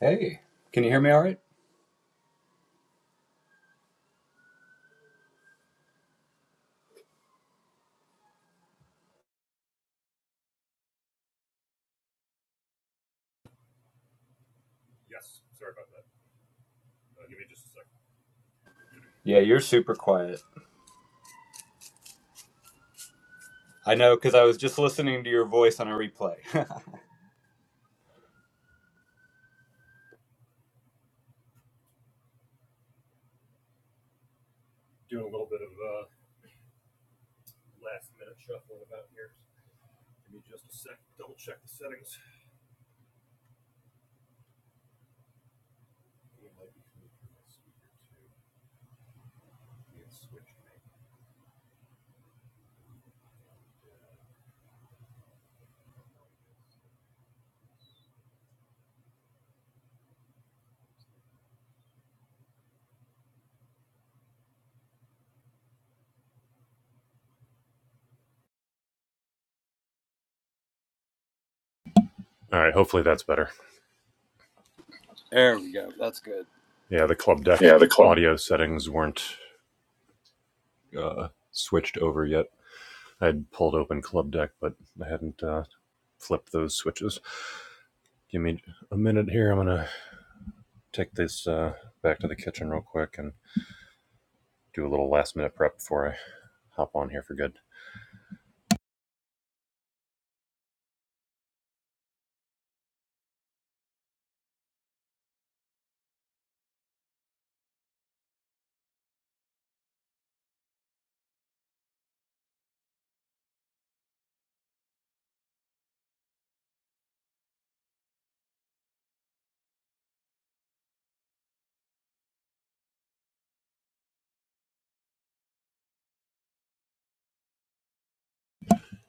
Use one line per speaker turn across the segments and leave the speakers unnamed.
Hey, can you hear me all right?
Yes, sorry about that. Uh, give me just a second.
Yeah, you're super quiet. I know because I was just listening to your voice on a replay.
Doing a little bit of uh, last minute shuffling about here. Give me just a sec. Double check the settings. It might be coming through my speaker too. Need switch mic. All right, hopefully that's better.
There we go. That's good.
Yeah, the club deck
Club.
audio settings weren't uh, switched over yet. I'd pulled open club deck, but I hadn't uh, flipped those switches. Give me a minute here. I'm gonna take this uh, back to the kitchen real quick and do a little last minute prep before I hop on here for good.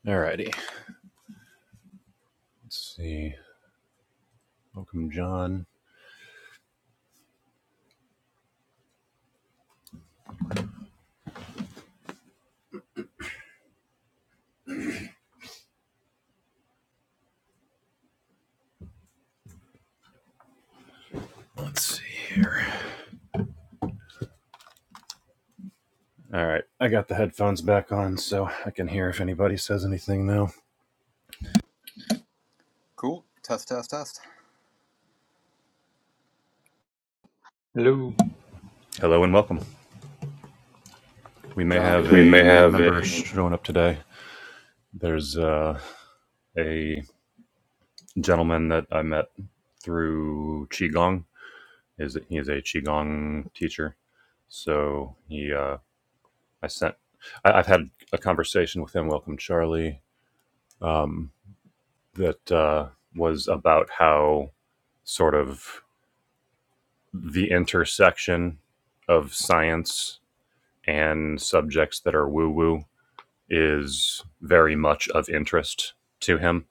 Alrighty. Let's see. Welcome, John. Let's see here. All right. I got the headphones back on so I can hear if anybody says anything now.
Cool. Test, test, test.
Hello.
Hello and welcome. We may
John. I
have
mean,
a new member showing up today. There's uh, a gentleman that I met through Qigong. Is He is a Qigong teacher. So he, uh, I sent, I, I've had a conversation with him, Welcome Charlie, um, that uh, was about how sort of the intersection of science and subjects that are woo woo is very much of interest to him.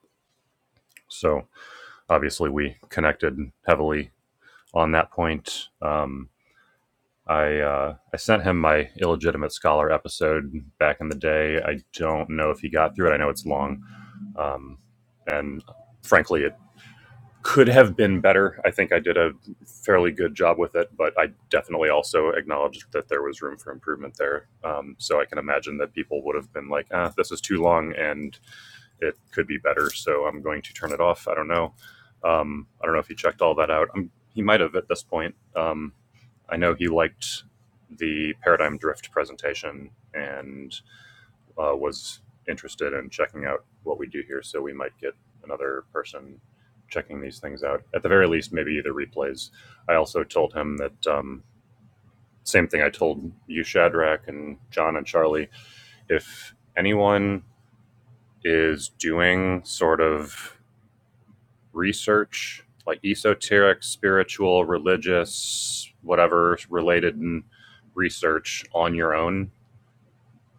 So obviously, we connected heavily on that point. Um, I uh, I sent him my illegitimate scholar episode back in the day. I don't know if he got through it. I know it's long, um, and frankly, it could have been better. I think I did a fairly good job with it, but I definitely also acknowledged that there was room for improvement there. Um, so I can imagine that people would have been like, ah, this is too long and it could be better. So I'm going to turn it off. I don't know. Um, I don't know if he checked all that out. i he might have at this point. Um, I know he liked the paradigm drift presentation and uh, was interested in checking out what we do here. So we might get another person checking these things out. At the very least, maybe the replays. I also told him that um, same thing I told you, Shadrach, and John and Charlie. If anyone is doing sort of research, like esoteric, spiritual, religious, whatever related research on your own,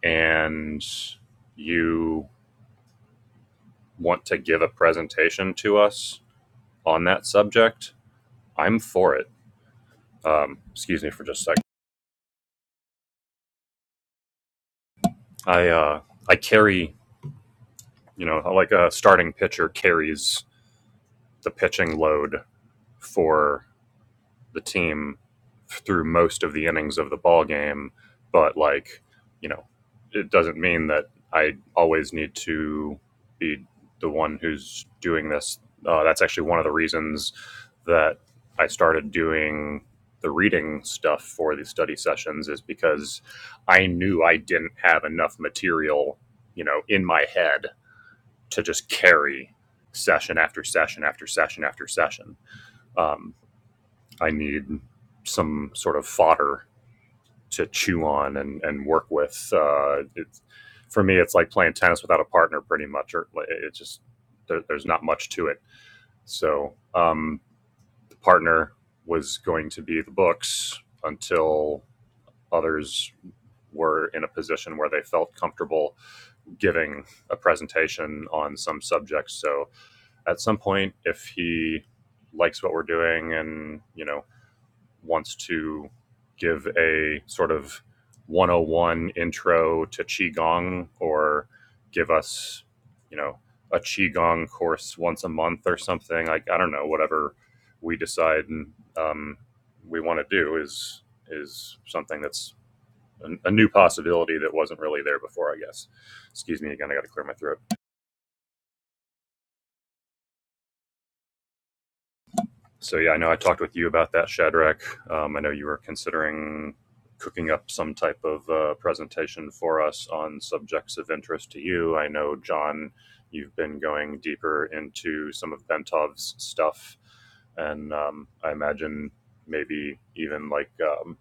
and you want to give a presentation to us on that subject, I'm for it. Um, excuse me for just a second. I uh, I carry, you know, like a starting pitcher carries the pitching load for the team through most of the innings of the ball game, but like, you know, it doesn't mean that I always need to be the one who's doing this. Uh, that's actually one of the reasons that I started doing the reading stuff for the study sessions is because I knew I didn't have enough material, you know, in my head to just carry session after session after session after session. Um, I need some sort of fodder to chew on and, and work with. Uh, it's, for me, it's like playing tennis without a partner, pretty much. Or like, it just there, there's not much to it. So um, the partner was going to be the books until others were in a position where they felt comfortable giving a presentation on some subject. So at some point, if he likes what we're doing and you know wants to give a sort of 101 intro to qigong or give us you know a qigong course once a month or something like i don't know whatever we decide um, we want to do is is something that's a, a new possibility that wasn't really there before i guess excuse me again i got to clear my throat So yeah, I know I talked with you about that, Shadrach. Um, I know you were considering cooking up some type of uh, presentation for us on subjects of interest to you. I know John, you've been going deeper into some of Bentov's stuff, and um, I imagine maybe even like um,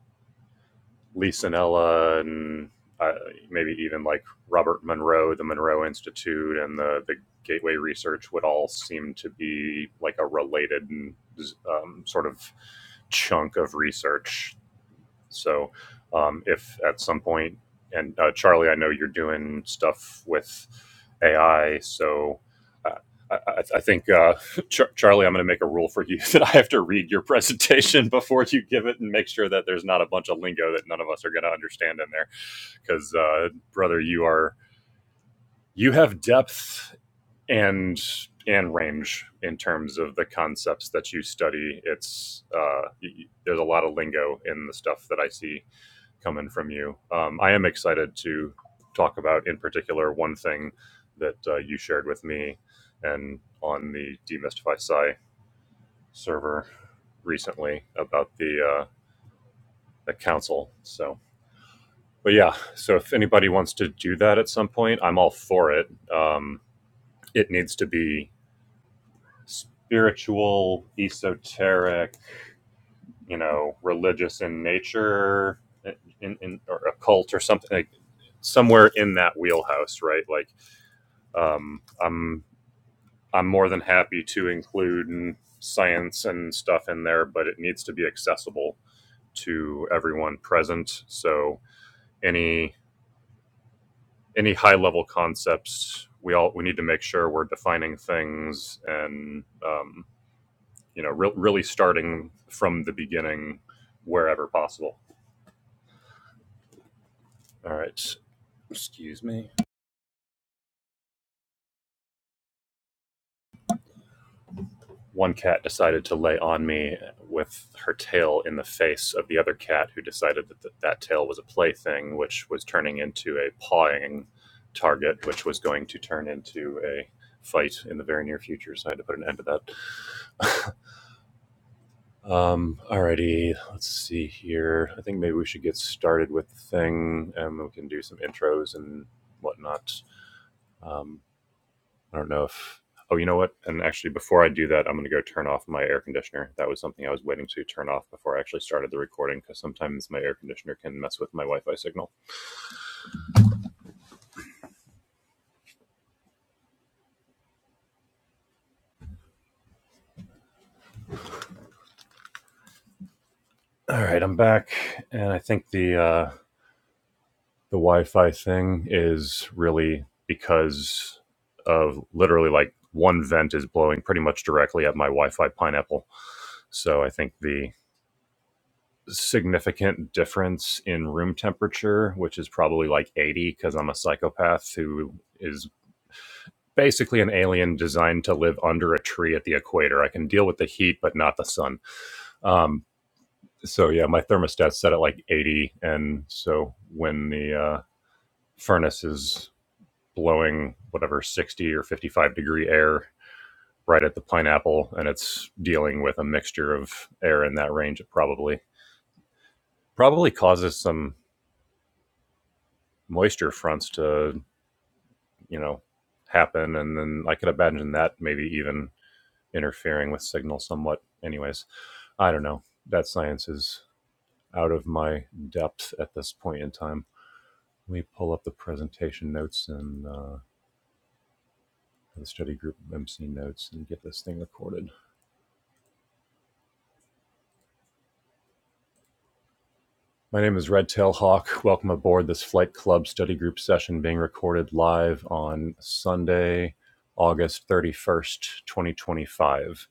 Lee Sanella and uh, maybe even like Robert Monroe, the Monroe Institute, and the the Gateway Research would all seem to be like a related um, sort of chunk of research so, um, if at some point, and uh, Charlie, I know you're doing stuff with AI, so uh, I, I, I think uh, Char- Charlie, I'm going to make a rule for you that I have to read your presentation before you give it, and make sure that there's not a bunch of lingo that none of us are going to understand in there, because uh, brother, you are you have depth and and range in terms of the concepts that you study it's uh, y- y- there's a lot of lingo in the stuff that i see coming from you. Um, I am excited to talk about, in particular, one thing that uh, you shared with me and on the Demystify Psi server recently about the uh, the council. So, but yeah, so if anybody wants to do that at some point, I'm all for it. Um, it needs to be spiritual, esoteric, you know, religious in nature, in, in, or occult or something like somewhere in that wheelhouse, right? Like Um, I'm I'm more than happy to include science and stuff in there, but it needs to be accessible to everyone present. So any any high level concepts, we all we need to make sure we're defining things and um, you know re- really starting from the beginning wherever possible. All right. one cat decided to lay on me with her tail in the face of the other cat, who decided that th- that tail was a plaything, which was turning into a pawing target, which was going to turn into a fight in the very near future. So I had to put an end to that. Um, alrighty, let's see here. I think maybe we should get started with the thing, and we can do some intros and whatnot. Um, I don't know if. Oh, you know what? And actually, before I do that, I'm going to go turn off my air conditioner. That was something I was waiting to turn off before I actually started the recording because sometimes my air conditioner can mess with my Wi-Fi signal. All right, I'm back, and I think the uh, the Wi-Fi thing is really because of literally like one vent is blowing pretty much directly at my Wi-Fi pineapple. So I think the significant difference in room temperature, which is probably like 80 because I'm a psychopath who is basically an alien designed to live under a tree at the equator. I can deal with the heat, but not the sun. Um, so yeah, my thermostat's set at like 80, and so when the uh, furnace is blowing whatever 60 or 55 degree air right at the pineapple, and it's dealing with a mixture of air in that range, it probably probably causes some moisture fronts to you know happen, and then I could imagine that maybe even interfering with signal somewhat. Anyways I don't know. That science is out of my depth at this point in time. Let me pull up the presentation notes and uh, the study group MC notes and get this thing recorded. My name is Red Tail Hawk. Welcome aboard this Flight Club study group session being recorded live on Sunday, August 31st, 2025.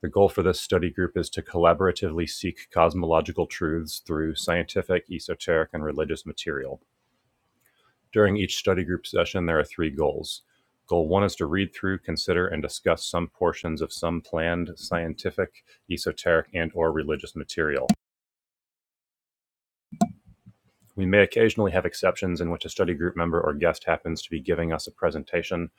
The goal for this study group is to collaboratively seek cosmological truths through scientific, esoteric, and religious material. During each study group session, there are three goals. Goal one is to read through, consider, and discuss some portions of some planned scientific, esoteric, and/or religious material. We may occasionally have exceptions in which a study group member or guest happens to be giving us a presentation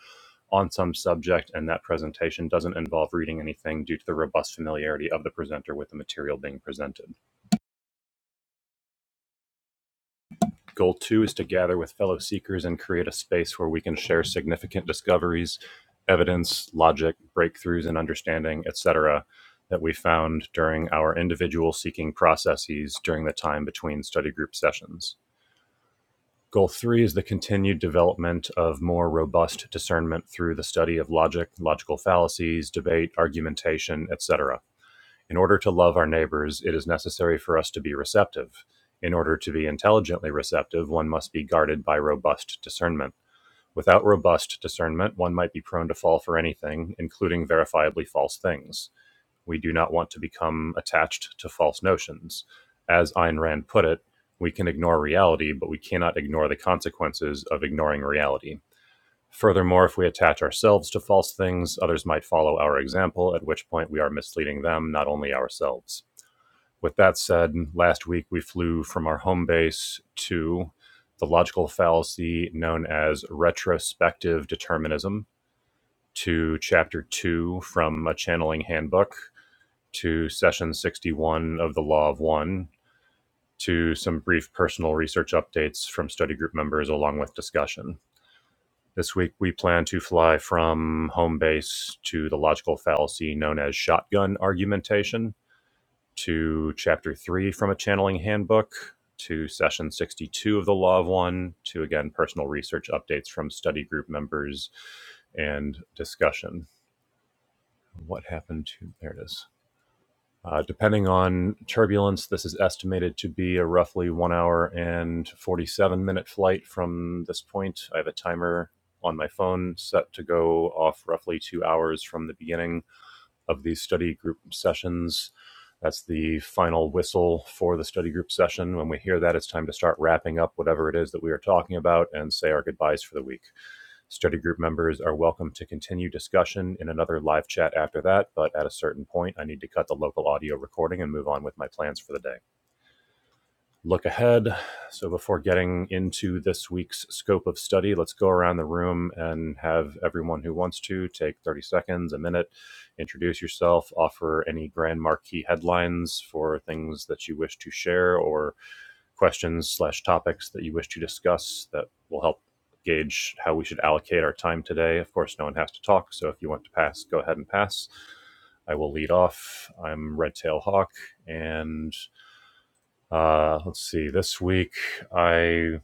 on some subject, and that presentation doesn't involve reading anything due to the robust familiarity of the presenter with the material being presented. Goal two is to gather with fellow seekers and create a space where we can share significant discoveries, evidence, logic, breakthroughs in understanding, etc., that we found during our individual seeking processes during the time between study group sessions. Goal three is the continued development of more robust discernment through the study of logic, logical fallacies, debate, argumentation, etc. In order to love our neighbors, it is necessary for us to be receptive. In order to be intelligently receptive, one must be guarded by robust discernment. Without robust discernment, one might be prone to fall for anything, including verifiably false things. We do not want to become attached to false notions. As Ayn Rand put it, we can ignore reality, but we cannot ignore the consequences of ignoring reality. Furthermore, if we attach ourselves to false things, others might follow our example, at which point we are misleading them, not only ourselves. With that said, last week we flew from our home base to the logical fallacy known as retrospective determinism to chapter two from a channeling handbook to session 61 of the Law of One to some brief personal research updates from study group members along with discussion. This week we plan to fly from home base to the logical fallacy known as shotgun argumentation to chapter three from a channeling handbook to session 62 of the Law of One to again personal research updates from study group members and discussion. What happened to there it is. Uh, depending on turbulence, this is estimated to be a roughly one hour and 47 minute flight from this point. I have a timer on my phone set to go off roughly two hours from the beginning of these study group sessions. That's the final whistle for the study group session. When we hear that, it's time to start wrapping up whatever it is that we are talking about and say our goodbyes for the week. Study group members are welcome to continue discussion in another live chat after that, but at a certain point, I need to cut the local audio recording and move on with my plans for the day look ahead. So, before getting into this week's scope of study, let's go around the room and have everyone who wants to take 30 seconds, a minute, introduce yourself, offer any grand marquee headlines for things that you wish to share or questions slash topics that you wish to discuss that will help gauge how we should allocate our time today. Of course, no one has to talk, so if you want to pass, go ahead and pass. I will lead off. I'm Red Tail Hawk, and uh, let's see. This week I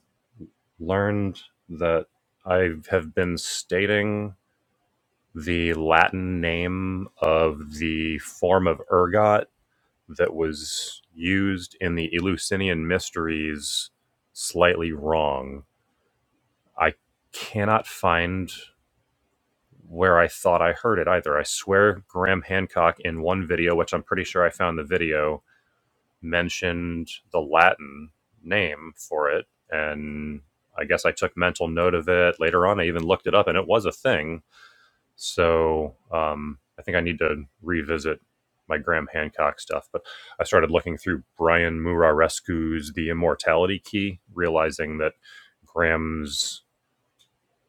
learned that I have been stating the Latin name of the form of ergot that was used in the Eleusinian Mysteries slightly wrong. I cannot find where I thought I heard it either. I swear Graham Hancock in one video, which I'm pretty sure I found the video, mentioned the Latin name for it. And I guess I took mental note of it. Later on, I even looked it up and it was a thing. So um, I think I need to revisit my Graham Hancock stuff. But I started looking through Brian Murarescu's The Immortality Key, realizing that Graham's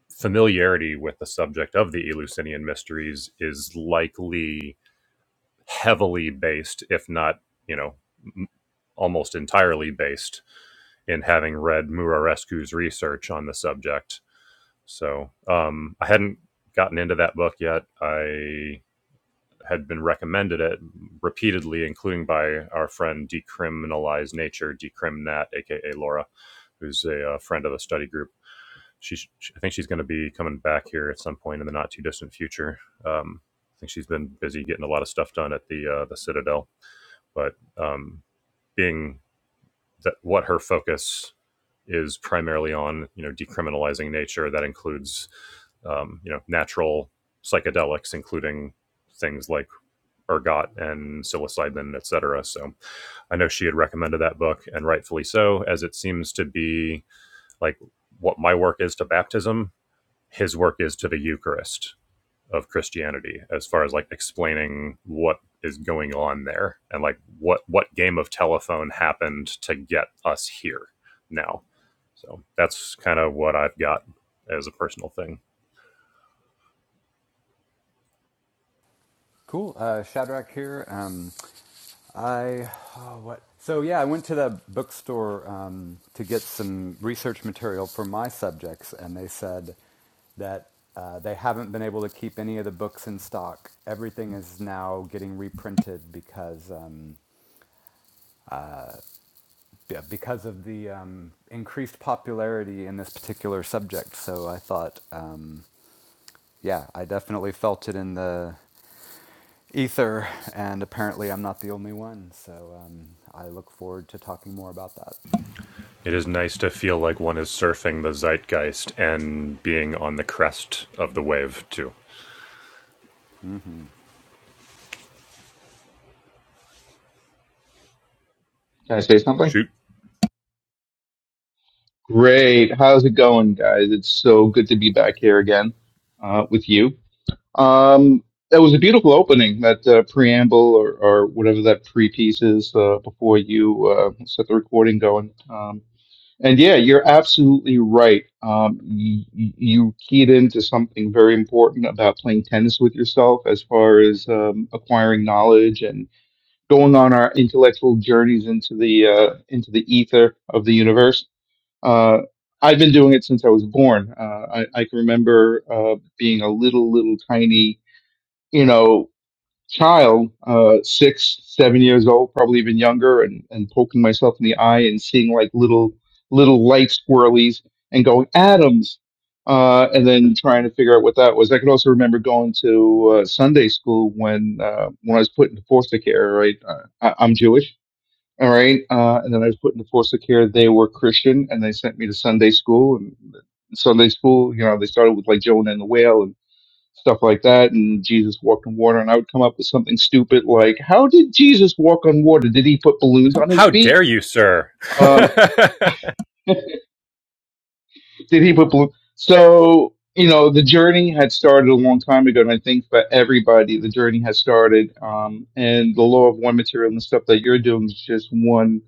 familiarity with the subject of the Eleusinian mysteries is likely heavily based, if not, you know, m- almost entirely based in having read Murarescu's research on the subject. So um, I hadn't gotten into that book yet. I had been recommended it repeatedly, including by our friend Decriminalize Nature, Decrimnat, aka Laura, who's a, uh friend of the study group. She, she, I think she's going to be coming back here at some point in the not too distant future. Um, I think she's been busy getting a lot of stuff done at the uh, the Citadel, but um, being that what her focus is primarily on, you know, decriminalizing nature. That includes, um, you know, natural psychedelics, including things like ergot and psilocybin, et cetera. So I know she had recommended that book, and rightfully so, as it seems to be like what my work is to baptism, his work is to the Eucharist of Christianity as far as like explaining what is going on there and like what what game of telephone happened to get us here now. So that's kind of what I've got as a personal thing.
Cool. Uh, Shadrach here. Um, I oh, what? So yeah, I went to the bookstore um, to get some research material for my subjects, and they said that uh, they haven't been able to keep any of the books in stock. Everything is now getting reprinted because. um, yeah, because of the um, increased popularity in this particular subject. So I thought, um, yeah, I definitely felt it in the ether, and apparently I'm not the only one. So um, I look forward to talking more about that.
It is nice to feel like one is surfing the zeitgeist and being on the crest of the wave too.
hmm
Can I say something?
Shoot.
Great. How's it going, guys? It's so good to be back here again uh, with you. Um, that was a beautiful opening, that uh, preamble or, or whatever that pre piece is uh, before you uh, set the recording going. Um, and yeah, you're absolutely right. Um, you, you keyed into something very important about playing tennis with yourself as far as um, acquiring knowledge and going on our intellectual journeys into the uh, into the ether of the universe Uh, I've been doing it since I was born. Uh, I, I can remember uh, being a little, little tiny, you know, child, uh, six, seven years old, probably even younger, and, and poking myself in the eye and seeing like little, little light squirrelies and going, Adams. Uh, and then trying to figure out what that was. I could also remember going to uh, Sunday school when uh, when I was put into foster care. Right, uh, I, I'm Jewish, all right. Uh, and then I was put into foster care. They were Christian and they sent me to Sunday school. And Sunday school, you know, they started with like Jonah and the whale and stuff like that. And Jesus walked on water. And I would come up with something stupid like, how did Jesus walk on water? Did he put balloons on his
How
feet?
dare you, sir?
Um, Did he put blue? So you know, the journey had started a long time ago, and I think for everybody, the journey has started. Um, and the law of one material and the stuff that you're doing is just one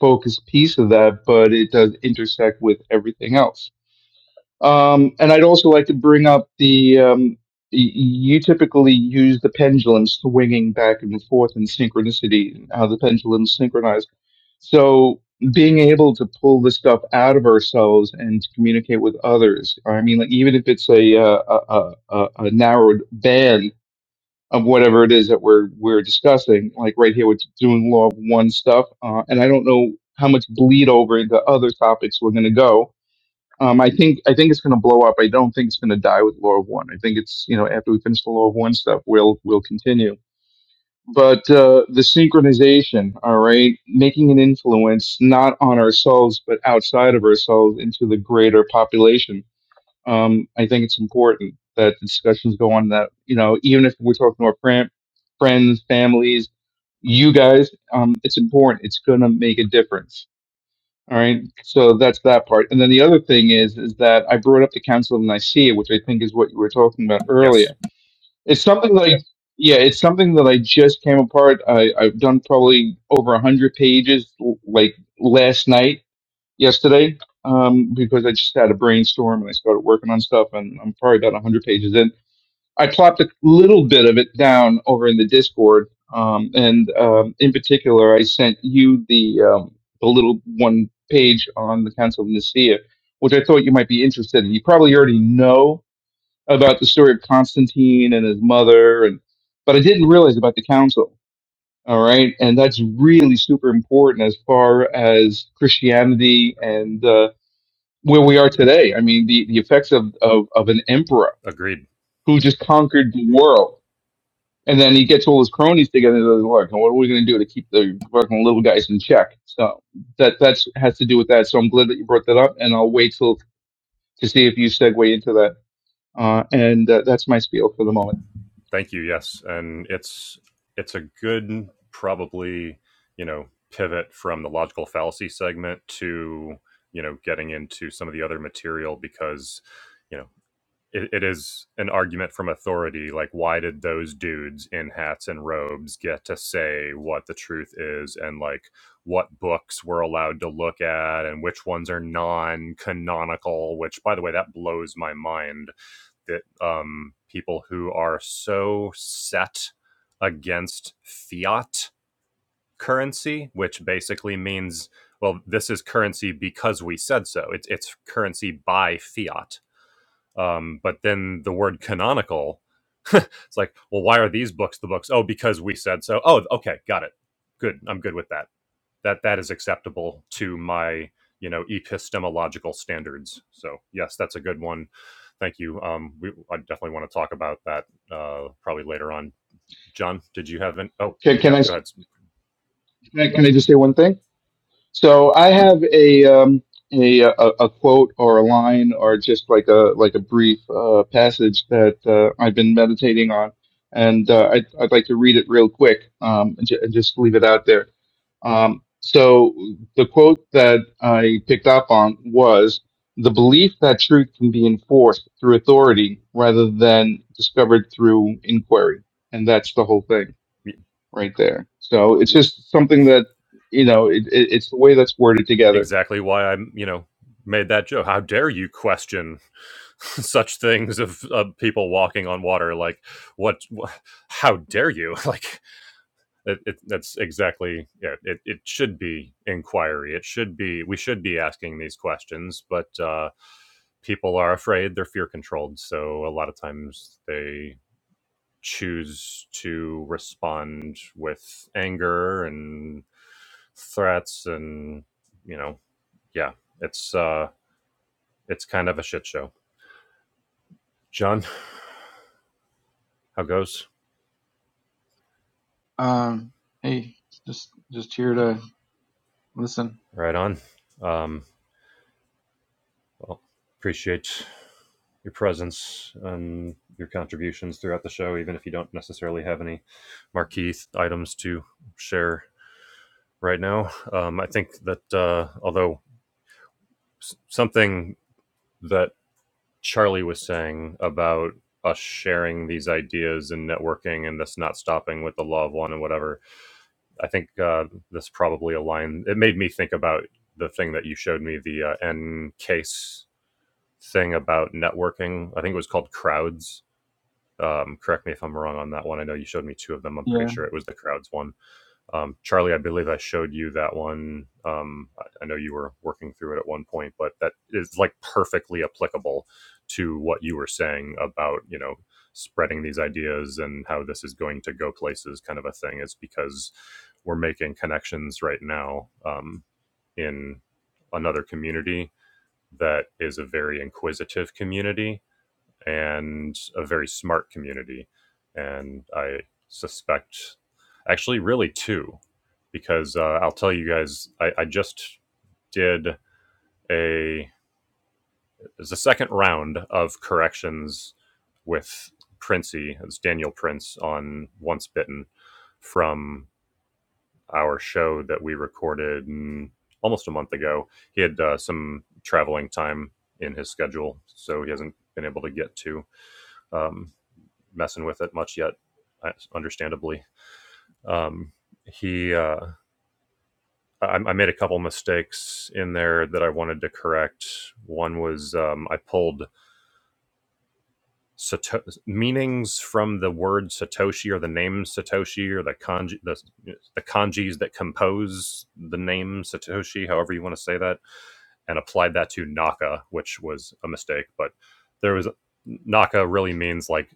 focused piece of that, but it does intersect with everything else. Um, and I'd also like to bring up the um, y- you typically use the pendulum swinging back and forth in synchronicity, and how the pendulum's synchronized. So being able to pull the stuff out of ourselves and to communicate with others. I mean, like even if it's a uh, a, a, a a narrowed band of whatever it is that we're we're discussing, like right here, we're doing law of one stuff, uh, and I don't know how much bleed over into other topics we're going to go um, I think I think it's going to blow up. I don't think it's going to die with Law of One. I think it's you know after we finish the Law of One stuff, we'll we'll continue. But uh, the synchronization, all right, making an influence not on ourselves but outside of ourselves into the greater population. Um, I think it's important that discussions go on that you know even if we're talking to our fri- friends, families, you guys, um, it's important. It's going to make a difference all right. So that's that part. And then the other thing is, is that I brought up the Council of Nicaea, which I think is what you were talking about
yes,
earlier. It's something that I, yeah, it's something that I just came apart. I, I've done probably over a hundred pages, l- like last night, yesterday, um, because I just had a brainstorm and I started working on stuff, and I'm probably about a hundred pages in. I plopped a little bit of it down over in the Discord, um, and um, in particular, I sent you the um, the little one page on the Council of Nicaea, which I thought you might be interested in. You probably already know about the story of Constantine and his mother, and but I didn't realize about the council. All right, and that's really super important as far as Christianity and uh, where we are today. I mean, the, the effects of, of, of an emperor
agreed.
who just conquered the world and then he gets all his cronies together and doesn't work. And what are we going to do to keep the working little guys in check? So that that's has to do with that. So I'm glad that you brought that up, and I'll wait till to see if you segue into that. Uh, and uh, that's my spiel for the moment.
Thank you. Yes, and it's it's a good probably you know pivot from the logical fallacy segment to you know getting into some of the other material because you know. it, it is an argument from authority like why did those dudes in hats and robes get to say what the truth is and like what books we're allowed to look at and which ones are non-canonical which by the way that blows my mind that um people who are so set against fiat currency which basically means well this is currency because we said so it's it's currency by fiat um, but then the word canonical it's like well why are these books the books oh because we said so oh okay got it good i'm good with that that that is acceptable to my you know epistemological standards so yes that's a good one thank you um we, i definitely want to talk about that uh probably later on john did you have an oh
Can, can
yeah
I
go ahead
can I can I just say one thing? So I have a um, a a a quote or a line or just like a like a brief uh, passage that uh, I've been meditating on, and uh, I'd I'd like to read it real quick um, and, ju- and just leave it out there. Um, so the quote that I picked up on was the belief that truth can be enforced through authority rather than discovered through inquiry, and that's the whole thing right there. So it's just something that you know it, it, it's the way that's worded together.
exactly why i am you know made that joke how dare you question such things of, of people walking on water like what, wha how dare you like it, it, that's exactly yeah, it, it should be inquiry it should be we should be asking these questions but uh, people are afraid they're fear controlled so a lot of times they choose to respond with anger and threats and you know yeah it's uh it's kind of a shit show john how goes
Um. Hey. Just just here to listen.
right on um Well, appreciate your presence and your contributions throughout the show, even if you don't necessarily have any marquee items to share right now. Um, I think that uh, although something that Charlie was saying about us sharing these ideas and networking and this not stopping with the law of one and whatever, I think uh, this probably aligned. It made me think about the thing that you showed me the uh, N case thing about networking. I think it was called Crowds. Um, correct me if I'm wrong on that one. I know you showed me two of them. I'm pretty
Yeah.
sure it was the Crowds one. Um, Charlie, I believe I showed you that one. Um, I know you were working through it at one point, but that is like perfectly applicable to what you were saying about, you know, spreading these ideas and how this is going to go places kind of a thing. It's because we're making connections right now um, in another community that is a very inquisitive community and a very smart community. And I suspect, actually, really two, because uh, I'll tell you guys, I, I just did a it's the second round of corrections with Princey, it's Daniel Prince on Once Bitten from our show that we recorded mm, almost a month ago. He had uh, some traveling time in his schedule, so he hasn't been able to get to. Um, messing with it much yet, uh, understandably. Um, he, uh, I, I made a couple mistakes in there that I wanted to correct. One was um, I pulled Sato- meanings from the word Satoshi or the name Satoshi or the kanji, the, the kanjis that compose the name Satoshi, however you want to say that and applied that to Naka, which was a mistake. But there was Naka really means like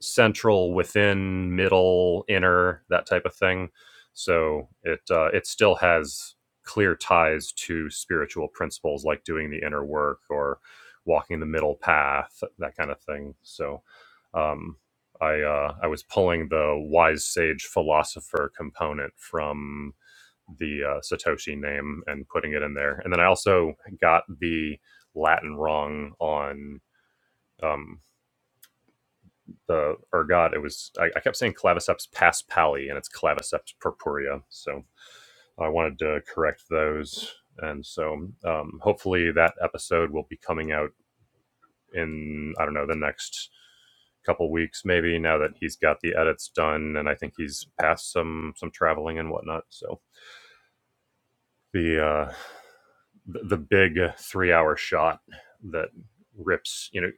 central, within, middle, inner, that type of thing. So it uh, it still has clear ties to spiritual principles like doing the inner work or walking the middle path, that kind of thing. So um, I uh, I was pulling the wise sage philosopher component from the uh, Satoshi name and putting it in there. And then I also got the Latin wrong on um, the ergot. It was I, I kept saying claviceps paspali, and it's claviceps purpurea. So I wanted to correct those. And so um, hopefully that episode will be coming out in I don't know the next couple weeks maybe now that he's got the edits done and I think he's passed some some traveling and whatnot. So the uh the, the big three hour shot that rips you know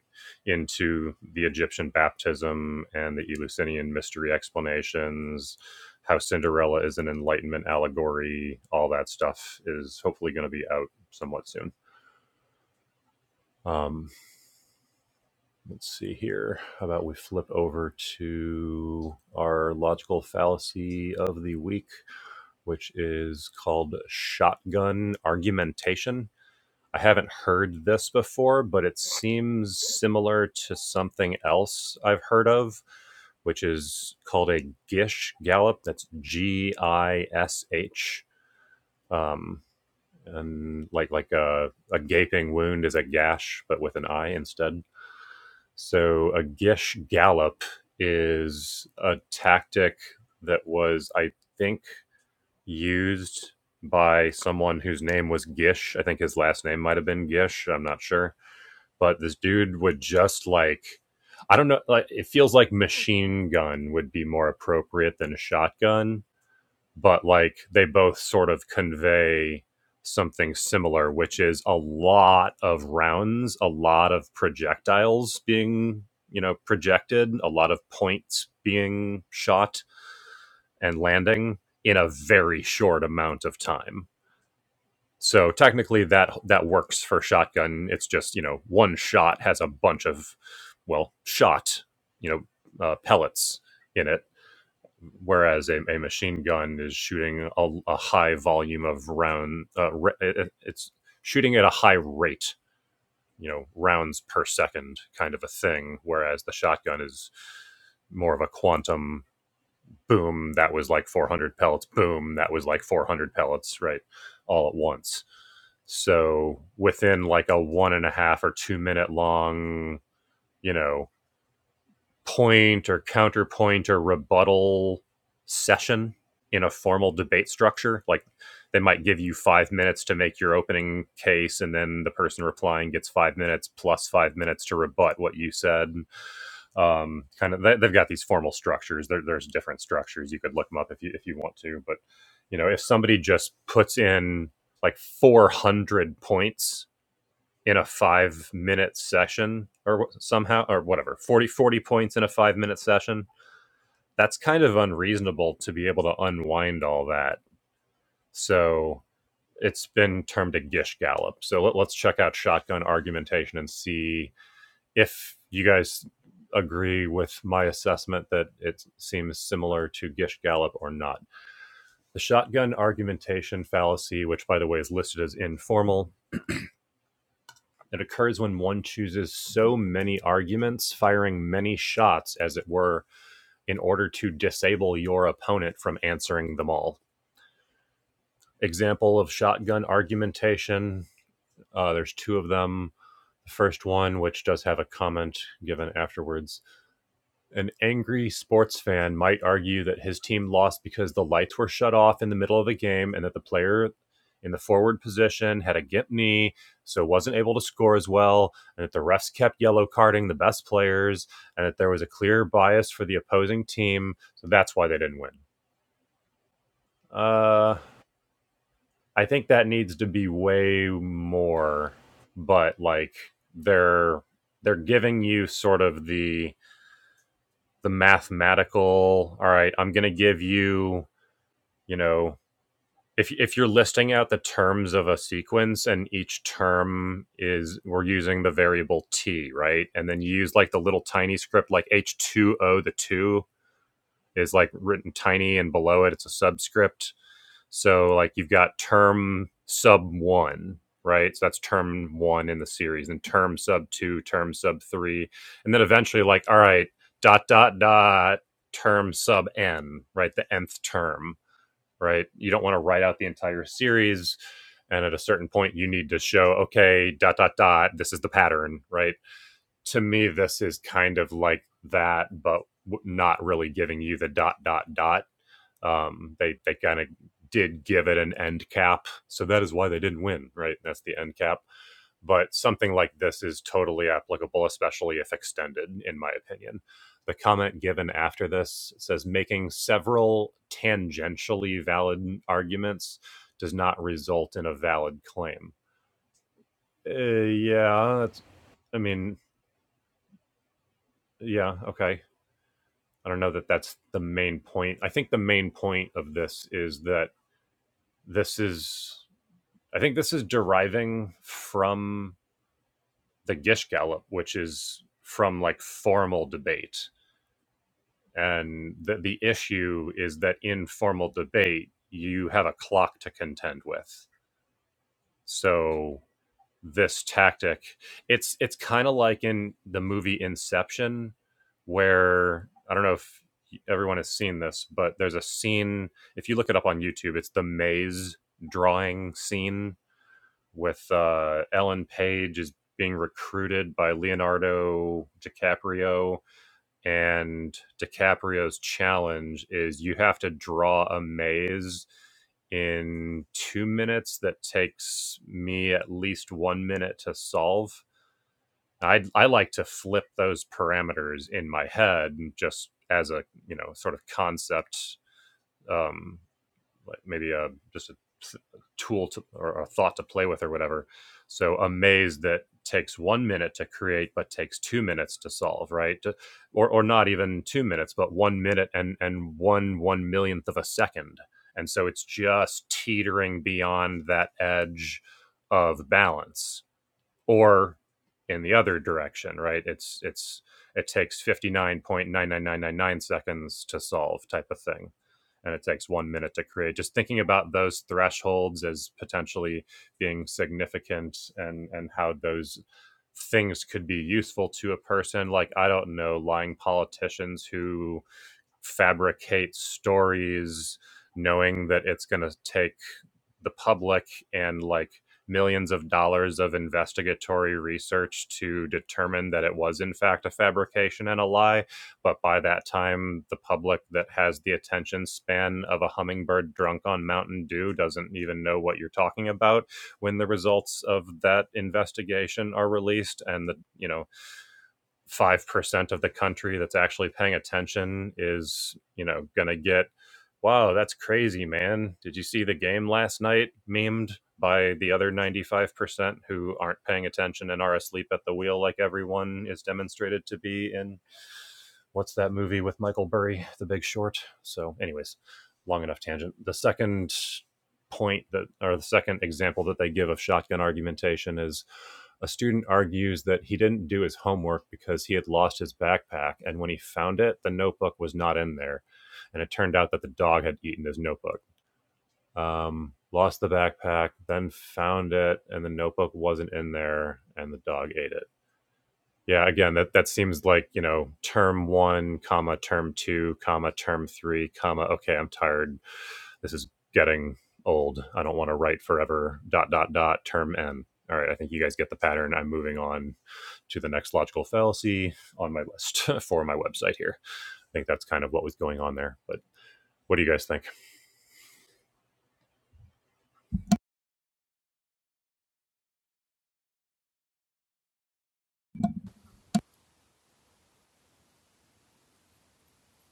into the Egyptian baptism and the Eleusinian mystery explanations, how Cinderella is an Enlightenment allegory, all that stuff is hopefully going to be out somewhat soon. Um, let's see here. How about we flip over to our logical fallacy of the week, which is called shotgun argumentation. I haven't heard this before, but it seems similar to something else I've heard of, which is called a Gish Gallop. That's G I S H. Um, and like like a, a gaping wound is a gash, but with an I instead. So a Gish Gallop is a tactic that was, I think, used by someone whose name was Gish. I think his last name might have been Gish. I'm not sure but this dude would just like I don't know like it feels like machine gun would be more appropriate than a shotgun, but like they both sort of convey something similar which is a lot of rounds, a lot of projectiles being, you know, projected, a lot of points being shot and landing in a very short amount of time so technically, that that works for shotgun. It's just you know one shot has a bunch of well shot you know uh, pellets in it, whereas a, a machine gun is shooting a, a high volume of round. Uh, re- it, it's shooting at a high rate, you know, rounds per second kind of a thing. Whereas the shotgun is more of a quantum boom that was like 400 pellets boom that was like 400 pellets right all at once so within like a one and a half or two minute long you know point or counterpoint or rebuttal session in a formal debate structure like they might give you five minutes to make your opening case and then the person replying gets five minutes plus five minutes to rebut what you said um, kind of they, they've got these formal structures there, there's different structures you could look them up if you if you want to but you know if somebody just puts in like 400 points in a five minute session or somehow or whatever 40 40 points in a five minute session that's kind of unreasonable to be able to unwind all that so it's been termed a gish gallop so let, let's check out shotgun argumentation and see if you guys agree with my assessment that it seems similar to Gish Gallop or not. The shotgun argumentation fallacy, which by the way is listed as informal, it occurs when one chooses so many arguments, firing many shots, as it were, in order to disable your opponent from answering them all. Example of shotgun argumentation uh, there's two of them. The first one, which does have a comment given afterwards, An angry sports fan might argue that his team lost because the lights were shut off in the middle of the game and that the player in the forward position had a gimp knee, so wasn't able to score as well, and that the refs kept yellow carding the best players, and that there was a clear bias for the opposing team, so that's why they didn't win. Uh, I think that needs to be way more, but like they're they're giving you sort of the the mathematical all right i'm going to give you you know if if you're listing out the terms of a sequence and each term is we're using the variable t right and then you use like the little tiny script like h2o the 2 is like written tiny and below it it's a subscript so like you've got term sub one, right? So that's term one in the series, and term sub two, term sub three, and then eventually like all right, dot dot dot, term sub n, right? The nth term, right? You don't want to write out the entire series. And at a certain point, you need to show, okay, dot, dot, dot, this is the pattern, right? To me, this is kind of like that, but not really giving you the dot, dot, dot um, they they kind of did give it an end cap, so that is why they didn't win, right? That's the end cap. But something like this is totally applicable, especially if extended, in my opinion. The comment given after this says making several tangentially valid arguments does not result in a valid claim. Uh, yeah, that's, I mean, yeah, okay. I don't know that that's the main point. I think the main point of this is that this is I think this is deriving from the Gish Gallop, which is from like formal debate. And the, the issue is that in formal debate, you have a clock to contend with. So this tactic, it's it's kind of like in the movie Inception, where I don't know if everyone has seen this, but there's a scene. If you look it up on YouTube, it's the maze drawing scene with uh, Ellen Page is being recruited by Leonardo DiCaprio, and DiCaprio's challenge is you have to draw a maze in two minutes that takes me at least one minute to solve. I I like to flip those parameters in my head just as a you know sort of concept. Um, like maybe a just a tool to, or a thought to play with or whatever. So a maze that takes one minute to create but takes two minutes to solve, right? Or or not even two minutes, but one minute and and one one millionth of a second, and so it's just teetering beyond that edge of balance or in the other direction, right? It's it's it takes 59.99999 seconds to solve type of thing. And it takes one minute to create. Just thinking about those thresholds as potentially being significant and and how those things could be useful to a person. Like I don't know, lying politicians who fabricate stories knowing that it's going to take the public and like millions of dollars of investigatory research to determine that it was in fact a fabrication and a lie but by that time the public that has the attention span of a hummingbird drunk on mountain dew doesn't even know what you're talking about when the results of that investigation are released and the you know 5% of the country that's actually paying attention is, you know, going to get, wow, that's crazy, man. Did you see the game last night memed by the other 95% who aren't paying attention and are asleep at the wheel like everyone is demonstrated to be in what's that movie with Michael Burry, The Big Short? So, anyways, long enough tangent. The second point that, or the second example that they give of shotgun argumentation is a student argues that he didn't do his homework because he had lost his backpack. And when he found it, the notebook was not in there. And it turned out that the dog had eaten his notebook. Um, lost the backpack, then found it, and the notebook wasn't in there, and the dog ate it. Yeah, again, that that seems like you know, term one, comma term two, comma term three, comma. Okay, I'm tired. This is getting old. I don't want to write forever. Dot dot dot. Term n. All right, I think you guys get the pattern. I'm moving on to the next logical fallacy on my list for my website here. I think that's kind of what was going on there. But what do you guys think?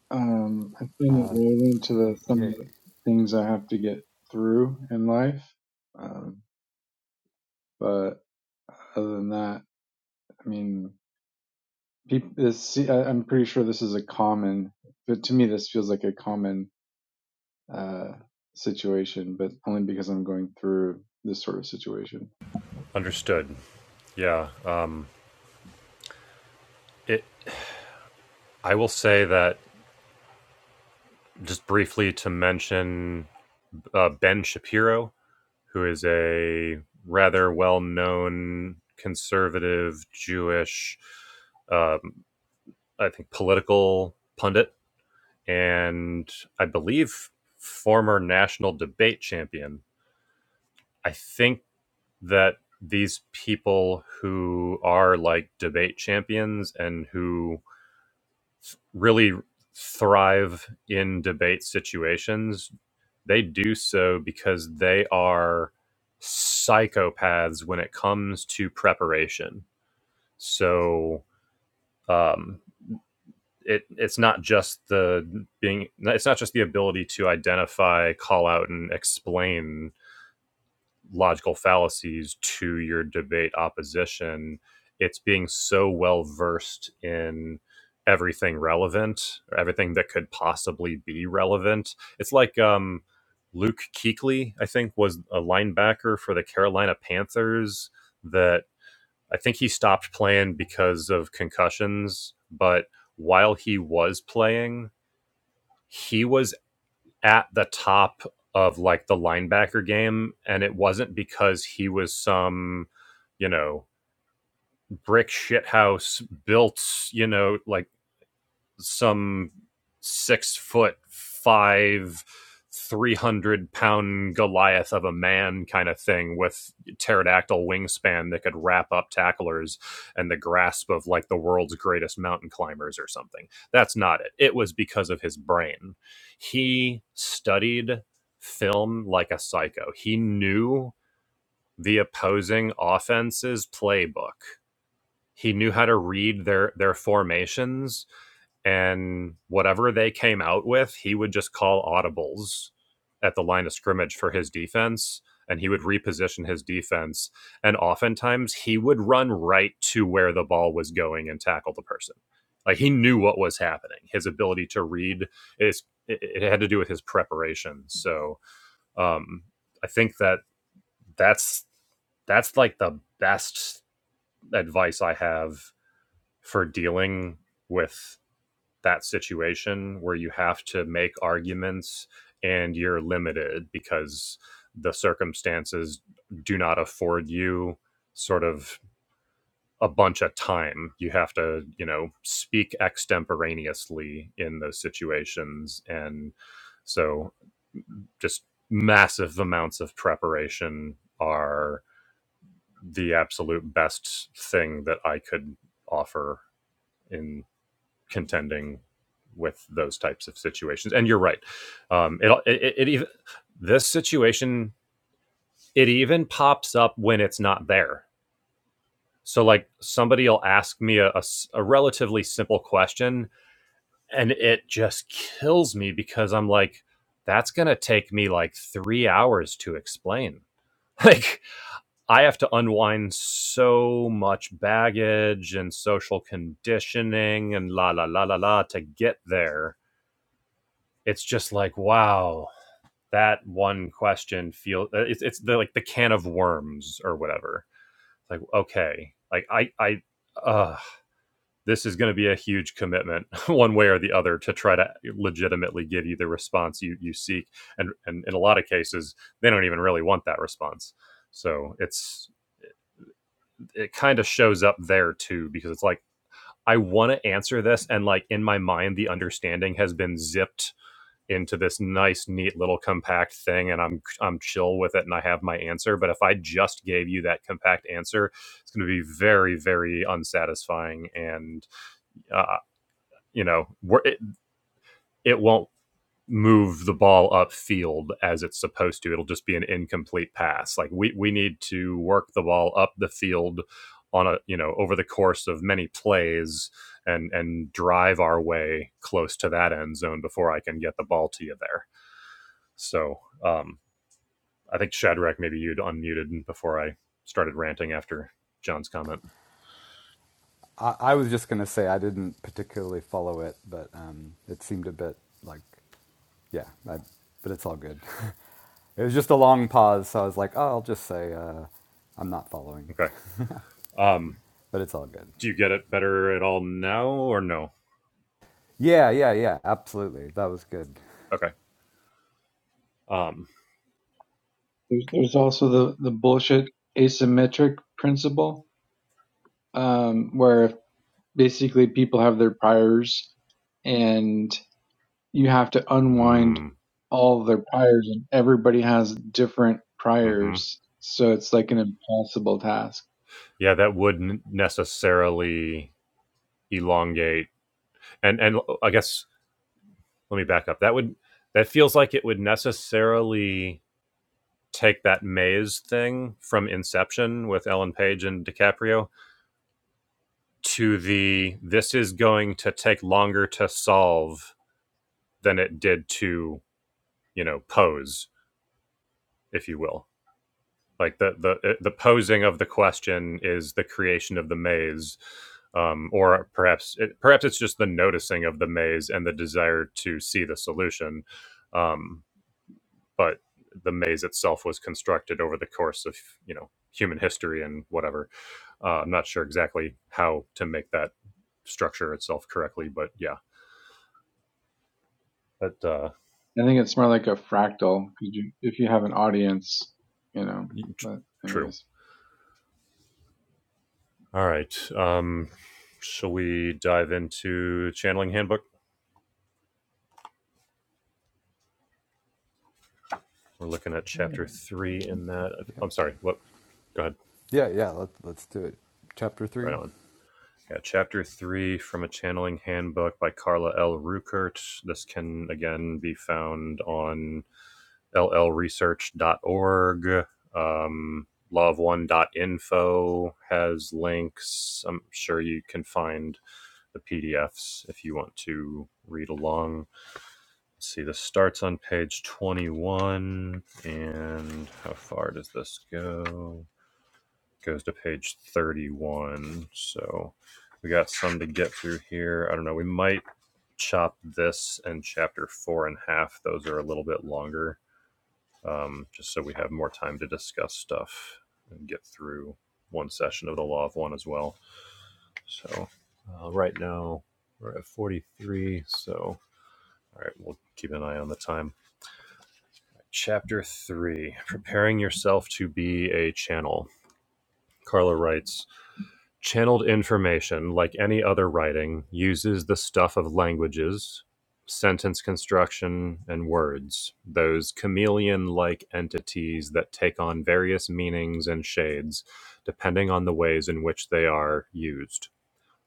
Um. I find it
Uh,
relevant to the some of
yeah,
the things I have to get through in life. Um. But other than that, I mean, people. This. see, I, I'm pretty sure this is a common. But to me, this feels like a common uh situation. But only because I'm going through this sort of situation.
Understood. Yeah. Um, it. I will say that just briefly to mention uh, Ben Shapiro who is a rather well known conservative Jewish, um, I think, political pundit, and I believe former national debate champion. I think that these people who are like debate champions and who really thrive in debate situations, they do so because they are psychopaths when it comes to preparation. So um, it it's not just the being it's not just the ability to identify, call out, and explain logical fallacies to your debate opposition. It's being so well versed in everything relevant, or everything that could possibly be relevant. It's like um, Luke Kuechly, I think, was a linebacker for the Carolina Panthers that I think he stopped playing because of concussions, but while he was playing, he was at the top of like the linebacker game, and it wasn't because he was some, you know, brick shithouse built, you know, like some six foot five, 300 pound Goliath of a man kind of thing with pterodactyl wingspan that could wrap up tacklers and the grasp of like the world's greatest mountain climbers or something. That's not it. It was because of his brain. He studied film like a psycho, he knew the opposing offense's playbook. He knew how to read their their formations and whatever they came out with, he would just call audibles at the line of scrimmage for his defense and he would reposition his defense and oftentimes he would run right to where the ball was going and tackle the person. Like he knew what was happening. His ability to read is it, it had to do with his preparation. So um, I think that that's that's like the best advice I have for dealing with that situation where you have to make arguments and you're limited because the circumstances do not afford you sort of a bunch of time. You have to, you know, speak extemporaneously in those situations. And so just massive amounts of preparation are the absolute best thing that I could offer in contending with those types of situations. And you're right. Um, it, it, it even this situation it even pops up when it's not there. So like somebody will ask me a a a relatively simple question, and it just kills me because I'm like, that's gonna take me like three hours to explain. Like I have to unwind so much baggage and social conditioning and la la la la la to get there it's just like wow that one question feels it's it's the, like the can of worms or whatever it's like okay like i i uh this is going to be a huge commitment one way or the other to try to legitimately give you the response you you seek and and in a lot of cases they don't even really want that response so it's it kind of shows up there too because it's like I want to answer this and like in my mind the understanding has been zipped into this nice, neat little compact thing, and I'm I'm chill with it, and I have my answer. But if I just gave you that compact answer, it's going to be very, very unsatisfying, and uh, you know, we're, it it won't move the ball upfield as it's supposed to. It'll just be an incomplete pass. Like we we need to work the ball up the field on a you know over the course of many plays and and drive our way close to that end zone before I can get the ball to you there. So um, I think Shadrach, maybe you'd unmuted before I started ranting after John's comment.
I, I was just going to say I didn't particularly follow it, but um, it seemed a bit like, yeah, I, but it's all good. it was just a long pause, so I was like, oh, I'll just say uh, I'm not following,
Okay. Um,
but it's all good.
do you get it better at all now or no?
Yeah, yeah, yeah. Absolutely. That was good.
Okay. Um,
There's, there's also the the bullshit asymmetric principle, um, where if basically people have their priors and you have to unwind
mm,
all of their priors and everybody has different
hmm
priors so it's like an impossible task
Yeah, that would not necessarily elongate. And and I guess let me back up. That would that feels like it would necessarily take that maze thing from Inception with Ellen Page and DiCaprio to the this is going to take longer to solve than it did to you know pose if you will like the the the posing of the question is the creation of the maze um, or perhaps it, perhaps it's just the noticing of the maze and the desire to see the solution um, but the maze itself was constructed over the course of you know human history and whatever uh, i'm not sure exactly how to make that structure itself correctly but yeah But uh,
i think it's more like a fractal 'cause you, if you have an audience you know but
true.
anyways
All right. Um, shall we dive into channeling handbook? We're looking at
yeah.
chapter three in that.
Yeah.
I'm sorry. What? Go ahead.
Yeah, yeah, let's let's do it. Chapter 3.
Right on. Yeah, chapter three from a channeling handbook by Carla L. Ruckert. This can again be found on llresearch.org. Um, love one dot info has links. I'm sure you can find the PDFs if you want to read along Let's see, this starts on page 21. And how far does this go? It Goes to page 31. So we got some to get through here. I don't know. We might chop this and chapter four in half. Those are a little bit longer, um, just so we have more time to discuss stuff and get through one session of the Law of One as well. So uh, right now we're at 43. So, all right, we'll keep an eye on the time. Chapter 3 Preparing Yourself to Be a Channel. Carla writes Channeled information, like any other writing, uses the stuff of languages, sentence construction, and words, those chameleon like entities that take on various meanings and shades depending on the ways in which they are used.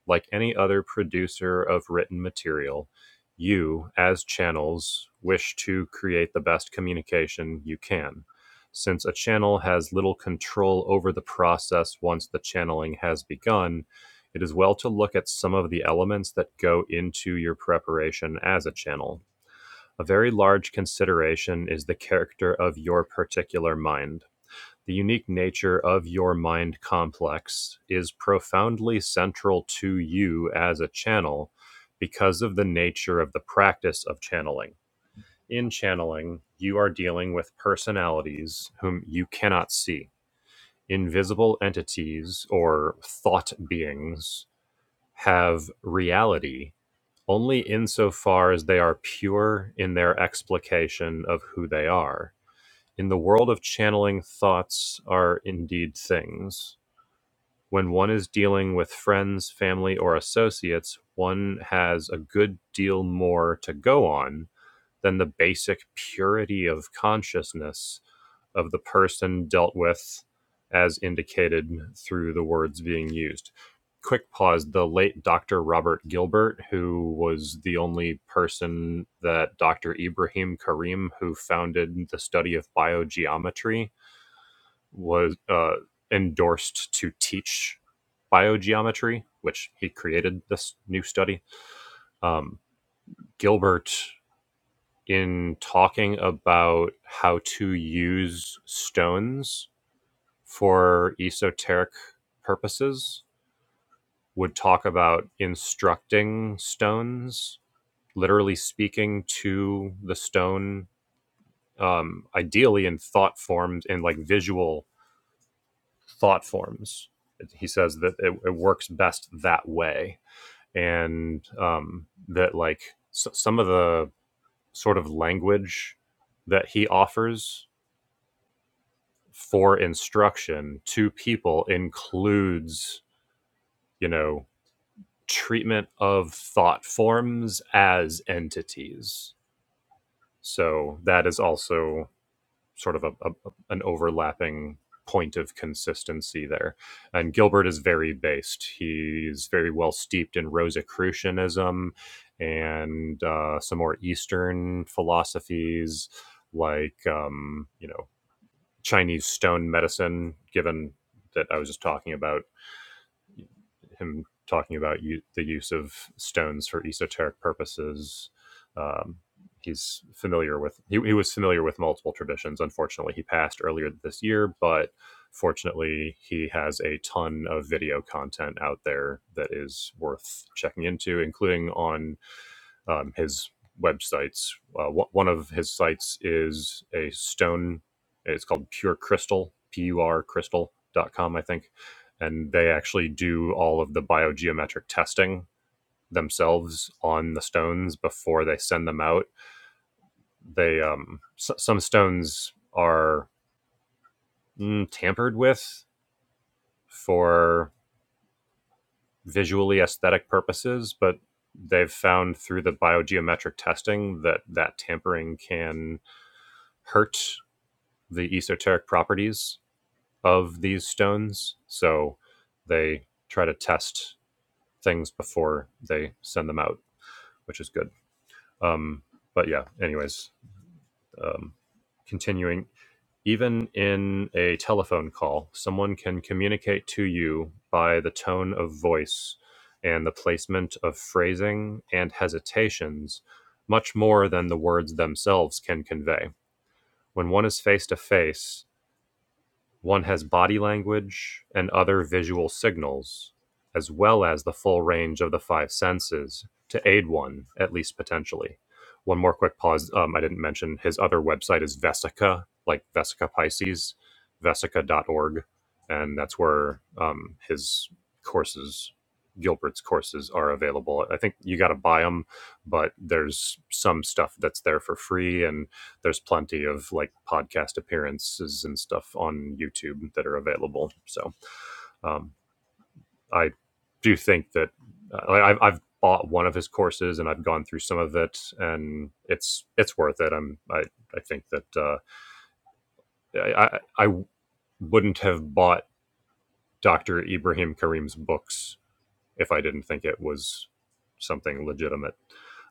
Like any other producer of written material, you, as channels, wish to create the best communication you can, since a channel has little control over the process once the channeling has begun. It is well to look at some of the elements that go into your preparation as a channel. A very large consideration is the character of your particular mind the unique nature of your mind complex is profoundly central to you as a channel because of the nature of the practice of channeling. In channeling, you are dealing with personalities whom you cannot see. Invisible entities or thought beings have reality only insofar as they are pure in their explication of who they are in the world of channeling, thoughts are indeed things. When one is dealing with friends, family, or associates, one has a good deal more to go on than the basic purity of consciousness of the person dealt with, as indicated through the words being used. Quick pause the late Dr. Robert Gilbert, who was the only person that Dr. Ibrahim Karim, who founded the study of biogeometry, was uh, endorsed to teach biogeometry, which he created this new study. Um, Gilbert, in talking about how to use stones for esoteric purposes, would talk about instructing stones, literally speaking to the stone, um, ideally in thought forms and like visual thought forms. He says that it, it works best that way, and um, that like s some of the sort of language that he offers for instruction to people includes, you know, treatment of thought forms as entities. So that is also sort of a, a an overlapping point of consistency there. And Gilbert is very based. He's very well steeped in Rosicrucianism and uh, some more Eastern philosophies, like um, you know Chinese stone medicine. Given that I was just talking about him talking about u- the use of stones for esoteric purposes. Um, he's familiar with he, he was familiar with multiple traditions. Unfortunately, he passed earlier this year, but fortunately, he has a ton of video content out there that is worth checking into, including on um, his websites. Uh, wh- one of his sites is a stone. It's called Pure Crystal, P-U-R Crystal dot com, I think. And they actually do all of the biogeometric testing themselves on the stones before they send them out. They um, s- some stones are mm, tampered with for visually aesthetic purposes, but they've found through the biogeometric testing that that tampering can hurt the esoteric properties of these stones. So they try to test things before they send them out, which is good. Um, but yeah, anyways, um, continuing. Even in a telephone call, someone can communicate to you by the tone of voice and the placement of phrasing and hesitations much more than the words themselves can convey. When one is face to face, One has body language and other visual signals, as well as the full range of the five senses to aid one, at least potentially. One more quick pause. Um, I didn't mention his other website is Vesica, like Vesica Pisces, vesica dot org, And that's where um, his courses, Gilbert's courses, are available. I think you got to buy them, but there's some stuff that's there for free. And there's plenty of like podcast appearances and stuff on YouTube that are available. So um, I do think that uh, I, have I've bought one of his courses and I've gone through some of it, and it's it's worth it. I'm I, I think that uh, I, I I wouldn't have bought Dr. Ibrahim Karim's books if I didn't think it was something legitimate.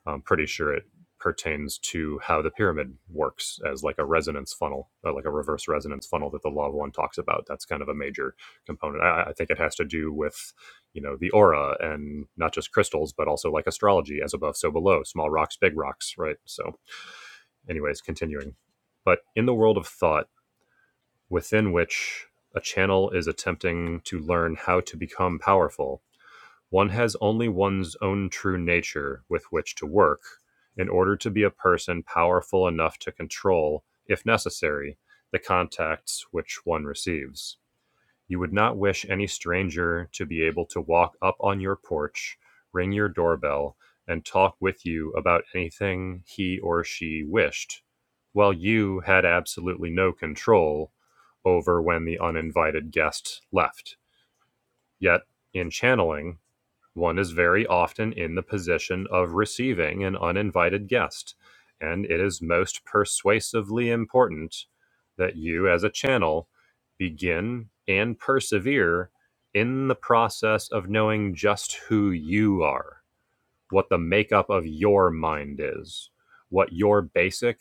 I'm pretty sure it pertains to how the pyramid works as like a resonance funnel, uh, like a reverse resonance funnel that the law of one talks about. That's kind of a major component. I, I think it has to do with, you know, the aura and not just crystals, but also like astrology, as above, so below, small rocks, big rocks, right? So, anyways, continuing. But in the world of thought, within which a channel is attempting to learn how to become powerful, one has only one's own true nature with which to work, in order to be a person powerful enough to control, if necessary, the contacts which one receives. You would not wish any stranger to be able to walk up on your porch, ring your doorbell, and talk with you about anything he or she wished, while you had absolutely no control over when the uninvited guest left. Yet, in channeling, one is very often in the position of receiving an uninvited guest, and it is most persuasively important that you, as a channel, begin and persevere in the process of knowing just who you are what the makeup of your mind is, what your basic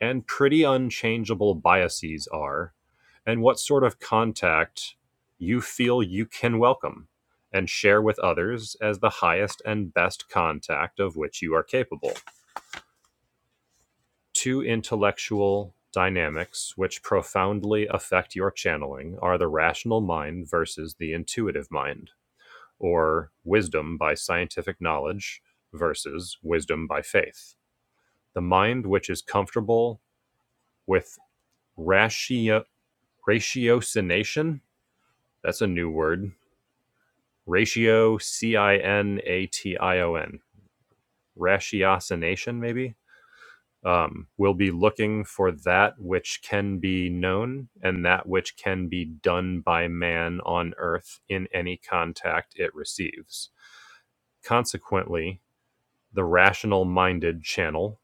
and pretty unchangeable biases are, and what sort of contact you feel you can welcome and share with others as the highest and best contact of which you are capable. Two intellectual dynamics which profoundly affect your channeling are the rational mind versus the intuitive mind, or wisdom by scientific knowledge versus wisdom by faith. The mind which is comfortable with ratio ratiocination. That's a new word. Ratio C I N A T I O N. Ratiocination, maybe. Um, will be looking for that which can be known and that which can be done by man on earth in any contact it receives. Consequently, the rational minded channel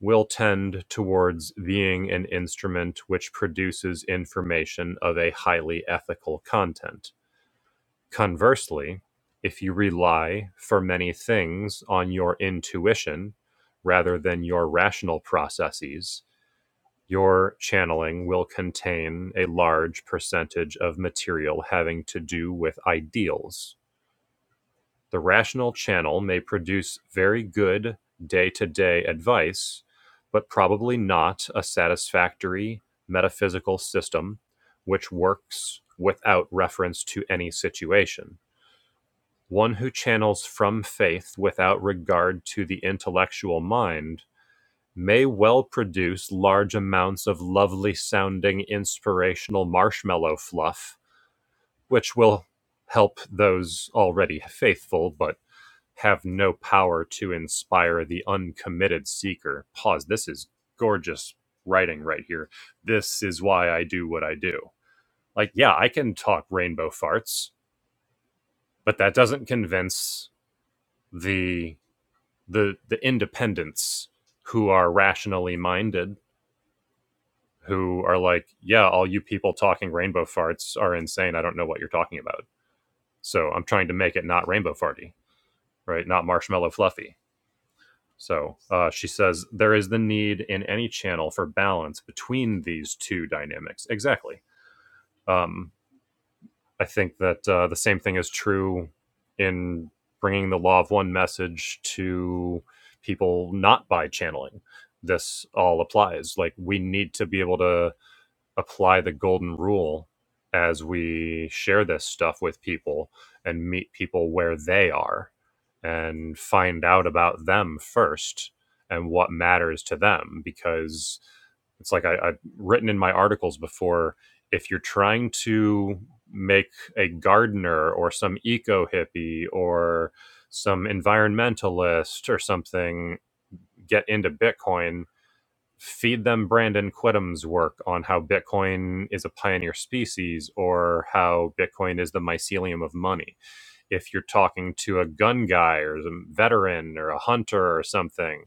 will tend towards being an instrument which produces information of a highly ethical content. Conversely, if you rely for many things on your intuition rather than your rational processes, your channeling will contain a large percentage of material having to do with ideals the rational channel may produce very good day-to-day advice, but probably not a satisfactory metaphysical system which works without reference to any situation. One who channels from faith without regard to the intellectual mind may well produce large amounts of lovely sounding inspirational marshmallow fluff, which will help those already faithful but have no power to inspire the uncommitted seeker. Pause. This is gorgeous writing right here. This is why I do what I do. Like, yeah, I can talk rainbow farts, but that doesn't convince the the the independents who are rationally minded who are like, yeah, all you people talking rainbow farts are insane. I don't know what you're talking about. So I'm trying to make it not rainbow farty, right? Not marshmallow fluffy So uh, she says there is the need in any channel for balance between these two dynamics. Exactly. Um, I think that uh, the same thing is true in bringing the law of one message to people not by channeling. This all applies. Like we need to be able to apply the golden rule as we share this stuff with people and meet people where they are and find out about them first and what matters to them because it's like I, I've written in my articles before if you're trying to make a gardener or some eco hippie or some environmentalist or something get into Bitcoin, feed them Brandon Quittam's work on how Bitcoin is a pioneer species or how Bitcoin is the mycelium of money. If you're talking to a gun guy or a veteran or a hunter or something,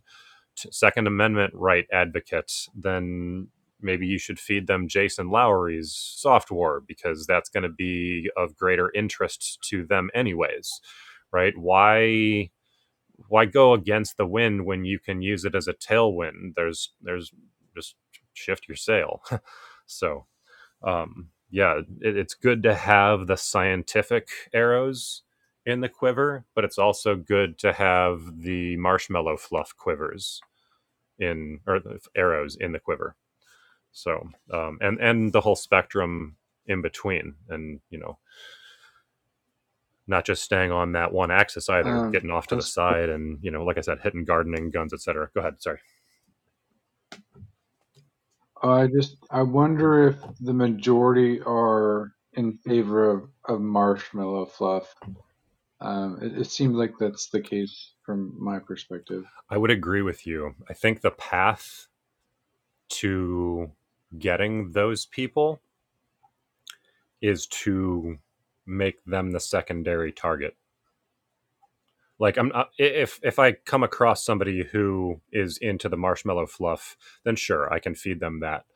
Second Amendment right advocates, then maybe you should feed them Jason Lowery's soft war because that's going to be of greater interest to them anyways, right? Why? why go against the wind when you can use it as a tailwind? There's there's just shift your sail. so um, yeah, it, it's good to have the scientific arrows in the quiver, but it's also good to have the marshmallow fluff quivers in or the arrows in the quiver. So um, and and the whole spectrum in between, and you know not just staying on that one axis either,
um
getting off to the
as-
side and you know like I said, hitting gardening guns, etc. Go ahead, sorry.
i just i wonder if the majority are in favor of, of marshmallow fluff um it, it seems like that's the case from my perspective
I would agree with you. I think the path to getting those people is to make them the secondary target. Like I'm not, if if I come across somebody who is into the marshmallow fluff, then sure, I can feed them that.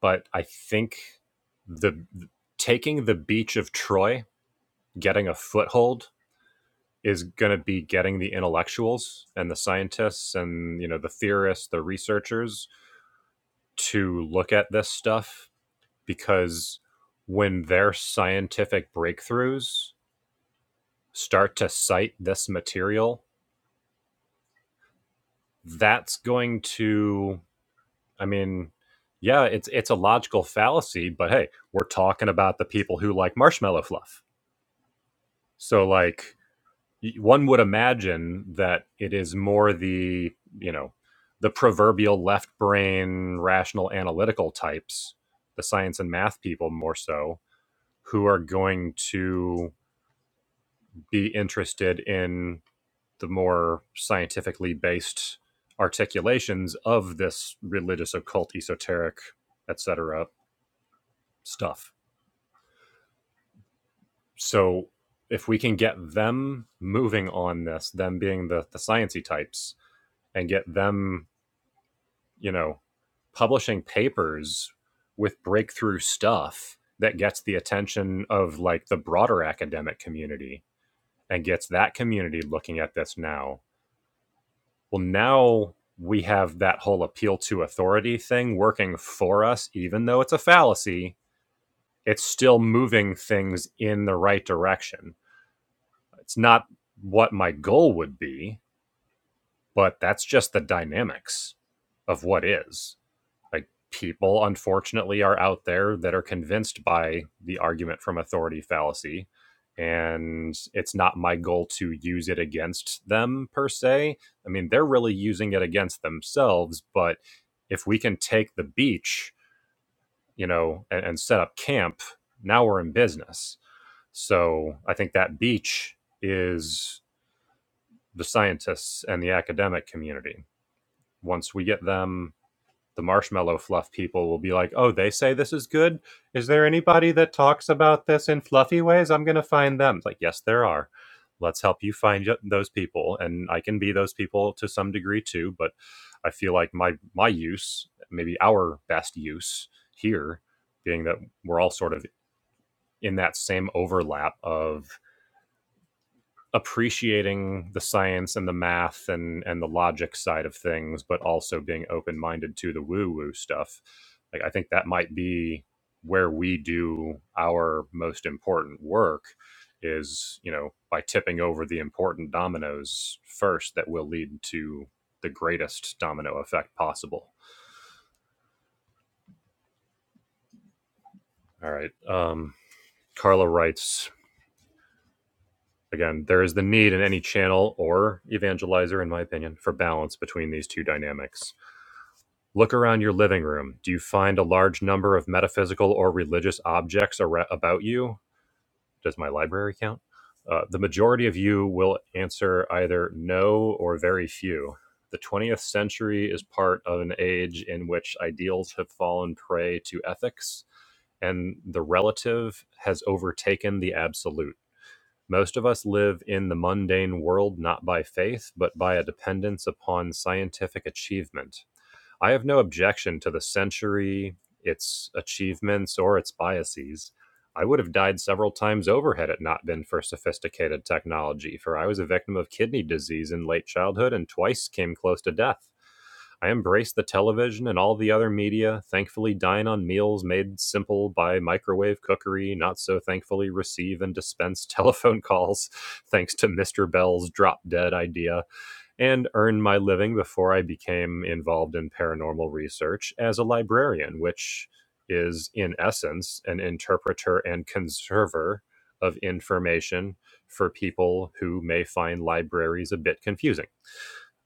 But I think the taking the beach of Troy, getting a foothold is going to be getting the intellectuals and the scientists and you know the theorists, the researchers to look at this stuff because when their scientific breakthroughs start to cite this material, that's going to I mean, yeah, it's it's a logical fallacy, but hey, we're talking about the people who like marshmallow fluff. So like one would imagine that it is more the, you know, the proverbial left brain rational analytical types, the science and math people more so, who are going to be interested in the more scientifically based articulations of this religious, occult, esoteric, etc. stuff. So if we can get them moving on this, them being the, the sciency types, and get them, you know, publishing papers with breakthrough stuff that gets the attention of like the broader academic community and gets that community looking at this now well now we have that whole appeal to authority thing working for us even though it's a fallacy it's still moving things in the right direction it's not what my goal would be but that's just the dynamics of what is like people unfortunately are out there that are convinced by the argument from authority fallacy and it's not my goal to use it against them per se i mean they're really using it against themselves but if we can take the beach you know and, and set up camp now we're in business so i think that beach is the scientists and the academic community once we get them the marshmallow fluff people will be like, "Oh, they say this is good. Is there anybody that talks about this in fluffy ways? I'm going to find them." It's like, "Yes, there are. Let's help you find those people." And I can be those people to some degree too, but I feel like my my use, maybe our best use here being that we're all sort of in that same overlap of appreciating the science and the math and and the logic side of things, but also being open minded to the woo woo stuff. Like I think that might be where we do our most important work is you know by tipping over the important dominoes first that will lead to the greatest domino effect possible all right um carla writes again there is the need in any channel or evangelizer in my opinion for balance between these two dynamics Look around your living room. Do you find a large number of metaphysical or religious objects ar- about you? Does my library count? Uh, the majority of you will answer either no or very few. The 20th century is part of an age in which ideals have fallen prey to ethics, and the relative has overtaken the absolute. Most of us live in the mundane world not by faith, but by a dependence upon scientific achievement. I have no objection to the century, its achievements, or its biases. I would have died several times over had it not been for sophisticated technology, for I was a victim of kidney disease in late childhood and twice came close to death. I embraced the television and all the other media, thankfully dine on meals made simple by microwave cookery, not so thankfully receive and dispense telephone calls, thanks to Mr. Bell's drop dead idea and earn my living before I became involved in paranormal research as a librarian, which is, in essence, an interpreter and conserver of information for people who may find libraries a bit confusing.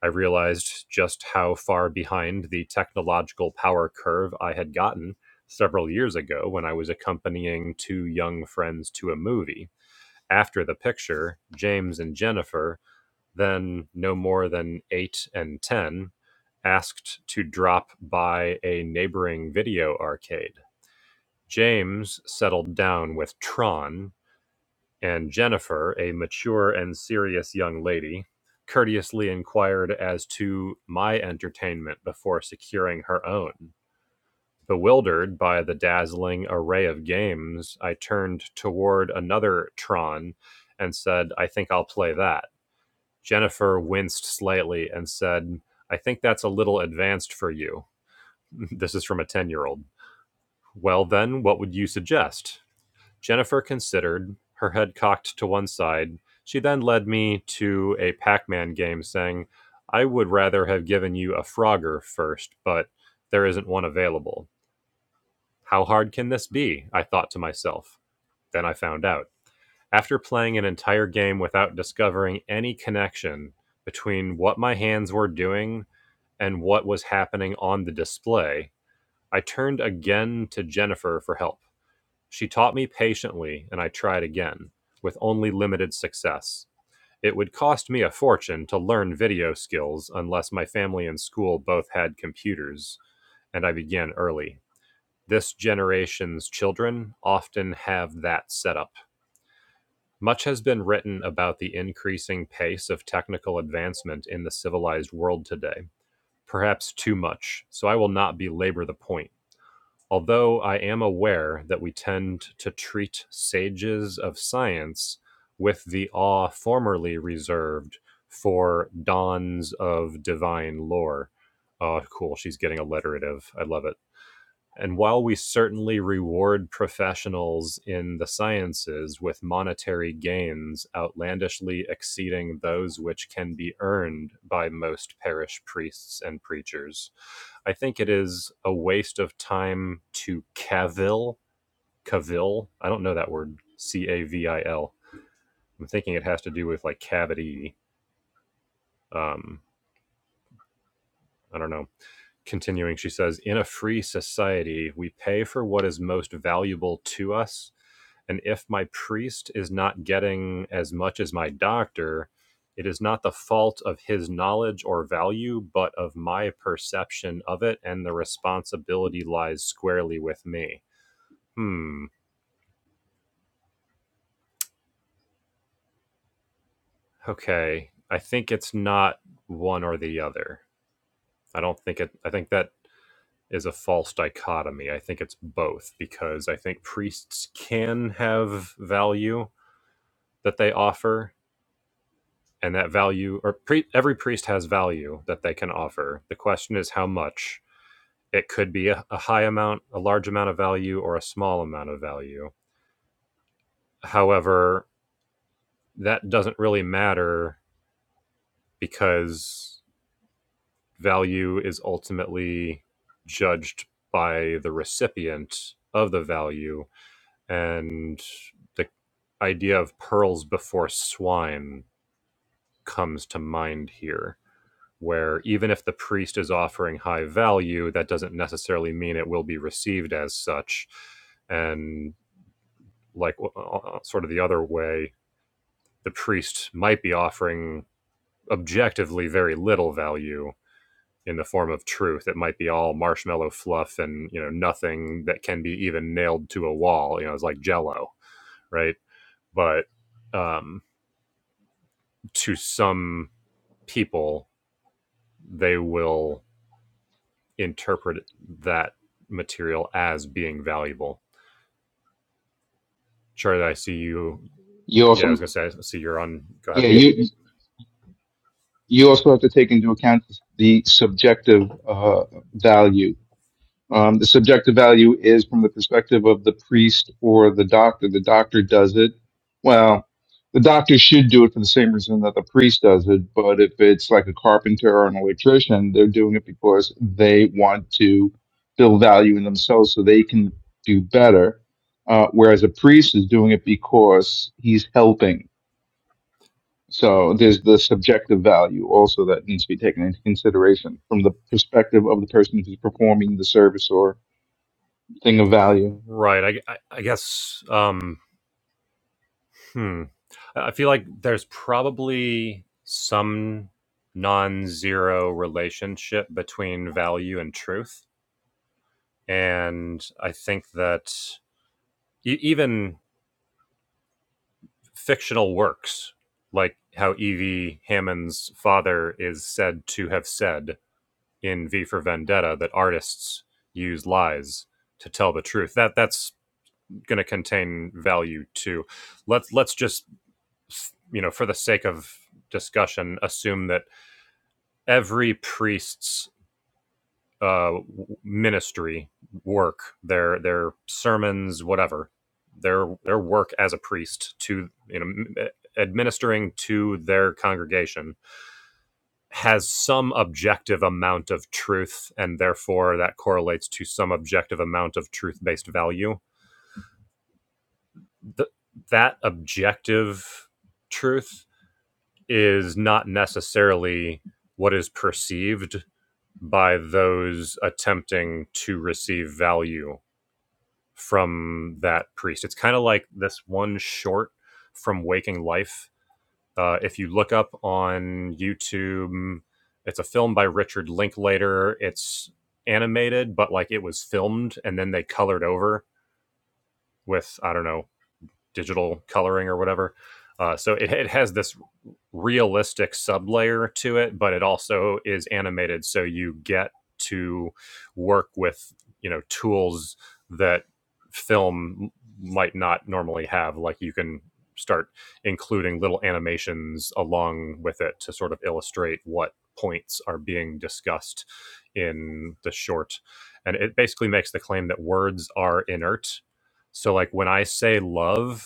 I realized just how far behind the technological power curve I had gotten several years ago when I was accompanying two young friends to a movie. After the picture, James and Jennifer then no more than 8 and 10, asked to drop by a neighboring video arcade. James settled down with Tron, and Jennifer, a mature and serious young lady, courteously inquired as to my entertainment before securing her own. Bewildered by the dazzling array of games, I turned toward another Tron and said, I think I'll play that. Jennifer winced slightly and said, I think that's a little advanced for you. this is from a 10 year old. Well, then, what would you suggest? Jennifer considered, her head cocked to one side. She then led me to a Pac Man game, saying, I would rather have given you a Frogger first, but there isn't one available. How hard can this be? I thought to myself. Then I found out. After playing an entire game without discovering any connection between what my hands were doing and what was happening on the display, I turned again to Jennifer for help. She taught me patiently, and I tried again, with only limited success. It would cost me a fortune to learn video skills unless my family and school both had computers, and I began early. This generation's children often have that setup. Much has been written about the increasing pace of technical advancement in the civilized world today. perhaps too much, so I will not belabor the point. Although I am aware that we tend to treat sages of science with the awe formerly reserved for dons of divine lore. Oh, cool. She's getting alliterative. I love it. And while we certainly reward professionals in the sciences with monetary gains outlandishly exceeding those which can be earned by most parish priests and preachers, I think it is a waste of time to cavil, cavil. I don't know that word, C A V I L. I'm thinking it has to do with like cavity. Um, I don't know Continuing, she says, in a free society, we pay for what is most valuable to us. And if my priest is not getting as much as my doctor, it is not the fault of his knowledge or value, but of my perception of it, and the responsibility lies squarely with me. Hmm. Okay. I think it's not one or the other. I don't think it, I think that is a false dichotomy. I think it's both because I think priests can have value that they offer, and that value, or pre- every priest has value that they can offer. The question is how much. It could be a, a high amount, a large amount of value, or a small amount of value. However, that doesn't really matter because value is ultimately judged by the recipient of the value and the idea of pearls before swine comes to mind here where even if the priest is offering high value that doesn't necessarily mean it will be received as such and like uh, uh, uh, sort of the other way the priest might be offering objectively very little value in the form of truth it might be all marshmallow fluff and you know nothing that can be even nailed to a wall you know it's like jello right but um to some people, they will interpret that material as being valuable. Charlie, I see you.
You also
Yeah, I was gonna say, I see you're on. Go
yeah
ahead.
Yeah. you you also have to take into account the subjective uh, value Um, the subjective value is from the perspective of the priest or the doctor. The doctor does it. Well, the doctor should do it for the same reason that the priest does it. But if it's like a carpenter or an electrician, they're doing it because they want to build value in themselves so they can do better. Uh, whereas a priest is doing it because he's helping. So there's the subjective value also that needs to be taken into consideration from the perspective of the person who's performing the service or thing of value.
Right. I, I, I guess. Um. Hmm. I feel like there's probably some non-zero relationship between value and truth, and I think that e- even fictional works, like how Evie Hammond's father is said to have said in V for Vendetta that artists use lies to tell the truth. That that's going to contain value too. Let's let's just you know for the sake of discussion assume that every priest's uh, ministry work, their their sermons, whatever, their their work as a priest to you know administering to their congregation has some objective amount of truth, and therefore that correlates to some objective amount of truth based value. Th- that objective truth is not necessarily what is perceived by those attempting to receive value from that priest. It's kind of like this one short from Waking Life. Uh, if you look up on YouTube, it's a film by Richard Linklater. It's animated, but like it was filmed and then they colored over with I don't know digital coloring or whatever. Uh, so it, it has this realistic sublayer to it, but it also is animated, so you get to work with you know tools that film might not normally have. Like you can start including little animations along with it to sort of illustrate what points are being discussed in the short. And it basically makes the claim that words are inert. So like when I say love,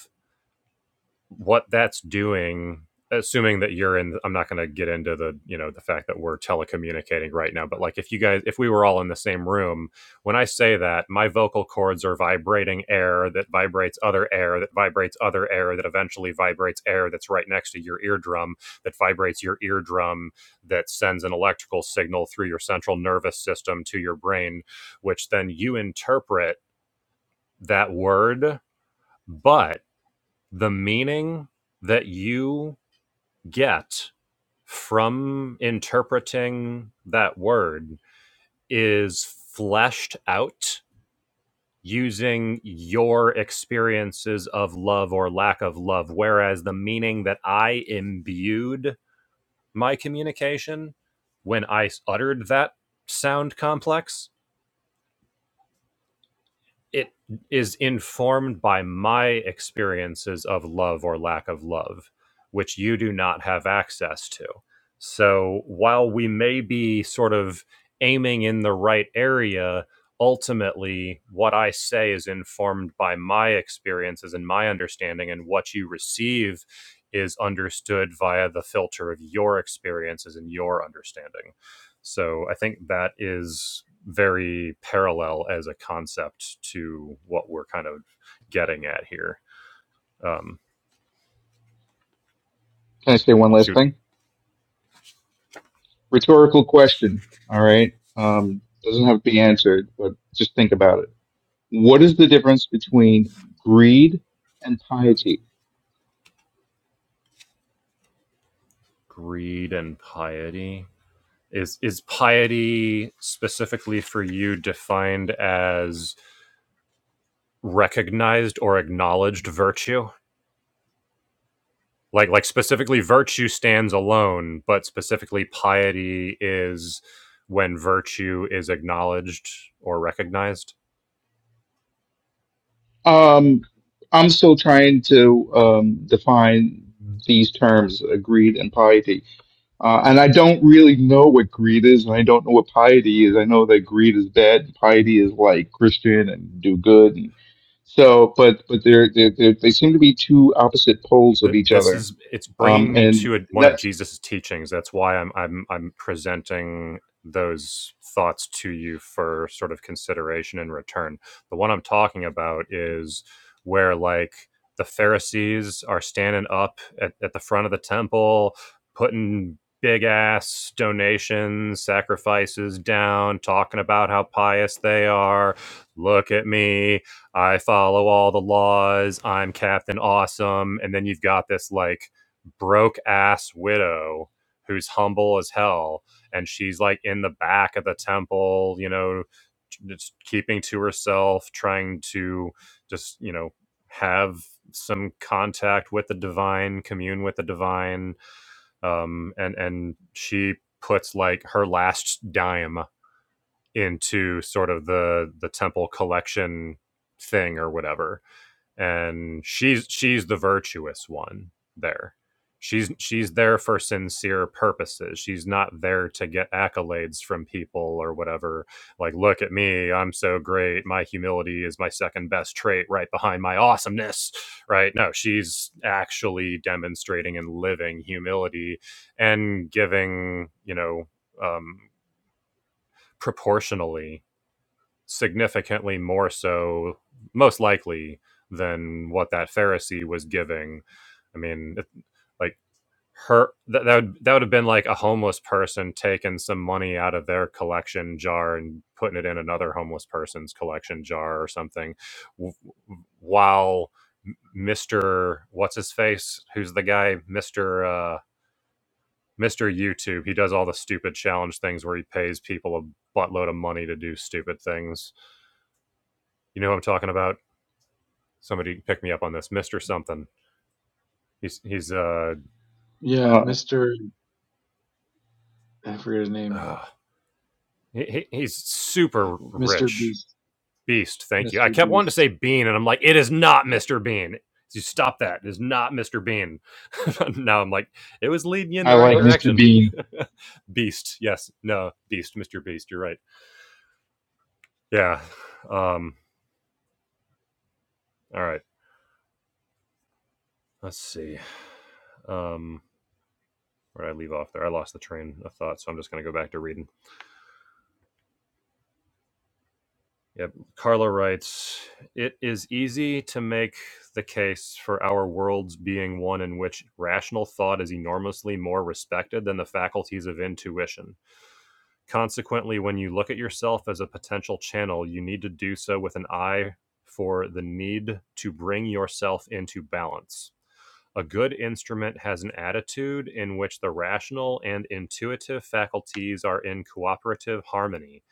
what that's doing assuming that you're in i'm not going to get into the you know the fact that we're telecommunicating right now but like if you guys if we were all in the same room when i say that my vocal cords are vibrating air that vibrates other air that vibrates other air that eventually vibrates air that's right next to your eardrum that vibrates your eardrum that sends an electrical signal through your central nervous system to your brain which then you interpret that word but the meaning that you get from interpreting that word is fleshed out using your experiences of love or lack of love. Whereas the meaning that I imbued my communication when I uttered that sound complex it is informed by my experiences of love or lack of love, which you do not have access to. So while we may be sort of aiming in the right area, ultimately what I say is informed by my experiences and my understanding, and what you receive is understood via the filter of your experiences and your understanding. So I think that is very parallel as a concept to what we're kind of getting at here. Um,
Can I say one last
shoot,
thing? Rhetorical question. All right. Um, doesn't have to be answered, but just think about it. What is the difference between greed and piety?
greed and piety is is piety specifically for you defined as recognized or acknowledged virtue? Like like specifically virtue stands alone, but specifically piety is when virtue is acknowledged or recognized.
Um, I'm still trying to um, define these terms, uh, greed and piety. Uh, and I don't really know what greed is, and I don't know what piety is. I know that greed is bad, and piety is like Christian and do good. And so, but but they're, they're, they're they seem to be two opposite poles of
th-
each
this
other.
is it's
Um,
bringing me
and
to a, one of
that's
Jesus's teachings. That's why I'm I'm I'm presenting those thoughts to you for sort of consideration in return. The one I'm talking about is where like the Pharisees are standing up at, at the front of the temple, putting big ass donations, sacrifices down, talking about how pious they are. Look at me I follow all the laws. I'm Captain Awesome. And then you've got this like broke ass widow who's humble as hell. And she's like in the back of the temple, you know, just keeping to herself, trying to just, you know, have some contact with the divine, commune with the divine. Um, and, and she puts like her last dime into sort of the, the temple collection thing or whatever and she's she's the virtuous one there. She's she's there for sincere purposes. She's not there to get accolades from people or whatever. Like, look at me, I'm so great. My humility is my second best trait, right behind my awesomeness. Right? No, she's actually demonstrating and living humility and giving, you know, um, proportionally significantly more so, most likely, than what that Pharisee was giving. I mean, it, like her that that would, that would have been like a homeless person taking some money out of their collection jar and putting it in another homeless person's collection jar or something, w- while Mister what's his face, who's the guy, Mister. Uh, Mr. YouTube, he does all the stupid challenge things where he pays people a buttload of money to do stupid things you know who I'm talking about? Somebody pick me up on this, Mister Something. He's he's uh,
Yeah,
uh,
Mr. I forget his name.
uh he, he's
Uh,
super
Mr.
rich
Beast.
beast. Thank you. I
Mr.
kept wanting to
Beast.
say Bean, and I'm like, it is not Mister Bean. You stop that. It is not Mister Bean. now I'm like, it was leading you in
I
the
like
right
Sure. Mr.
direction.
Bean.
beast. Yes. No. Beast. Mister Beast. You're right. Yeah. Um. All right. Let's see. Um. Where did I leave off there? I lost the train of thought, so I'm just going to go back to reading. Yep. Carla writes, It is easy to make the case for our worlds being one in which rational thought is enormously more respected than the faculties of intuition. Consequently, when you look at yourself as a potential channel, you need to do so with an eye for the need to bring yourself into balance. A good instrument has an attitude in which the rational and intuitive faculties are in cooperative harmony,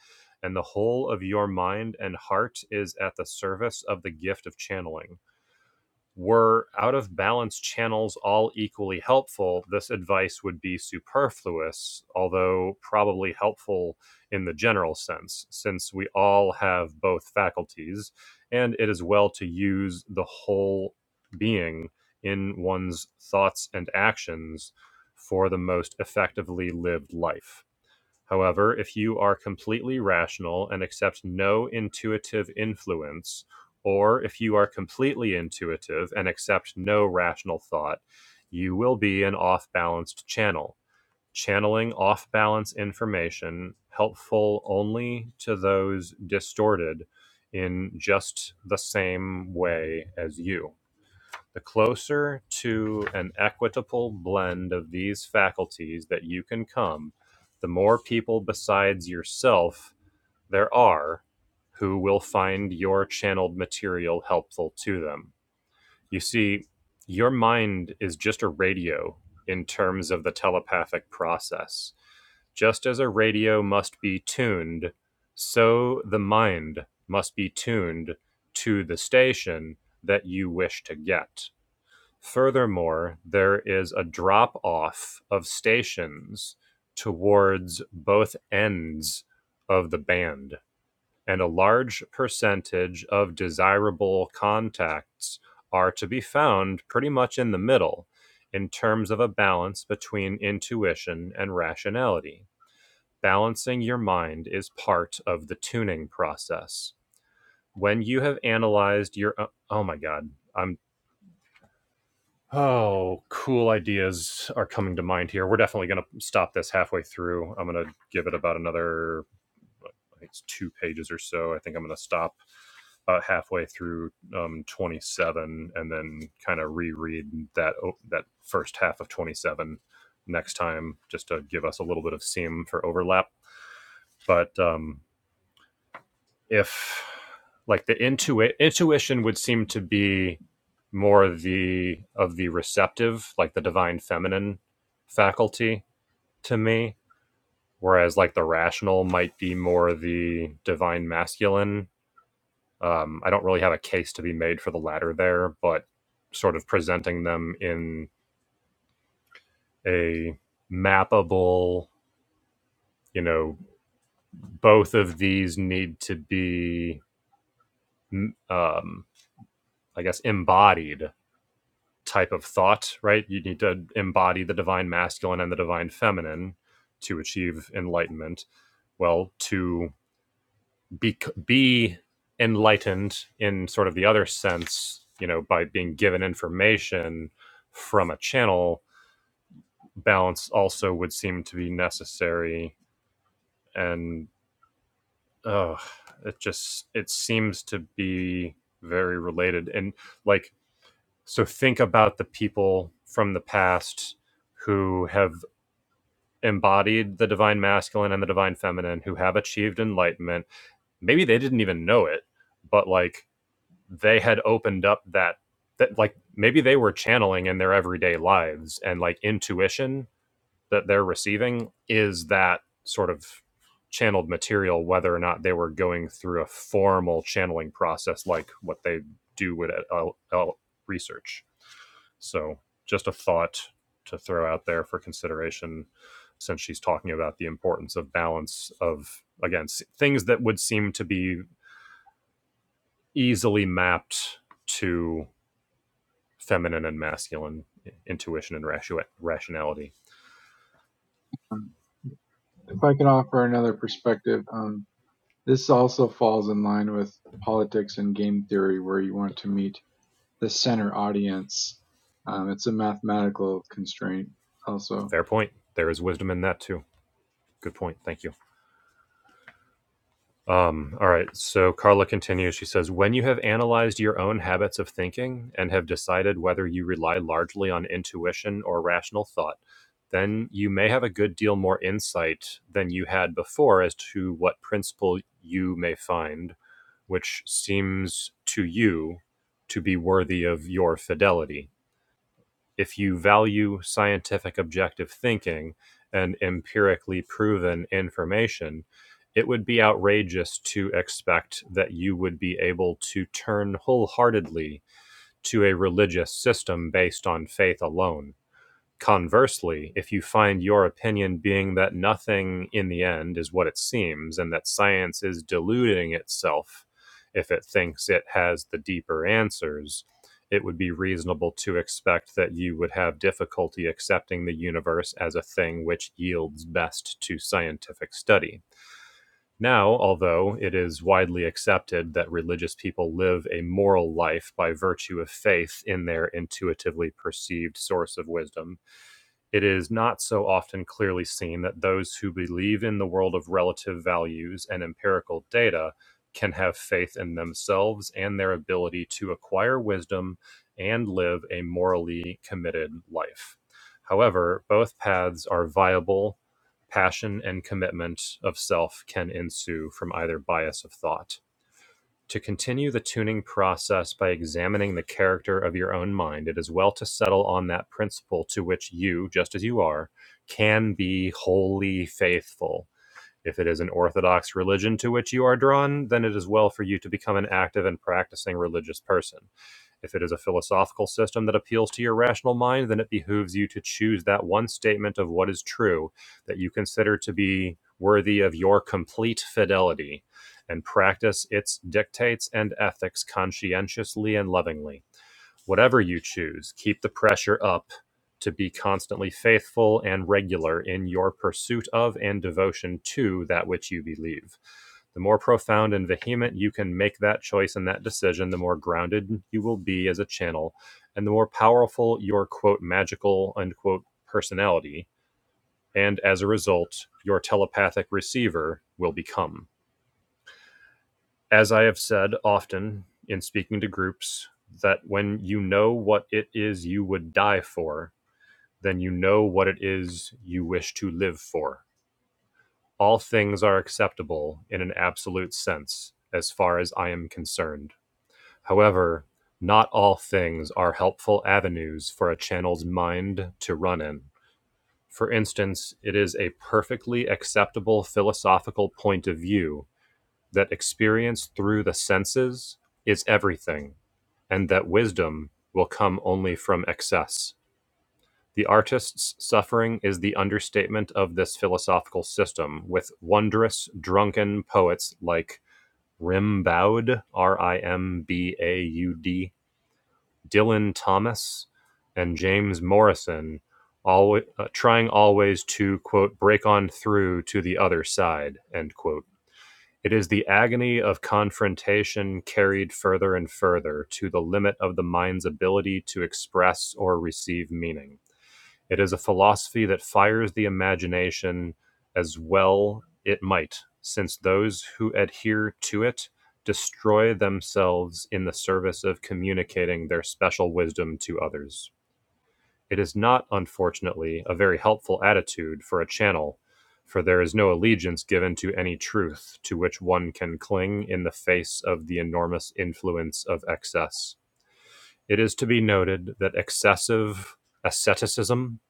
and the whole of your mind and heart is at the service of the gift of channeling were out of balance channels all equally helpful, this advice would be superfluous, although probably helpful in the general sense, since we all have both faculties, and it is well to use the whole being in one's thoughts and actions for the most effectively lived life. However, if you are completely rational and accept no intuitive influence, or if you are completely intuitive and accept no rational thought, you will be an off balanced channel, channeling off balance information helpful only to those distorted in just the same way as you. The closer to an equitable blend of these faculties that you can come, the more people besides yourself there are who will find your channeled material helpful to them. You see, your mind is just a radio in terms of the telepathic process. Just as a radio must be tuned, so the mind must be tuned to the station that you wish to get. Furthermore, there is a drop-off of stations towards both ends of the band, and a large percentage of desirable contacts are to be found pretty much in the middle in terms of a balance between intuition and rationality. Balancing your mind is part of the tuning process. When you have analyzed your oh my god, I'm Oh, cool ideas are coming to mind here. We're definitely going to stop this halfway through. I'm going to give it about another, I think it's two pages or so. I think I'm going to stop about halfway through um, 27 and then kind of reread that o- that first half of 27 next time just to give us a little bit of seam for overlap. But um, if like the intuit intuition would seem to be more the of the receptive like the divine feminine faculty to me whereas like the rational might be more the divine masculine um, i don't really have a case to be made for the latter there but sort of presenting them in a mappable you know both of these need to be mm, um, i guess embodied type of thought, right? You need to embody the divine masculine and the divine feminine to achieve enlightenment. Well, to be be enlightened in sort of the other sense, you know, by being given information from a channel, balance also would seem to be necessary and uh it just it seems to be very related and like so think about the people from the past who have embodied the divine masculine and the divine feminine who have achieved enlightenment. Maybe they didn't even know it, but like they had opened up that that like maybe they were channeling in their everyday lives and like intuition that they're receiving is that sort of channeled material whether or not they were going through a formal channeling process like what they do with uh, uh, research. So, just a thought to throw out there for consideration since she's talking about the importance of balance of again things that would seem to be easily mapped to feminine and masculine intuition and rationality
Um, if I can offer another perspective, um, this also falls in line with politics and game theory, where you want to meet the center audience. Um, it's a mathematical constraint, also.
fair point there is wisdom in that too good point thank you Um, all right. So Carla continues. She says, When you have analyzed your own habits of thinking and have decided whether you rely largely on intuition or rational thought, then you may have a good deal more insight than you had before as to what principle you may find, which seems to you to be worthy of your fidelity if you value scientific objective thinking and empirically proven information, it would be outrageous to expect that you would be able to turn wholeheartedly to a religious system based on faith alone. Conversely, if you find your opinion being that nothing in the end is what it seems and that science is deluding itself if it thinks it has the deeper answers, it would be reasonable to expect that you would have difficulty accepting the universe as a thing which yields best to scientific study. Now, although it is widely accepted that religious people live a moral life by virtue of faith in their intuitively perceived source of wisdom, it is not so often clearly seen that those who believe in the world of relative values and empirical data can have faith in themselves and their ability to acquire wisdom and live a morally committed life. However, both paths are viable. Passion and commitment of self can ensue from either bias of thought to continue the tuning process by examining the character of your own mind, it is well to settle on that principle to which you, just as you are, can be wholly faithful. If it is an orthodox religion to which you are drawn, then it is well for you to become an active and practicing religious person. If it is a philosophical system that appeals to your rational mind, then it behooves you to choose that one statement of what is true that you consider to be worthy of your complete fidelity and practice its dictates and ethics conscientiously and lovingly. Whatever you choose, keep the pressure up to be constantly faithful and regular in your pursuit of and devotion to that which you believe. The more profound and vehement you can make that choice and that decision, the more grounded you will be as a channel, and the more powerful your quote magical unquote personality, and as a result, your telepathic receiver will become as I have said often in speaking to groups, that when you know what it is you would die for, then you know what it is you wish to live for. All things are acceptable in an absolute sense, as far as I am concerned. However, not all things are helpful avenues for a channel's mind to run in. For instance, it is a perfectly acceptable philosophical point of view that experience through the senses is everything, and that wisdom will come only from excess. The artist's suffering is the understatement of this philosophical system, with wondrous, drunken poets like Rimbaud, R I M B A U D, Dylan Thomas, and James Morrison, always, trying always to, quote, break on through to the other side, end quote it is the agony of confrontation carried further and further to the limit of the mind's ability to express or receive meaning. It is a philosophy that fires the imagination as well it might, since those who adhere to it destroy themselves in the service of communicating their special wisdom to others. It is not, unfortunately, a very helpful attitude for a channel, for there is no allegiance given to any truth to which one can cling in the face of the enormous influence of excess. It is to be noted that excessive asceticism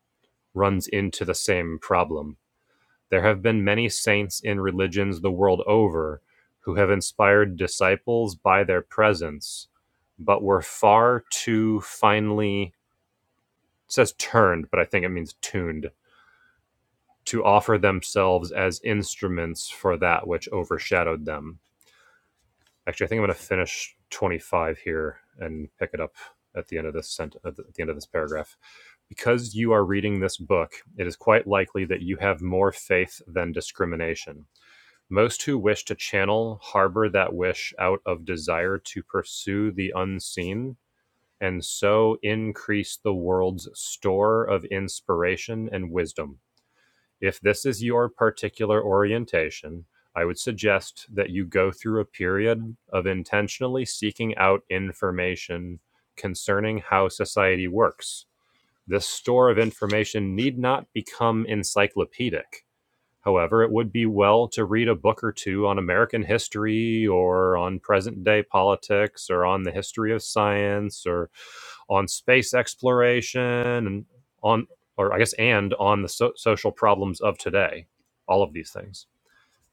runs into the same problem. There have been many saints in religions the world over who have inspired disciples by their presence, but were far too finely it says turned, but I think it means tuned to offer themselves as instruments for that which overshadowed them. Actually, I think I'm going to finish 25 here and pick it up at the end of this sent- at the at the end of this paragraph. Because you are reading this book, it is quite likely that you have more faith than discrimination. Most who wish to channel harbor that wish out of desire to pursue the unseen and so increase the world's store of inspiration and wisdom. If this is your particular orientation, I would suggest that you go through a period of intentionally seeking out information concerning how society works. This store of information need not become encyclopedic. However, it would be well to read a book or two on American history or on present day politics or on the history of science or on space exploration and on, or I guess, and on the so- social problems of today. All of these things.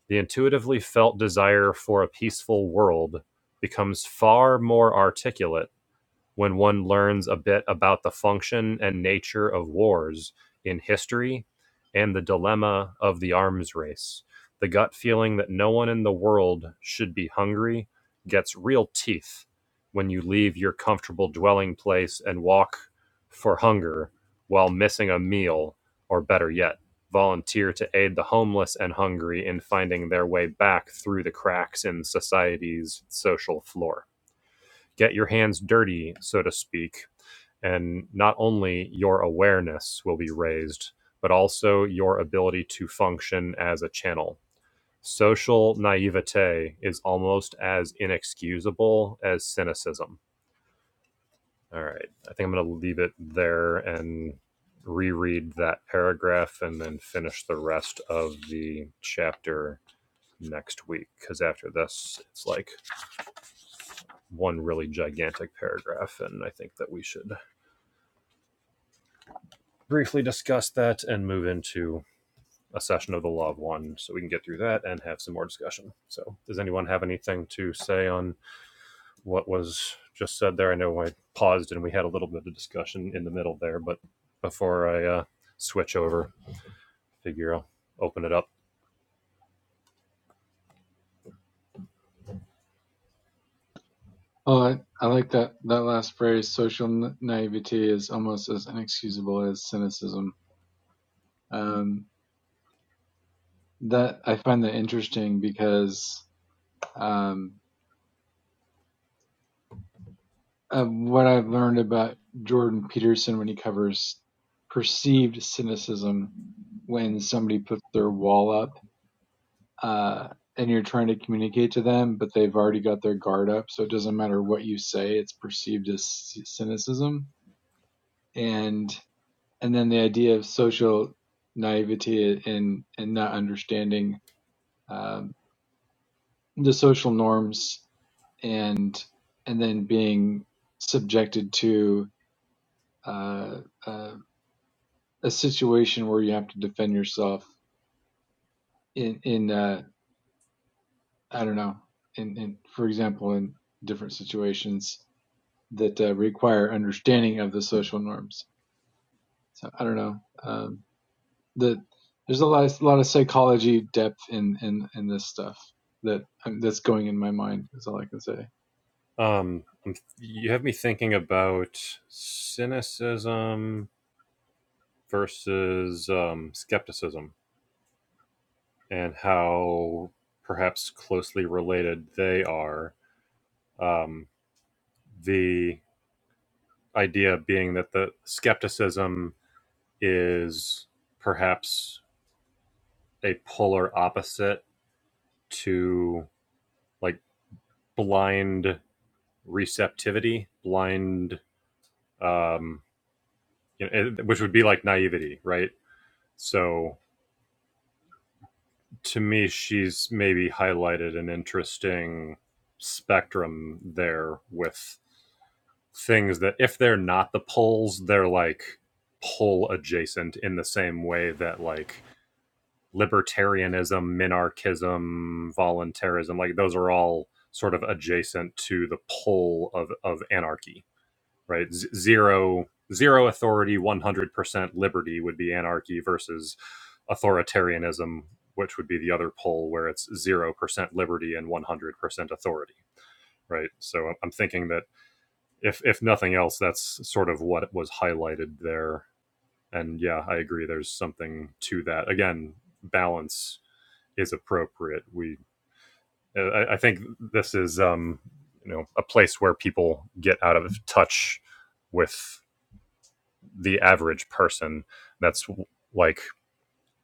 The intuitively felt desire for a peaceful world becomes far more articulate when one learns a bit about the function and nature of wars in history and the dilemma of the arms race. The gut feeling that no one in the world should be hungry gets real teeth when you leave your comfortable dwelling place and walk for hunger while missing a meal, or better yet, volunteer to aid the homeless and hungry in finding their way back through the cracks in society's social floor get your hands dirty, so to speak, and not only your awareness will be raised, but also your ability to function as a channel. Social naivete is almost as inexcusable as cynicism. All right. I think I'm going to leave it there and reread that paragraph and then finish the rest of the chapter next week. Because after this, it's like one really gigantic paragraph. And I think that we should briefly discuss that and move into a session of the law of one so we can get through that and have some more discussion. So, does anyone have anything to say on what was just said there? I know I paused and we had a little bit of discussion in the middle there, but before I uh, switch over, figure I'll open it up.
Oh, I, I like that, that last phrase. Social na- naivety is almost as inexcusable as cynicism. Um, that I find that interesting because, um, uh, what I've learned about Jordan Peterson when he covers perceived cynicism when somebody puts their wall up uh, and you're trying to communicate to them, but they've already got their guard up, so it doesn't matter what you say; it's perceived as cynicism. And and then the idea of social naivety and and not understanding um, the social norms and and then being subjected to. Uh, uh, a situation where you have to defend yourself in in uh, I don't know in, in for example in different situations that uh, require understanding of the social norms. So I don't know. Um, the there's a lot of, a lot of psychology depth in in in this stuff that um, that's going in my mind. Is all I can say.
Um, you have me thinking about cynicism versus um, skepticism and how perhaps closely related they are. Because the idea being that the skepticism is perhaps a polar opposite to like blind receptivity, blind, um, you know, which would be like naivety, right? So to me, she's maybe highlighted an interesting spectrum there with things that if they're not the poles, they're like pole adjacent in the same way that like libertarianism, minarchism, voluntarism, like those are all sort of adjacent to the pull of, of anarchy, right? Z- zero, zero authority, 100% liberty would be anarchy versus authoritarianism, which would be the other pull where it's 0% liberty and 100% authority, right? So I'm I'm thinking that if, if nothing else, that's sort of what was highlighted there. And yeah, I agree. There's something to that. Again, balance is appropriate. We, uh, I, I think this is, um, you know, a place where people get out of touch with the average person. That's like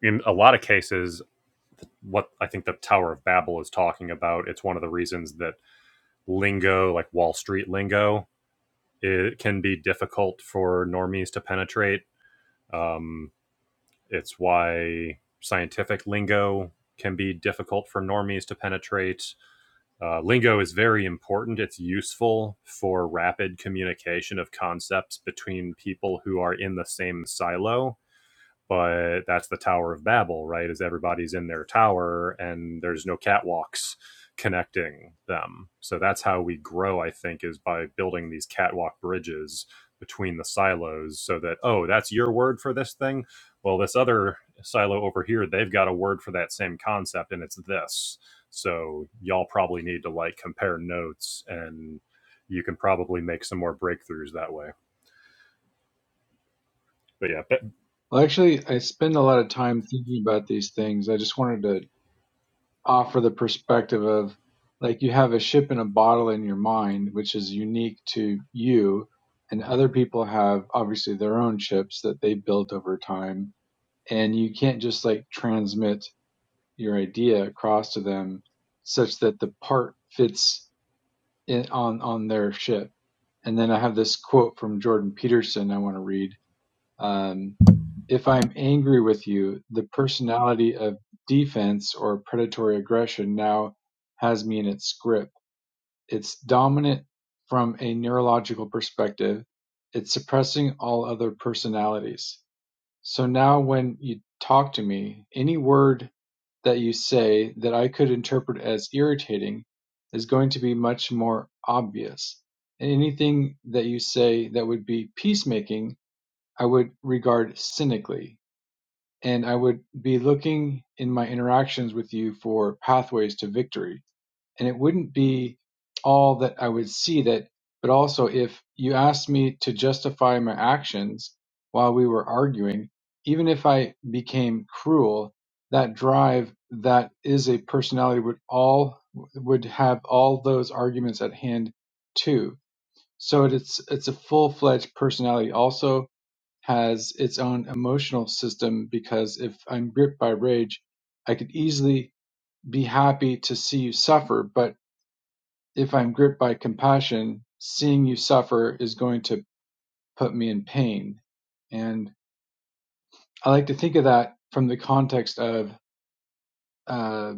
in a lot of cases what I think the Tower of Babel is talking about. It's one of the reasons that lingo, like Wall Street lingo, it can be difficult for normies to penetrate. Um, it's why scientific lingo can be difficult for normies to penetrate. Uh, lingo is very important. It's useful for rapid communication of concepts between people who are in the same silo but that's the Tower of Babel, right? Is everybody's in their tower and there's no catwalks connecting them. So that's how we grow, I think, is by building these catwalk bridges between the silos so that, oh, that's your word for this thing. Well, this other silo over here, they've got a word for that same concept and it's this. So y'all probably need to like compare notes and you can probably make some more breakthroughs that way. But yeah, but
Well, actually, I spend a lot of time thinking about these things. I just wanted to offer the perspective of like you have a ship in a bottle in your mind, which is unique to you, and other people have obviously their own ships that they built over time, and you can't just like transmit your idea across to them such that the part fits in, on on their ship. And then I have this quote from Jordan Peterson I want to read um, if I'm angry with you, the personality of defense or predatory aggression now has me in its grip. It's dominant from a neurological perspective. It's suppressing all other personalities. So now when you talk to me, any word that you say that I could interpret as irritating is going to be much more obvious. Anything that you say that would be peacemaking I would regard cynically, and I would be looking in my interactions with you for pathways to victory. And it wouldn't be all that I would see that, but also if you asked me to justify my actions while we were arguing, even if I became cruel, that drive that is a personality would all would have all those arguments at hand too so it's it's a full-fledged personality. Also has its own emotional system because if I'm gripped by rage, I could easily be happy to see you suffer, but if I'm gripped by compassion, seeing you suffer is going to put me in pain. And I like to think of that from the context of uh,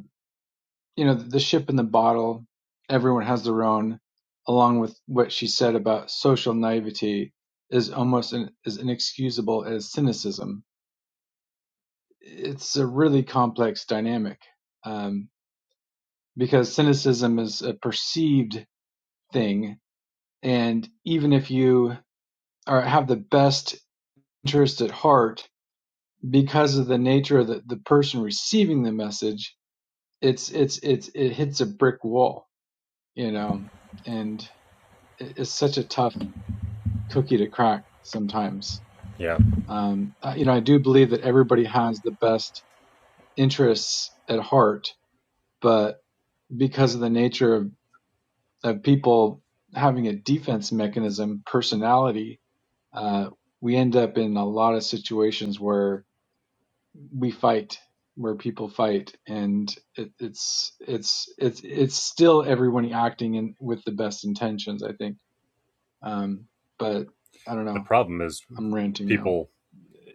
you know, the ship in the bottle, everyone has their own, along with what she said about social naivety is almost an, as inexcusable as cynicism. It's a really complex dynamic um, because cynicism is a perceived thing, and even if you are have the best interest at heart, because of the nature of the, the person receiving the message, it's it's it's it hits a brick wall, you know, and it's such a tough cookie to crack sometimes.
yeah.
Um, uh, you know, I do believe that everybody has the best interests at heart, but because of the nature of, of people having a defense mechanism, personality, uh, we end up in a lot of situations where we fight, where people fight, and it, it's it's it's it's still everyone acting in with the best intentions, I think. Um, but I don't
The
know.
problem is
I'm ranting now.
people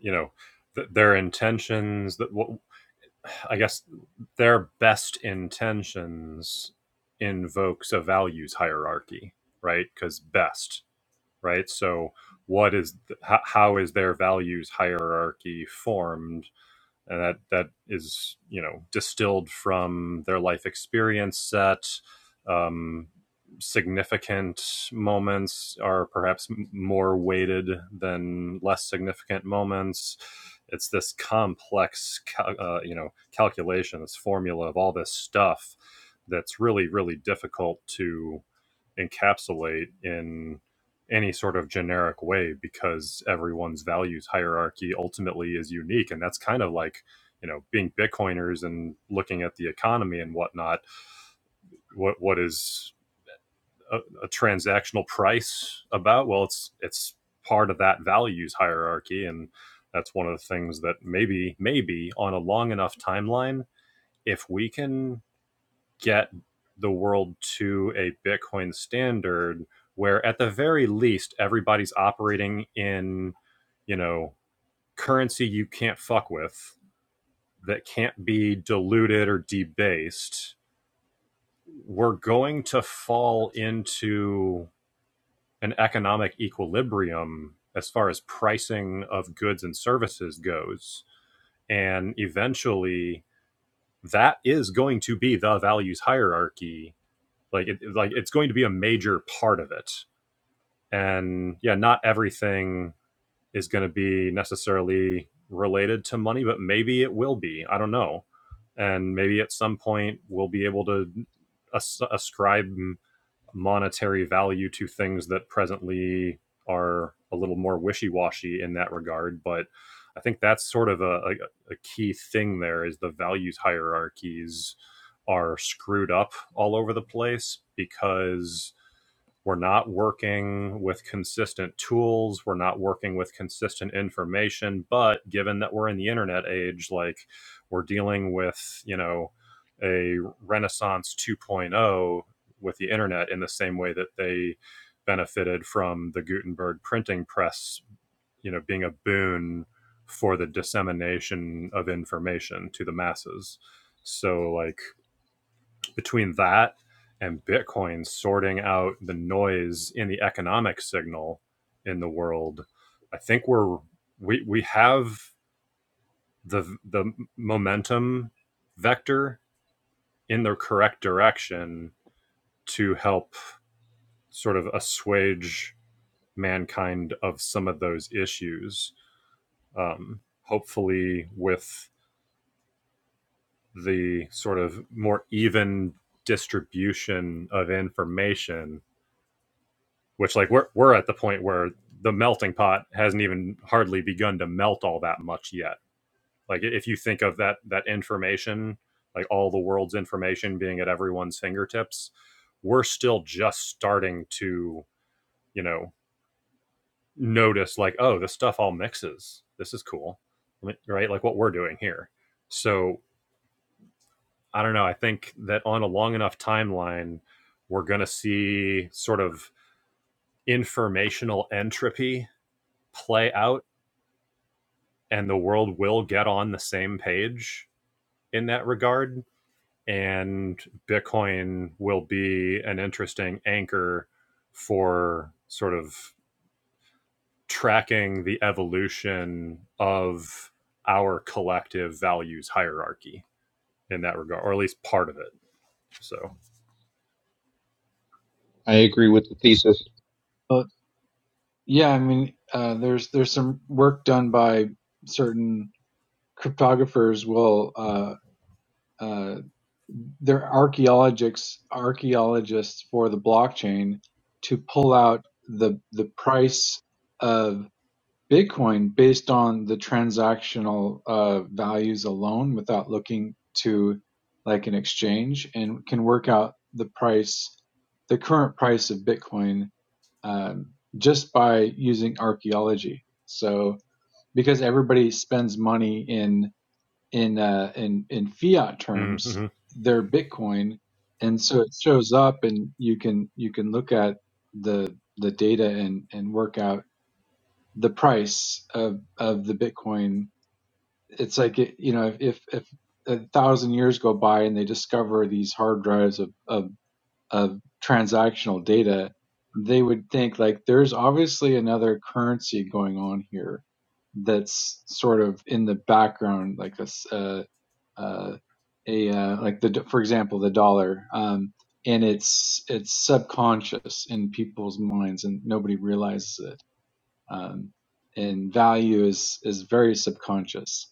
you know th- their intentions that what i guess their best intentions invokes a values hierarchy right because best right so what is th- how, how is their values hierarchy formed and that that is you know distilled from their life experience set um, significant moments are perhaps more weighted than less significant moments it's this complex uh, you know calculation this formula of all this stuff that's really really difficult to encapsulate in any sort of generic way because everyone's values hierarchy ultimately is unique. And that's kind of like, you know, being Bitcoiners and looking at the economy and whatnot. What what is a, a transactional price about? Well, it's it's part of that values hierarchy, and that's one of the things that maybe maybe on a long enough timeline, if we can get the world to a Bitcoin standard where, at the very least, everybody's operating in, you know, currency you can't fuck with that can't be diluted or debased. We're going to fall into an economic equilibrium as far as pricing of goods and services goes. And eventually, that is going to be the values hierarchy like it, like it's going to be a major part of it and yeah not everything is going to be necessarily related to money but maybe it will be i don't know and maybe at some point we'll be able to as- ascribe monetary value to things that presently are a little more wishy-washy in that regard but i think that's sort of a, a, a key thing there is the values hierarchies are screwed up all over the place because we're not working with consistent tools. We're not working with consistent information. But given that we're in the internet age, like we're dealing with, you know, a Renaissance 2.0 point oh with the internet in the same way that they benefited from the Gutenberg printing press, you know, being a boon for the dissemination of information to the masses. So, like, between that and Bitcoin sorting out the noise in the economic signal in the world, I think we're we we have the the momentum vector in the correct direction to help sort of assuage mankind of some of those issues. Um, hopefully, with the sort of more even distribution of information, which like we're we're at the point where the melting pot hasn't even hardly begun to melt all that much yet. Like if you think of that that information, like all the world's information being at everyone's fingertips, we're still just starting to, you know, notice like oh, this stuff all mixes. This is cool. Right? Like what we're doing here. So, I don't know, I think that on a long enough timeline, we're going to see sort of informational entropy play out and the world will get on the same page in that regard. And Bitcoin will be an interesting anchor for sort of tracking the evolution of our collective values hierarchy in that regard, or at least part of it. So,
I agree with the thesis.
Yeah, I mean, uh, there's there's some work done by certain cryptographers. Will uh, uh, they're archaeologists archaeologists for the blockchain to pull out the the price of Bitcoin based on the transactional uh, values alone, without looking to like an exchange, and can work out the price, the current price of Bitcoin um, just by using archaeology. So because everybody spends money in in uh, in in fiat terms,
mhm.
their Bitcoin, and so it shows up, and you can you can look at the the data and and work out the price of of the Bitcoin. It's like it, you know if if, if a thousand years go by and they discover these hard drives of, of of transactional data, they would think like there's obviously another currency going on here that's sort of in the background, like a s- uh, uh, a uh, like the for example the dollar, um, and it's it's subconscious in people's minds and nobody realizes it. Um, and value is is very subconscious.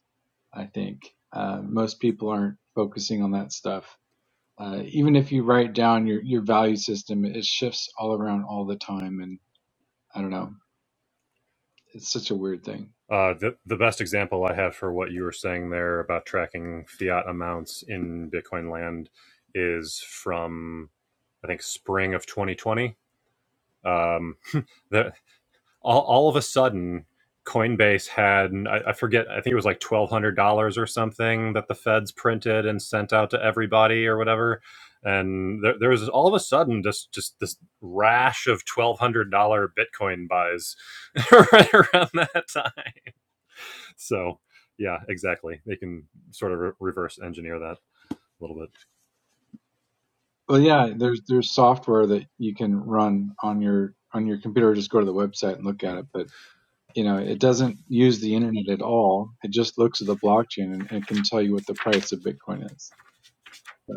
I think uh, most people aren't focusing on that stuff uh, even if you write down your your value system, it shifts all around all the time, and I don't know, it's such a weird thing.
uh, the, the best example I have for what you were saying there about tracking fiat amounts in Bitcoin land is from, I think, spring of 2020 Um, the, all, all of a sudden, Coinbase had, I, I forget, I think it was like $1,200 or something that the feds printed and sent out to everybody or whatever. And there, there was all of a sudden just, just this rash of $1,200 Bitcoin buys right around that time. So, yeah, exactly. They can sort of re- reverse engineer that a little bit.
Well, yeah, there's there's software that you can run on your on your computer. or Just go to the website and look at
Right.
it, but you know it doesn't use the internet at all. It just looks at the blockchain and it can tell you what the price of Bitcoin is. So,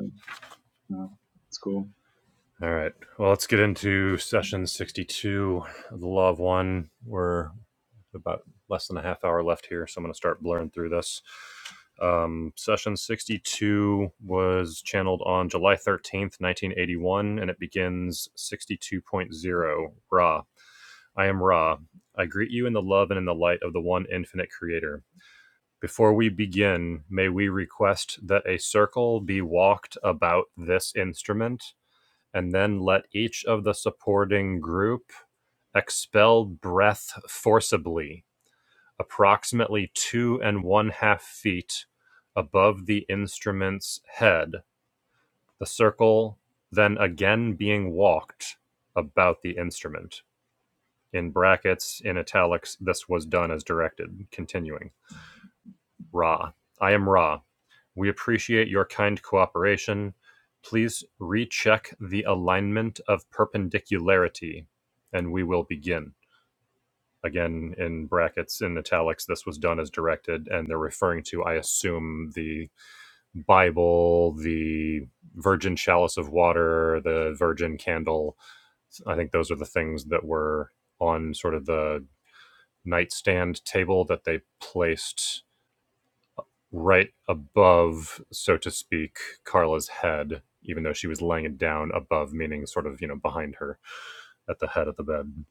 you know, it's cool.
All right. Well, let's get into session 62 of the Law of One. where. about less than a half hour left here, so I'm going to start blurring through this. Um, session 62 was channeled on July 13th, 1981, and it begins 62.0 Ra. I am Ra. I greet you in the love and in the light of the one infinite creator. Before we begin, may we request that a circle be walked about this instrument, and then let each of the supporting group expel breath forcibly approximately two and one half feet above the instrument's head, the circle then again being walked about the instrument. In brackets, in italics, this was done as directed. Continuing. Ra. I am Ra. We appreciate your kind cooperation. Please recheck the alignment of perpendicularity, and we will begin. Again, in brackets, in italics, this was done as directed, and they're referring to, I assume, the Bible, the virgin chalice of water, the virgin candle. I think those are the things that were on sort of the nightstand table that they placed right above, so to speak, Carla's head, even though she was laying it down above, meaning sort of, you know, behind her at the head of the bed.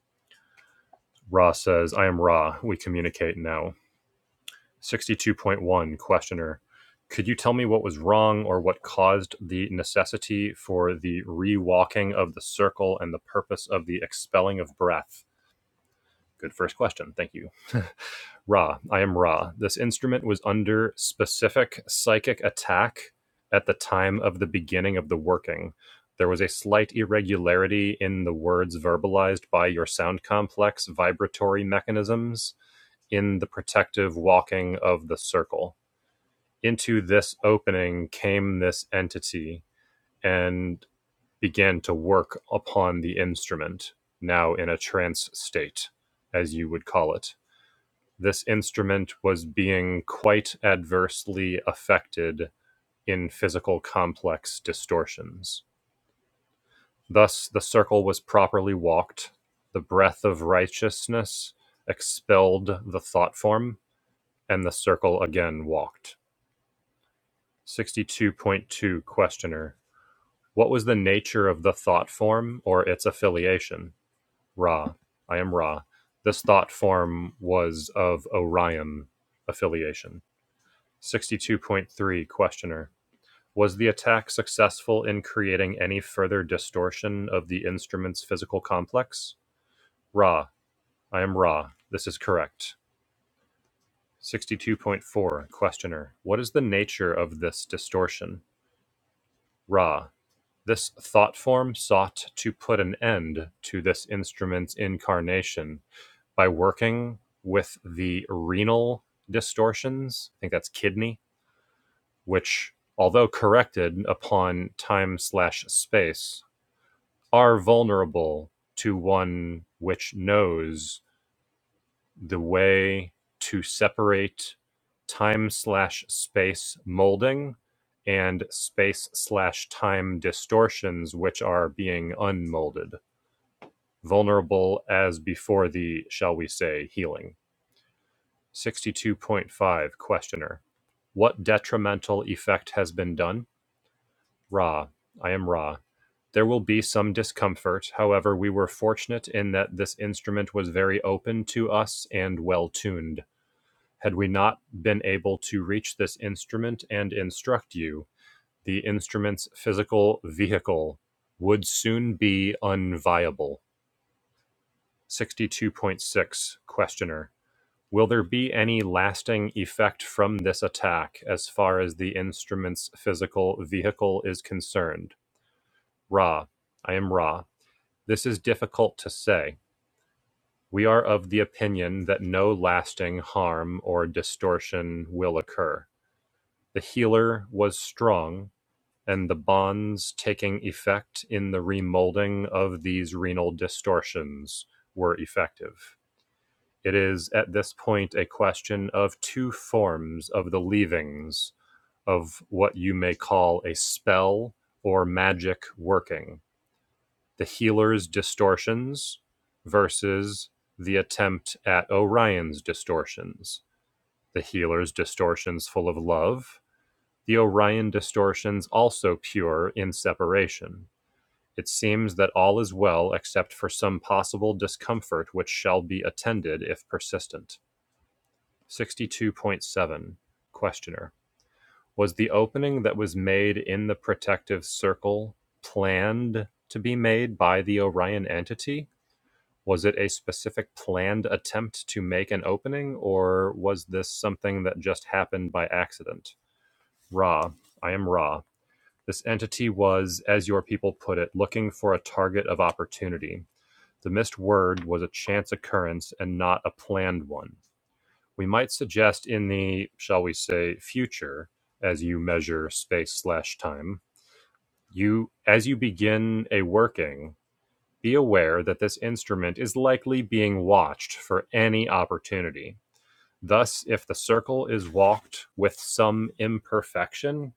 Ra says, I am Ra. We communicate now. 62.1 questioner could you tell me what was wrong or what caused the necessity for the rewalking of the circle and the purpose of the expelling of breath good first question thank you ra i am ra this instrument was under specific psychic attack at the time of the beginning of the working there was a slight irregularity in the words verbalized by your sound complex vibratory mechanisms in the protective walking of the circle into this opening came this entity and began to work upon the instrument, now in a trance state, as you would call it. This instrument was being quite adversely affected in physical complex distortions. Thus, the circle was properly walked, the breath of righteousness expelled the thought form, and the circle again walked. 62.2 Questioner What was the nature of the thought form or its affiliation? Ra. I am Ra. This thought form was of Orion affiliation. 62.3 Questioner. Was the attack successful in creating any further distortion of the instrument's physical complex? Ra. I am Ra. This is correct. 62.4 Questioner. What is the nature of this distortion? Ra. This thought form sought to put an end to this instrument's incarnation by working with the renal distortions. I think that's kidney, which, although corrected upon time slash space, are vulnerable to one which knows the way to separate time slash space molding and space slash time distortions which are being unmolded Vulnerable as before the, shall we say, healing. 62.5 Questioner. What detrimental effect has been done? Ra. I am Ra. There will be some discomfort. However, we were fortunate in that this instrument was very open to us and well tuned. Had we not been able to reach this instrument and instruct you, the instrument's physical vehicle would soon be unviable. 62.6 Questioner. Will there be any lasting effect from this attack as far as the instrument's physical vehicle is concerned? Ra, I am Ra. This is difficult to say. We are of the opinion that no lasting harm or distortion will occur. The healer was strong, and the bonds taking effect in the remolding of these renal distortions were effective. It is at this point a question of two forms of the leavings of what you may call a spell or magic working the healer's distortions versus the attempt at Orion's distortions. The healer's distortions full of love, the Orion distortions also pure in separation. It seems that all is well except for some possible discomfort which shall be attended if persistent. 62.7 Questioner. Was the opening that was made in the protective circle planned to be made by the Orion entity? Was it a specific planned attempt to make an opening, or was this something that just happened by accident? Ra, I am Ra. This entity was, as your people put it, looking for a target of opportunity. The missed word was a chance occurrence and not a planned one we might suggest in the, shall we say, future, as you measure space slash time, you, as you begin a working, be aware that this instrument is likely being watched for any opportunity. Thus, if the circle is walked with some imperfection,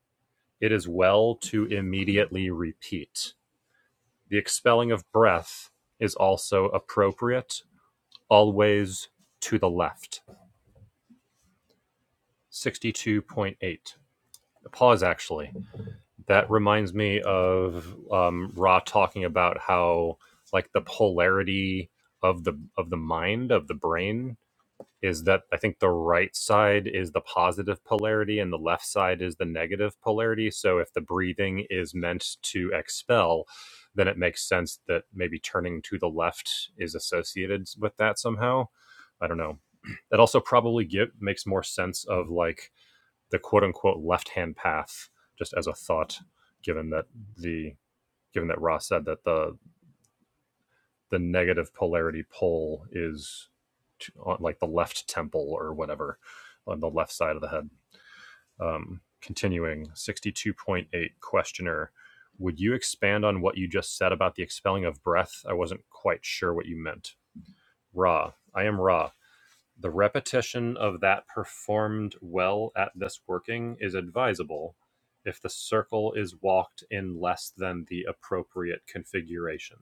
it is well to immediately repeat. The expelling of breath is also appropriate, always to the left. 62.8. Pause actually. That reminds me of um, Ra talking about how like the polarity of the of the mind of the brain is that I think the right side is the positive polarity and the left side is the negative polarity. So if the breathing is meant to expel, then it makes sense that maybe turning to the left is associated with that somehow. I don't know. That also probably give, makes more sense of like the quote unquote left hand path just as a thought given that the given that Ross said that the the negative polarity pole is to, on like the left temple or whatever on the left side of the head. Um, continuing 62.8 questioner would you expand on what you just said about the expelling of breath i wasn't quite sure what you meant ra i am ra The repetition of that performed well at this working is advisable if the circle is walked in less than the appropriate configuration.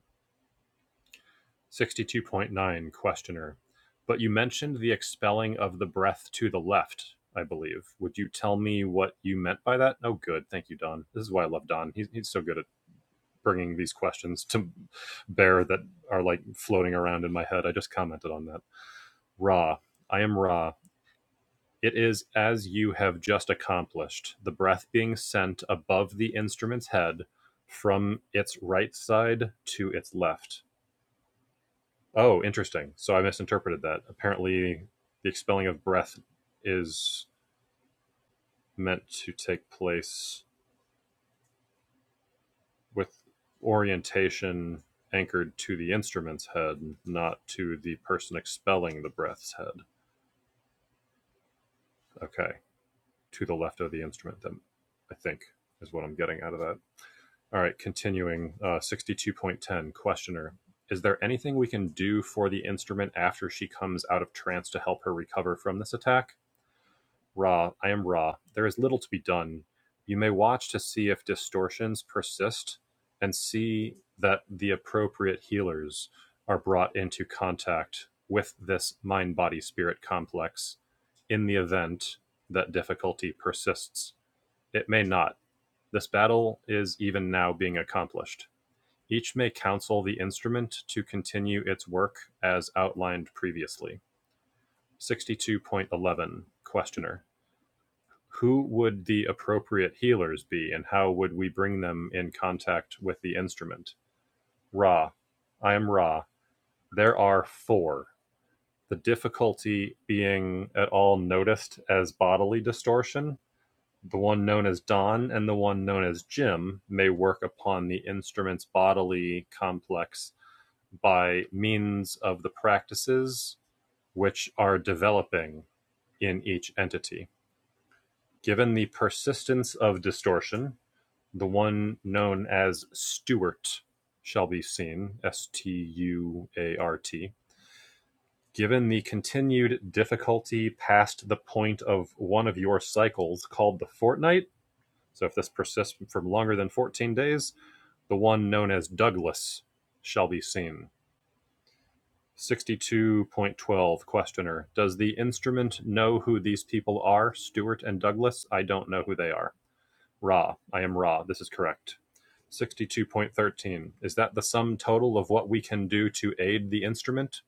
62.9 Questioner. But you mentioned the expelling of the breath to the left, I believe. Would you tell me what you meant by that? Oh, good. Thank you, Don. This is why I love Don. He's, he's so good at bringing these questions to bear that are like floating around in my head. I just commented on that. Ra. I am Ra. It is as you have just accomplished, the breath being sent above the instrument's head from its right side to its left. Oh, interesting. So I misinterpreted that. Apparently, the expelling of breath is meant to take place with orientation anchored to the instrument's head, not to the person expelling the breath's head. Okay, to the left of the instrument, then, I think, is what I'm getting out of that. All right, continuing uh, 62.10. Questioner Is there anything we can do for the instrument after she comes out of trance to help her recover from this attack? Ra, I am Ra. There is little to be done. You may watch to see if distortions persist and see that the appropriate healers are brought into contact with this mind body spirit complex in the event that difficulty persists. It may not. This battle is even now being accomplished. Each may counsel the instrument to continue its work as outlined previously. 62.11 Questioner. Who would the appropriate healers be and how would we bring them in contact with the instrument? Ra. I am Ra. There are four. The difficulty being at all noticed as bodily distortion. The one known as Don and the one known as Jim may work upon the instrument's bodily complex by means of the practices which are developing in each entity. Given the persistence of distortion, the one known as Stewart shall be seen, S T U A R T. Given the continued difficulty past the point of one of your cycles called the fortnight, so if this persists for longer than 14 days, the one known as Douglas shall be seen. 62.12 Questioner Does the instrument know who these people are? Stewart and Douglas? I don't know who they are. Ra. I am Ra. This is correct. 62.13 Is that the sum total of what we can do to aid the instrument?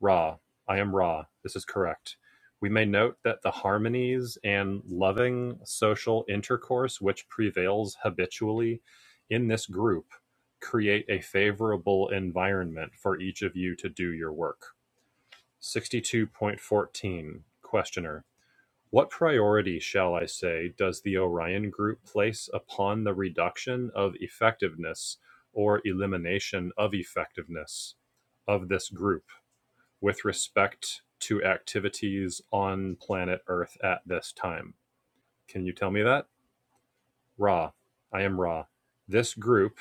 Ra. I am Ra. This is correct. We may note that the harmonies and loving social intercourse which prevails habitually in this group create a favorable environment for each of you to do your work. 62.14 Questioner. What priority, shall I say, does the Orion Group place upon the reduction of effectiveness or elimination of effectiveness of this group with respect to activities on planet Earth at this time? Can you tell me that? Ra. I am Ra. This group,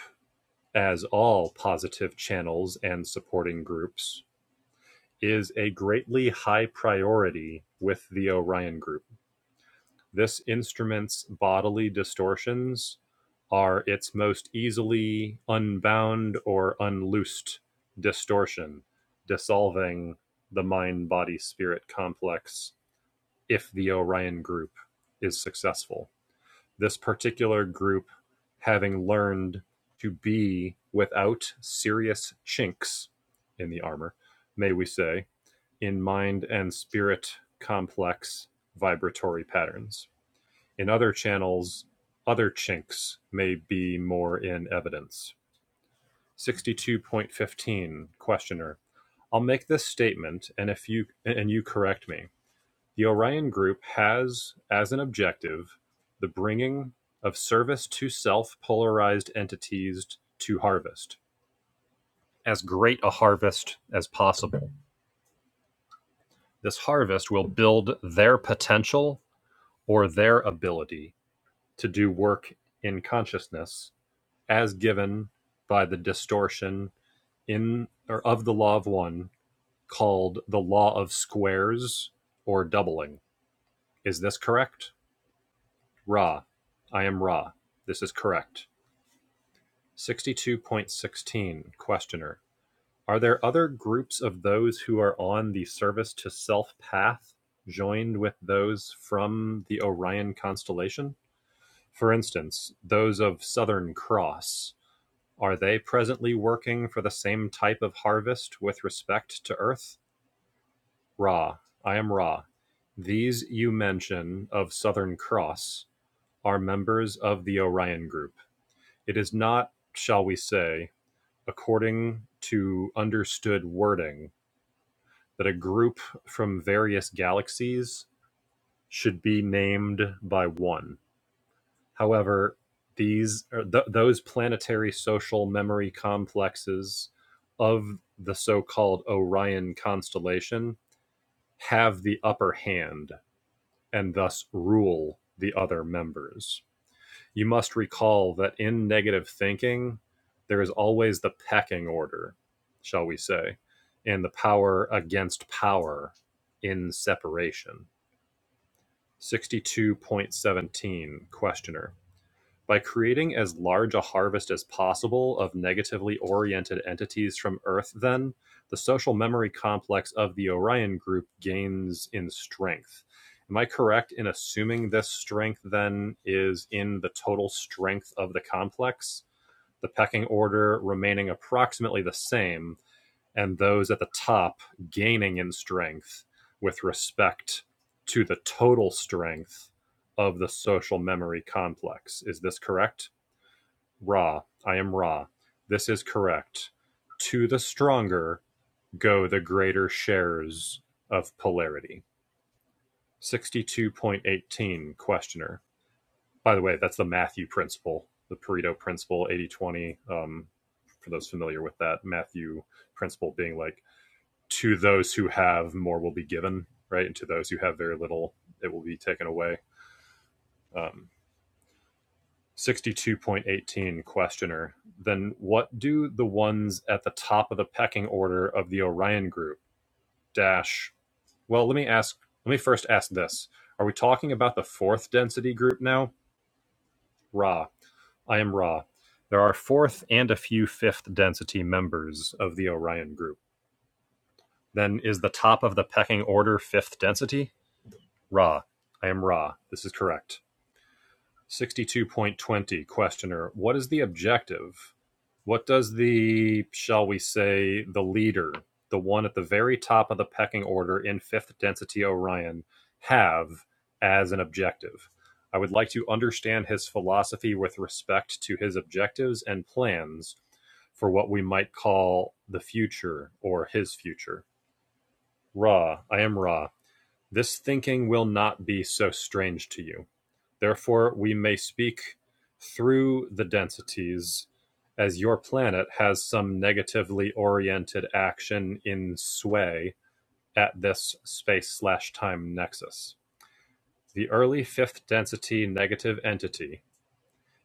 as all positive channels and supporting groups, is a greatly high priority with the Orion Group. This instrument's bodily distortions are its most easily unbound or unloosed distortion, dissolving the mind body spirit complex if the Orion Group is successful. This particular group, having learned to be without serious chinks in the armor, may we say, in mind and spirit complex vibratory patterns. In other channels, other chinks may be more in evidence. 62.15 questioner I'll make this statement and if you and you correct me. The Orion group has as an objective the bringing of service to self polarized entities to harvest as great a harvest as possible. This harvest will build their potential or their ability to do work in consciousness as given by the distortion in or of the law of one called the law of squares or doubling. Is this correct? Ra. I am Ra. This is correct. 62.16 Questioner. Are there other groups of those who are on the service to self path joined with those from the Orion constellation? For instance, those of Southern Cross, are they presently working for the same type of harvest with respect to Earth? Ra, I am Ra. These you mention of Southern Cross are members of the Orion Group. It is not, shall we say, according to understood wording, that a group from various galaxies should be named by one. However, these or th- those planetary social memory complexes of the so-called Orion constellation have the upper hand and thus rule the other members. You must recall that in negative thinking, there is always the pecking order, shall we say, and the power against power in separation. 62.17 Questioner. By creating as large a harvest as possible of negatively oriented entities from Earth, then, the social memory complex of the Orion group gains in strength. Am I correct in assuming this strength, then, is in the total strength of the complex? The pecking order remaining approximately the same, and those at the top gaining in strength with respect to the total strength of the social memory complex. Is this correct? Ra, I am Ra. This is correct. To the stronger go the greater shares of polarity. 62.18 questioner. By the way, that's the Matthew principle, the Pareto principle, Eighty-twenty. Um, for those familiar with that, Matthew principle being like, to those who have more will be given, right? And to those who have very little, it will be taken away. Um, 62.18 Questioner. Then what do the ones at the top of the pecking order of the Orion group dash? Well, let me ask. Let me first ask this: Are we talking about the fourth density group now? Ra. I am Ra. There are fourth and a few fifth density members of the Orion group. Then is the top of the pecking order fifth density? Ra. I am Ra. This is correct. 62.20 questioner what is the objective what does the shall we say the leader the one at the very top of the pecking order in fifth density orion have as an objective i would like to understand his philosophy with respect to his objectives and plans for what we might call the future or his future ra i am ra this thinking will not be so strange to you Therefore, we may speak through the densities as your planet has some negatively oriented action in sway at this space slash time nexus. The early fifth density negative entity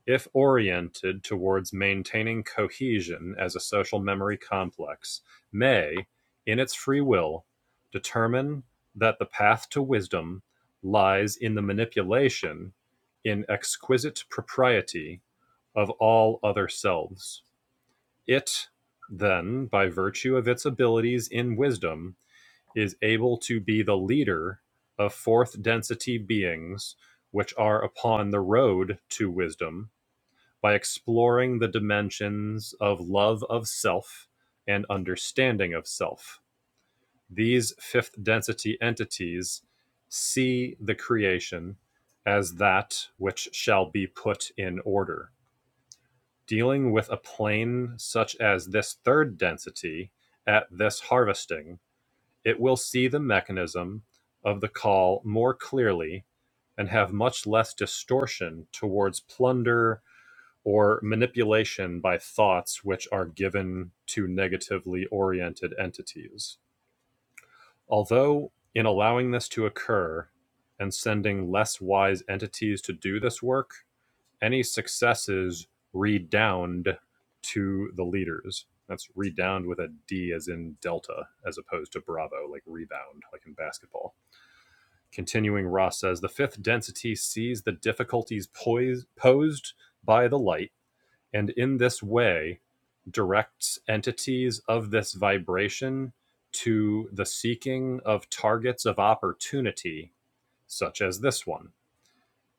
if oriented towards maintaining cohesion as a social memory complex, may, in its free will, determine that the path to wisdom lies in the manipulation, in exquisite propriety, of all other selves. It, then, by virtue of its abilities in wisdom, is able to be the leader of fourth density beings which are upon the road to wisdom by exploring the dimensions of love of self and understanding of self. These fifth density entities see the creation as that which shall be put in order. Dealing with a plane such as this third density at this harvesting, it will see the mechanism of the call more clearly and have much less distortion towards plunder or manipulation by thoughts which are given to negatively oriented entities. Although, in allowing this to occur and sending less wise entities to do this work, any successes redound to the leaders. That's redound with a D as in delta, as opposed to bravo, like rebound, like in basketball. Continuing, Ross says the fifth density sees the difficulties poised, posed by the light and in this way directs entities of this vibration to the seeking of targets of opportunity, such as this one.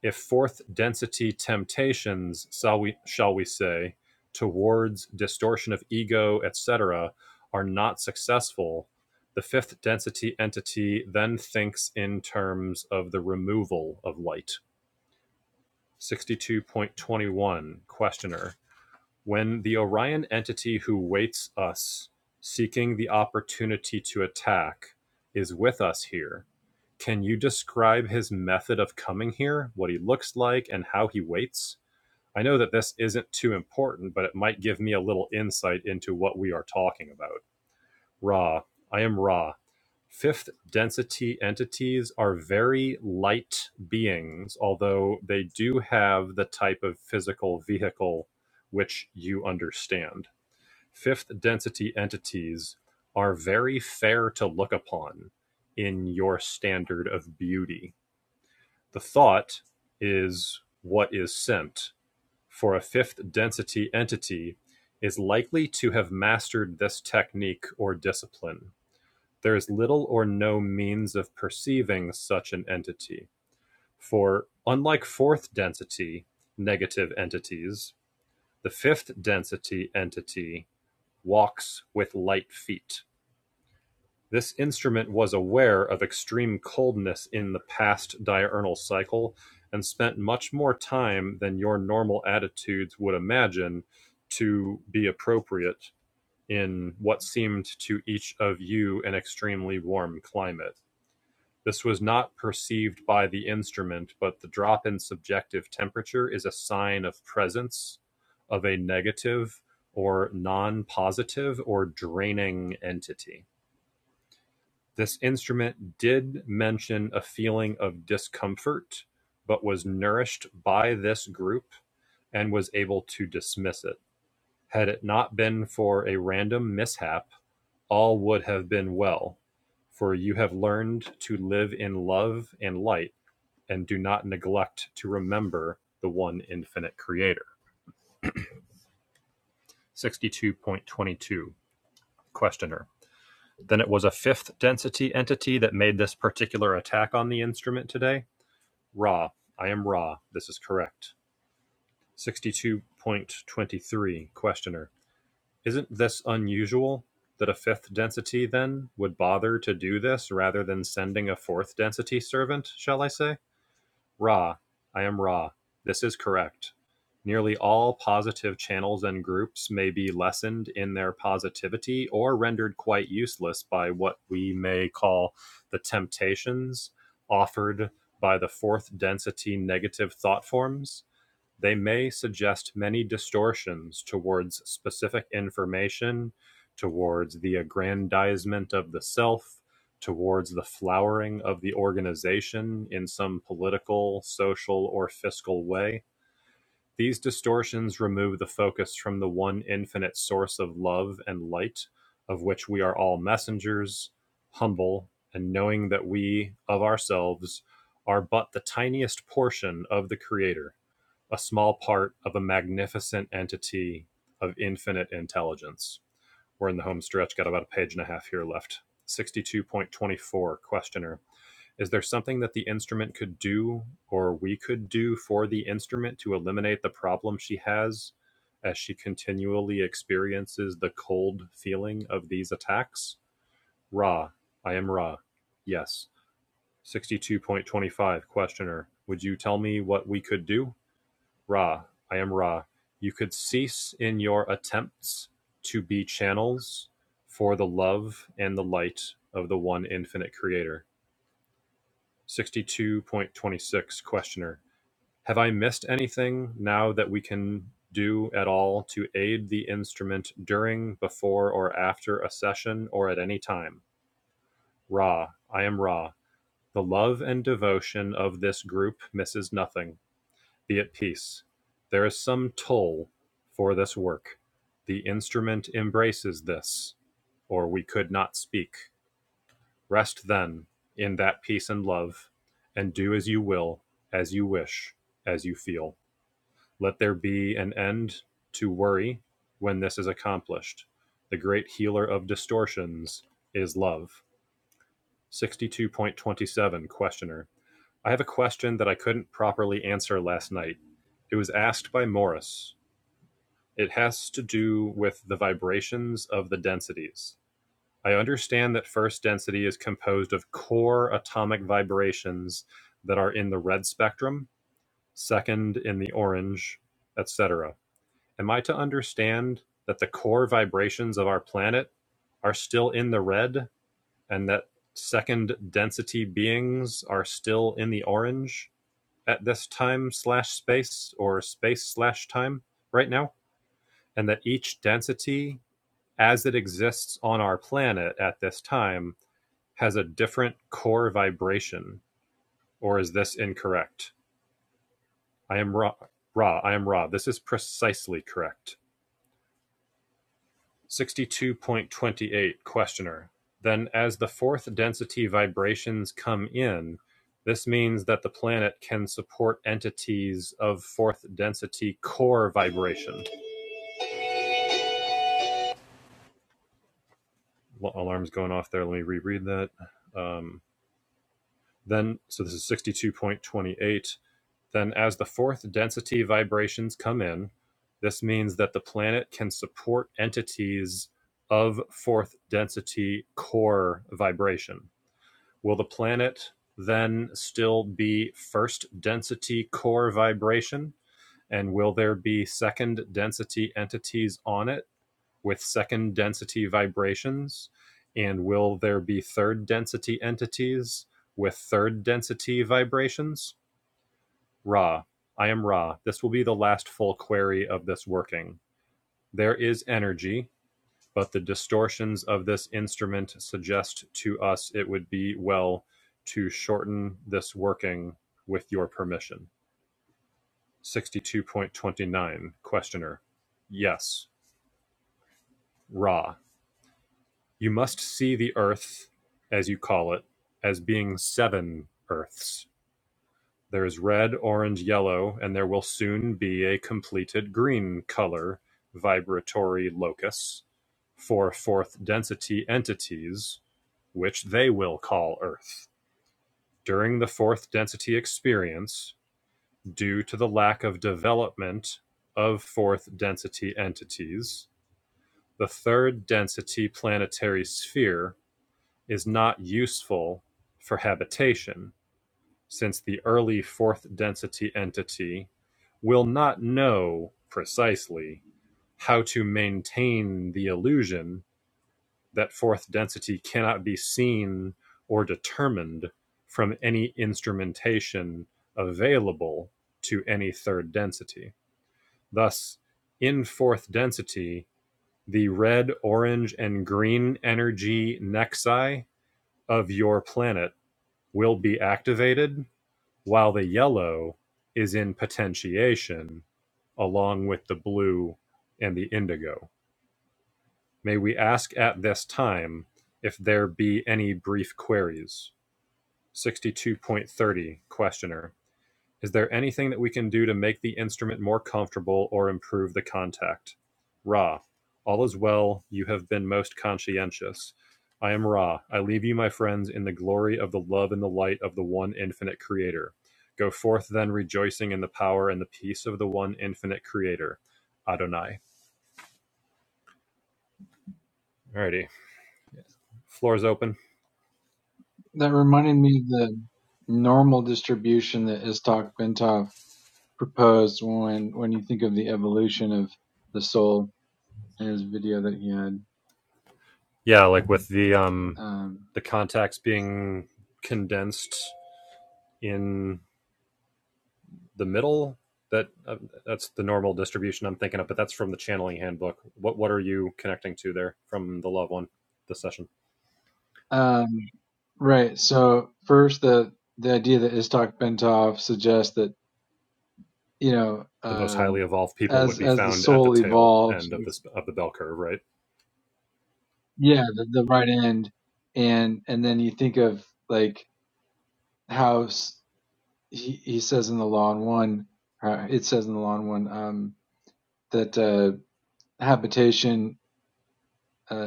If fourth density temptations, shall we, shall we say, towards distortion of ego, etc., are not successful, the fifth density entity then thinks in terms of the removal of light. 62.21 Questioner when the Orion entity who waits us, seeking the opportunity to attack, is with us here, can you describe his method of coming here, what he looks like, and how he waits? I know that this isn't too important, but it might give me a little insight into what we are talking about. Ra, I am Ra, Fifth density entities are very light beings, although they do have the type of physical vehicle which you understand. Fifth density entities are very fair to look upon in your standard of beauty. The thought is what is sent. For a fifth density entity is likely to have mastered this technique or discipline there is little or no means of perceiving such an entity, for, unlike fourth density negative entities, the fifth density entity walks with light feet. This instrument was aware of extreme coldness in the past diurnal cycle and spent much more time than your normal attitudes would imagine to be appropriate in what seemed to each of you an extremely warm climate. This was not perceived by the instrument, but the drop in subjective temperature is a sign of presence of a negative or non-positive or draining entity. This instrument did mention a feeling of discomfort, but was nourished by this group and was able to dismiss it. Had it not been for a random mishap, all would have been well, for you have learned to live in love and light and do not neglect to remember the one infinite creator. 62.22 Questioner. Then it was a fifth density entity that made this particular attack on the instrument today? Ra. I am Ra. This is correct. 62.23 Questioner. Isn't this unusual that a fifth density then would bother to do this rather than sending a fourth density servant, shall I say? Ra. I am Ra. This is correct. Nearly all positive channels and groups may be lessened in their positivity or rendered quite useless by what we may call the temptations offered by the fourth density negative thought forms. They may suggest many distortions towards specific information, towards the aggrandizement of the self, towards the flowering of the organization in some political, social, or fiscal way these distortions remove the focus from the one infinite source of love and light, of which we are all messengers, humble, and knowing that we, of ourselves, are but the tiniest portion of the Creator, a small part of a magnificent entity of infinite intelligence. We're in the home stretch, got about a page and a half here left. 62.24, questioner. Is there something that the instrument could do or we could do for the instrument to eliminate the problem she has as she continually experiences the cold feeling of these attacks? Ra, I am Ra. Yes. 62.25 Questioner, would you tell me what we could do? Ra, I am Ra. You could cease in your attempts to be channels for the love and the light of the one infinite creator 62.26 Questioner. Have I missed anything now that we can do at all to aid the instrument during, before, or after a session or at any time? Ra, I am Ra. The love and devotion of this group misses nothing. Be at peace. There is some toll for this work. The instrument embraces this, or we could not speak. Rest then in that peace and love, and do as you will, as you wish, as you feel. Let there be an end to worry when this is accomplished. The great healer of distortions is love. 62.27 Questioner. I have a question that I couldn't properly answer last night. It was asked by Morris. It has to do with the vibrations of the densities. I understand that first density is composed of core atomic vibrations that are in the red spectrum, second in the orange, etc. Am I to understand that the core vibrations of our planet are still in the red and that second density beings are still in the orange at this time slash space or space slash time right now? And that each density as it exists on our planet at this time has a different core vibration, or is this incorrect? I am raw. Raw, I am raw. This is precisely correct. 62.28 Questioner. Then, as the fourth density vibrations come in, this means that the planet can support entities of fourth density core vibration. Alarm's going off there. Let me reread that. Um, then, so this is 62.28. Then, as the fourth density vibrations come in, this means that the planet can support entities of fourth density core vibration. Will the planet then still be first density core vibration? And will there be second density entities on it with second density vibrations? And will there be third density entities with third density vibrations? Ra. I am Ra. This will be the last full query of this working. There is energy, but the distortions of this instrument suggest to us it would be well to shorten this working with your permission. 62.29 Questioner. Yes, Ra. You must see the earth, as you call it, as being seven earths There is red, orange, yellow, and there will soon be a completed green color vibratory locus for fourth density entities, which they will call Earth. During the fourth density experience, due to the lack of development of fourth density entities, the third density planetary sphere is not useful for habitation since the early fourth density entity will not know precisely how to maintain the illusion that fourth density cannot be seen or determined from any instrumentation available to any third density. Thus, in fourth density, the red, orange, and green energy nexi of your planet will be activated while the yellow is in potentiation along with the blue and the indigo. May we ask at this time if there be any brief queries? 62.30 Questioner. Is there anything that we can do to make the instrument more comfortable or improve the contact? Ra, all is well. You have been most conscientious. I am Ra. I leave you, my friends, in the glory of the love and the light of the one infinite Creator. Go forth then, rejoicing in the power and the peace of the one infinite Creator, Adonai. Alrighty, floor's open.
That reminded me of the normal distribution that Istok Bentov proposed when when you think of the evolution of the soul in his video that he had.
Yeah, like with the um,
Um,
the contacts being condensed in the middle that uh, that's the normal distribution I'm thinking of, but that's from the channeling handbook. What what are you connecting to there from the love one, the session?
um, right. So first, the the idea that Istok Bentov suggests that you know,
The most highly
um,
evolved people would
as
be
as the
found at the
soul
tail
evolves,
end of
it's,
this of the bell curve, right?
yeah, the, the right end, and and then you think of like how he he says in the law in one, uh, it says in the law in one um, that uh, habitation. Uh,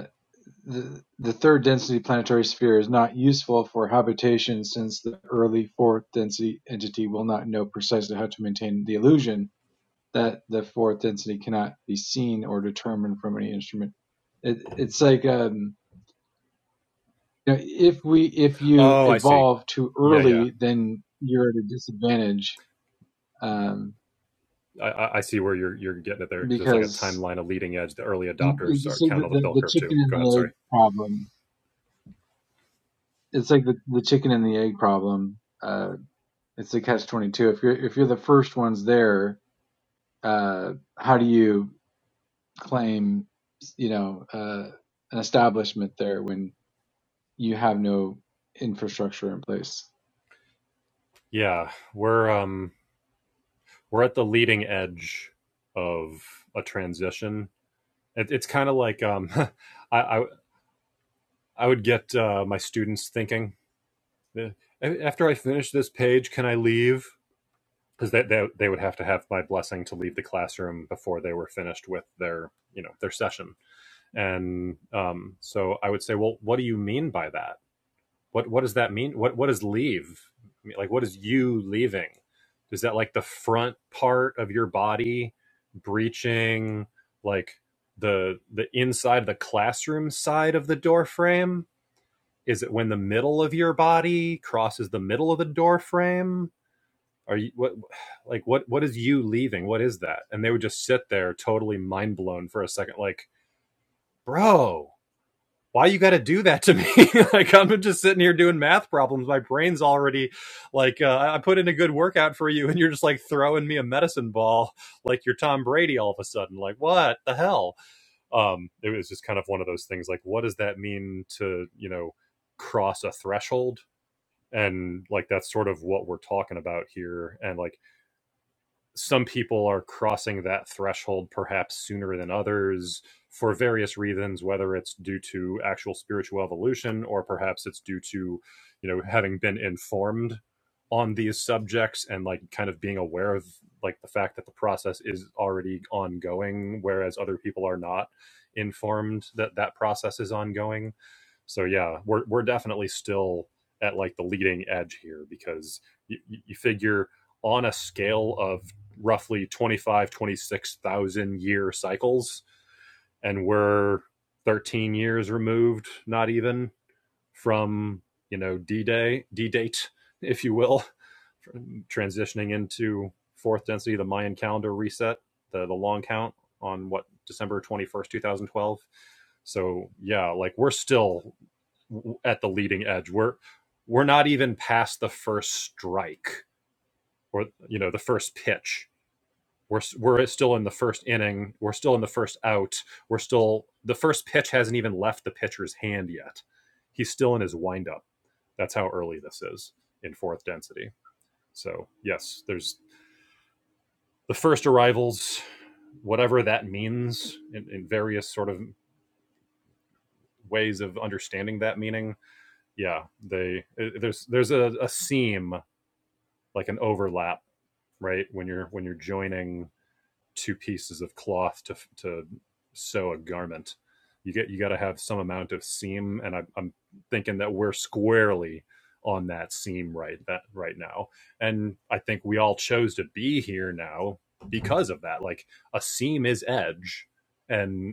The third-density planetary sphere is not useful for habitation since the early fourth-density entity will not know precisely how to maintain the illusion that the fourth density cannot be seen or determined from any instrument. It, it's like um, you know, if we if you
Oh, I see.
evolve too
Yeah, yeah.
early, then you're at a disadvantage um,
I, I see where you're you're getting it there because it's like a
because
timeline, a leading edge. The early
you,
adopters
it's
are
like
count
the,
on the
the,
bell
the
curve too.
chicken and
Go ahead,
the egg
sorry.
problem. It's like the, the chicken and the egg problem. Uh, it's the catch 22 if you're if you're the first ones there uh how do you claim you know uh an establishment there when you have no infrastructure in place
Yeah, we're um we're at the leading edge of a transition. It, it's kind of like um I, I I would get uh, my students thinking, after I finish this page, can I leave? Because they, they, they would have to have my blessing to leave the classroom before they were finished with their, you know, their session. And um, so I would say, well, what do you mean by that? What, what does that mean? What, what is leave? I mean, Like, what is you leaving? Is that like the front part of your body breaching like the, the inside, of the classroom side of the door frame? is it when the middle of your body crosses the middle of the door frame are you what like what what is you leaving what is that and they would just sit there totally mind blown for a second like bro why you got to do that to me like i'm just sitting here doing math problems my brain's already like uh, i put in a good workout for you and you're just like throwing me a medicine ball like you're tom brady all of a sudden like what the hell um it was just kind of one of those things like what does that mean to you know cross a threshold and like that's sort of what we're talking about here and like some people are crossing that threshold perhaps sooner than others for various reasons whether it's due to actual spiritual evolution or perhaps it's due to you know having been informed on these subjects and like kind of being aware of like the fact that the process is already ongoing whereas other people are not informed that that process is ongoing so yeah we're we're definitely still at like the leading edge here because you, you figure on a scale of roughly 25, 26,000 year cycles. And we're 13 years removed, not even from, you know, D Day, D date, if you will, transitioning into fourth density, the Mayan calendar reset, the, the long count on what, December 21st, 2012. So yeah, like we're still at the leading edge. We're, we're not even past the first strike or, you know, the first pitch we're we're still in the first inning. We're still in the first out. We're still the first pitch hasn't even left the pitcher's hand yet. He's still in his windup. That's how early this is in fourth density. So yes, there's the first arrivals, whatever that means in, in various sort of ways of understanding that meaning. Yeah, they eh, there's there's a, a seam like an overlap, right? When you're when you're joining two pieces of cloth to to sew a garment. You get you got to have some amount of seam, and I, I'm thinking that we're squarely on that seam right that right now. And I think we all chose to be here now because of that. Like a seam is edge, and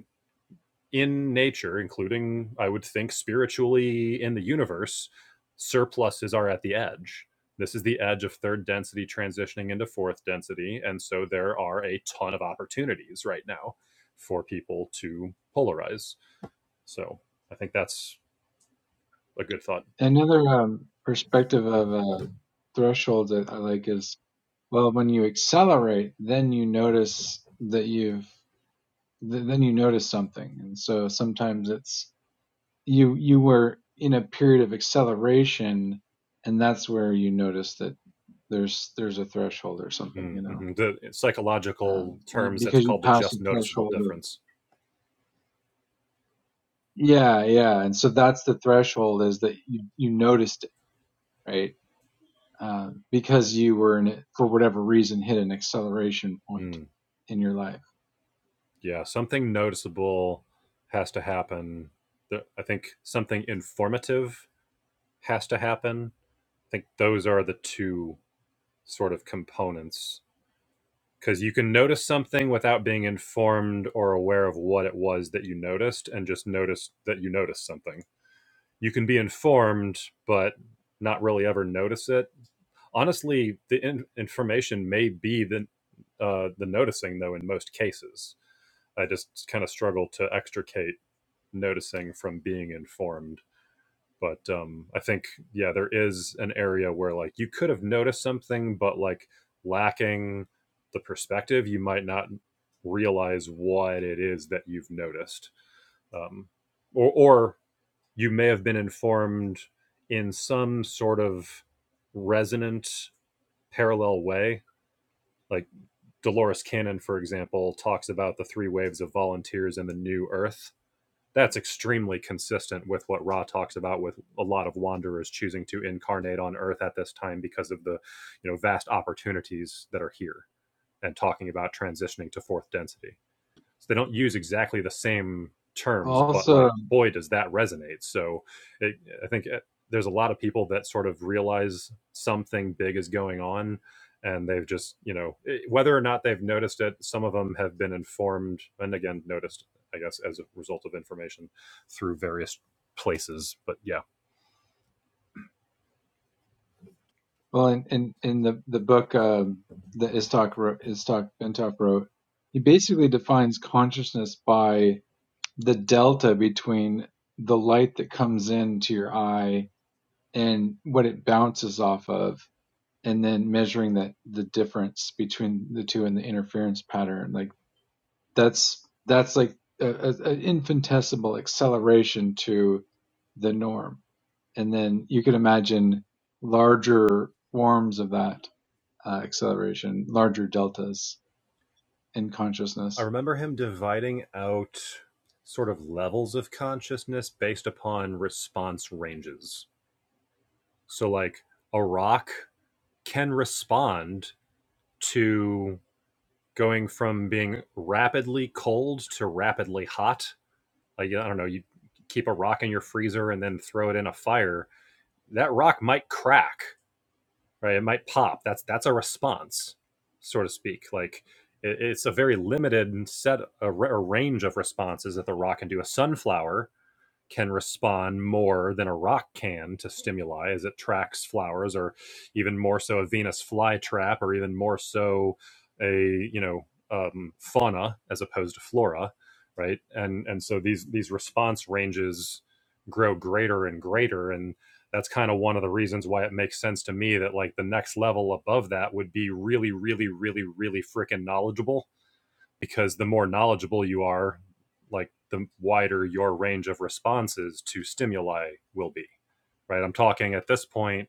in nature, including, I would think, spiritually in the universe, surpluses are at the edge. This is the edge of third density transitioning into fourth density. And so there are a ton of opportunities right now for people to polarize. So I think that's a good thought.
another um perspective of uh threshold that i like is well when you accelerate then you notice that you've th- then you notice something and so sometimes it's you you were in a period of acceleration and that's where you notice that there's there's a threshold or something
Mm,
you know
mhm. The
um,
psychological
you,
terms, that's
because you
called the
passed the
just noticeable
threshold of
difference.
yeah yeah and so that's the threshold is that you you noticed it right um, because you were in it for whatever reason hit an acceleration point
Mm,
in your life
yeah, something noticeable has to happen. I think something informative has to happen I think those are the two sort of components because you can notice something without being informed or aware of what it was that you noticed and just notice that you noticed something. You can be informed but not really ever notice it. Honestly, the in- information may be the uh, the noticing though in most cases. I just kind of struggle to extricate noticing from being informed but um i think yeah there is an area where like you could have noticed something but like lacking the perspective you might not realize what it is that you've noticed um or or you may have been informed in some sort of resonant parallel way like dolores cannon for example talks about the three waves of volunteers in the new earth that's extremely consistent with what Ra talks about with a lot of wanderers choosing to incarnate on earth at this time because of the you know vast opportunities that are here and talking about transitioning to fourth density so they don't use exactly the same terms, but
also
like, boy, does that resonate. So it, I think uh there's a lot of people that sort of realize something big is going on and they've just, you know, it- whether or not they've noticed it, some of them have been informed and again, noticed, I guess, as a result of information through various places. But yeah,
well in in, in the the book um, that Istok wrote, Istok Bentov wrote he basically defines consciousness by the delta between the light that comes into your eye and what it bounces off of and then measuring that the difference between the two and the interference pattern like that's that's like an infinitesimal acceleration to the norm and then you could imagine larger forms of that uh, acceleration larger deltas in
I
consciousness
remember him dividing out sort of levels of consciousness based upon response ranges. So, like, a rock can respond to going from being rapidly cold to rapidly hot. Like, I don't know, you keep a rock in your freezer and then throw it in a fire. That rock might crack, right? It might pop. That's that's a response, so to speak. Like it, it's a very limited set a, a range of responses that the rock can do. A sunflower can respond more than a rock can to stimuli as it tracks flowers or even more so a venus flytrap or even more so a you know um, fauna as opposed to flora right and and so these these response ranges grow greater and greater and that's kind of one of the reasons why it makes sense to me that like the next level above that would be really really really really freaking knowledgeable because the more knowledgeable you are, like the wider your range of responses to stimuli will be, right? I'm talking at this point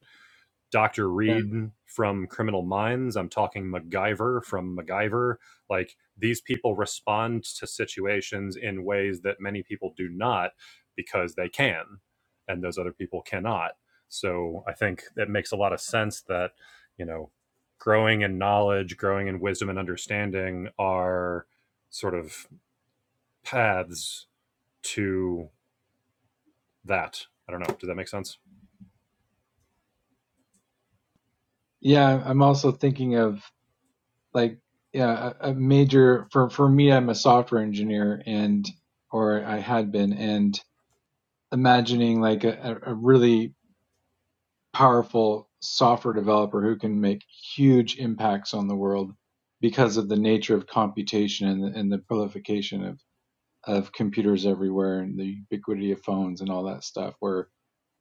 Dr.
yeah
Reed from Criminal Minds. I'm talking MacGyver from MacGyver. Like these people respond to situations in ways that many people do not because they can, and those other people cannot. So I think it makes a lot of sense that, you know, growing in knowledge, growing in wisdom and understanding are sort of paths to that. I don't know. Does that make sense?
yeah i'm also thinking of like yeah a, a major for for me i'm a software engineer and or i had been and imagining like a, a really powerful software developer who can make huge impacts on the world because of the nature of computation and the, and the prolification of of computers everywhere and the ubiquity of phones and all that stuff where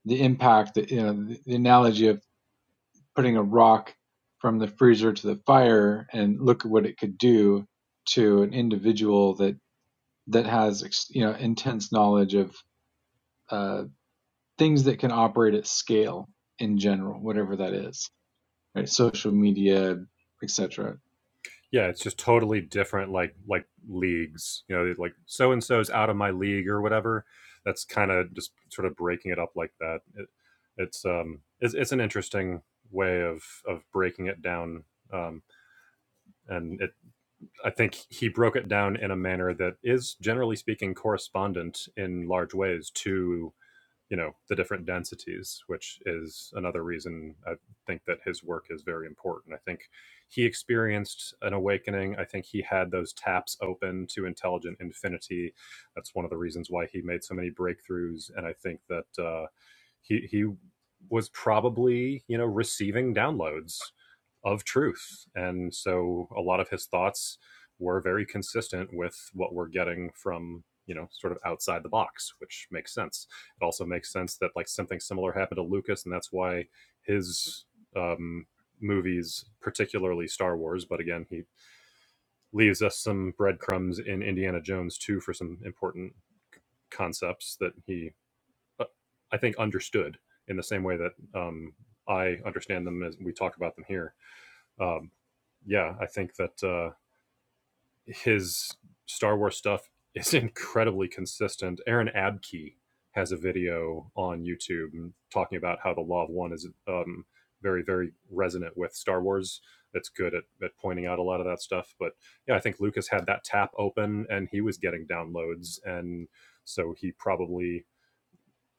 the impact you know the analogy of putting a rock from the freezer to the fire and look at what it could do to an individual that that has you know intense knowledge of uh, things that can operate at scale in general, whatever that is, right? Social media, etc.
Yeah, it's just totally different, like like leagues. You know, they're like so and so's out of my league or whatever. That's kind of just sort of breaking it up like that. It, it's um, it's, it's an interesting way of of breaking it down. Um, and it, I think he broke it down in a manner that is, generally speaking, correspondent in large ways to you know the different densities which is another reason i think that his work is very important i think he experienced an awakening i think he had those taps open to intelligent infinity that's one of the reasons why he made so many breakthroughs and i think that uh, he he was probably you know receiving downloads of truth, and so a lot of his thoughts were very consistent with what we're getting from you know sort of outside the box which makes sense it also makes sense that like something similar happened to lucas and that's why his um, movies, particularly Star Wars. But again, he leaves us some breadcrumbs in Indiana Jones too for some important concepts that he uh, I think, understood in the same way that um, I understand them as we talk about them here. Um, yeah, I think that uh, his Star Wars stuff is incredibly consistent. Aaron Abkey has a video on YouTube talking about how the Law of One is um, very, very resonant with Star Wars. It's good at, at pointing out a lot of that stuff. But yeah, I think Lucas had that tap open and he was getting downloads. And so he probably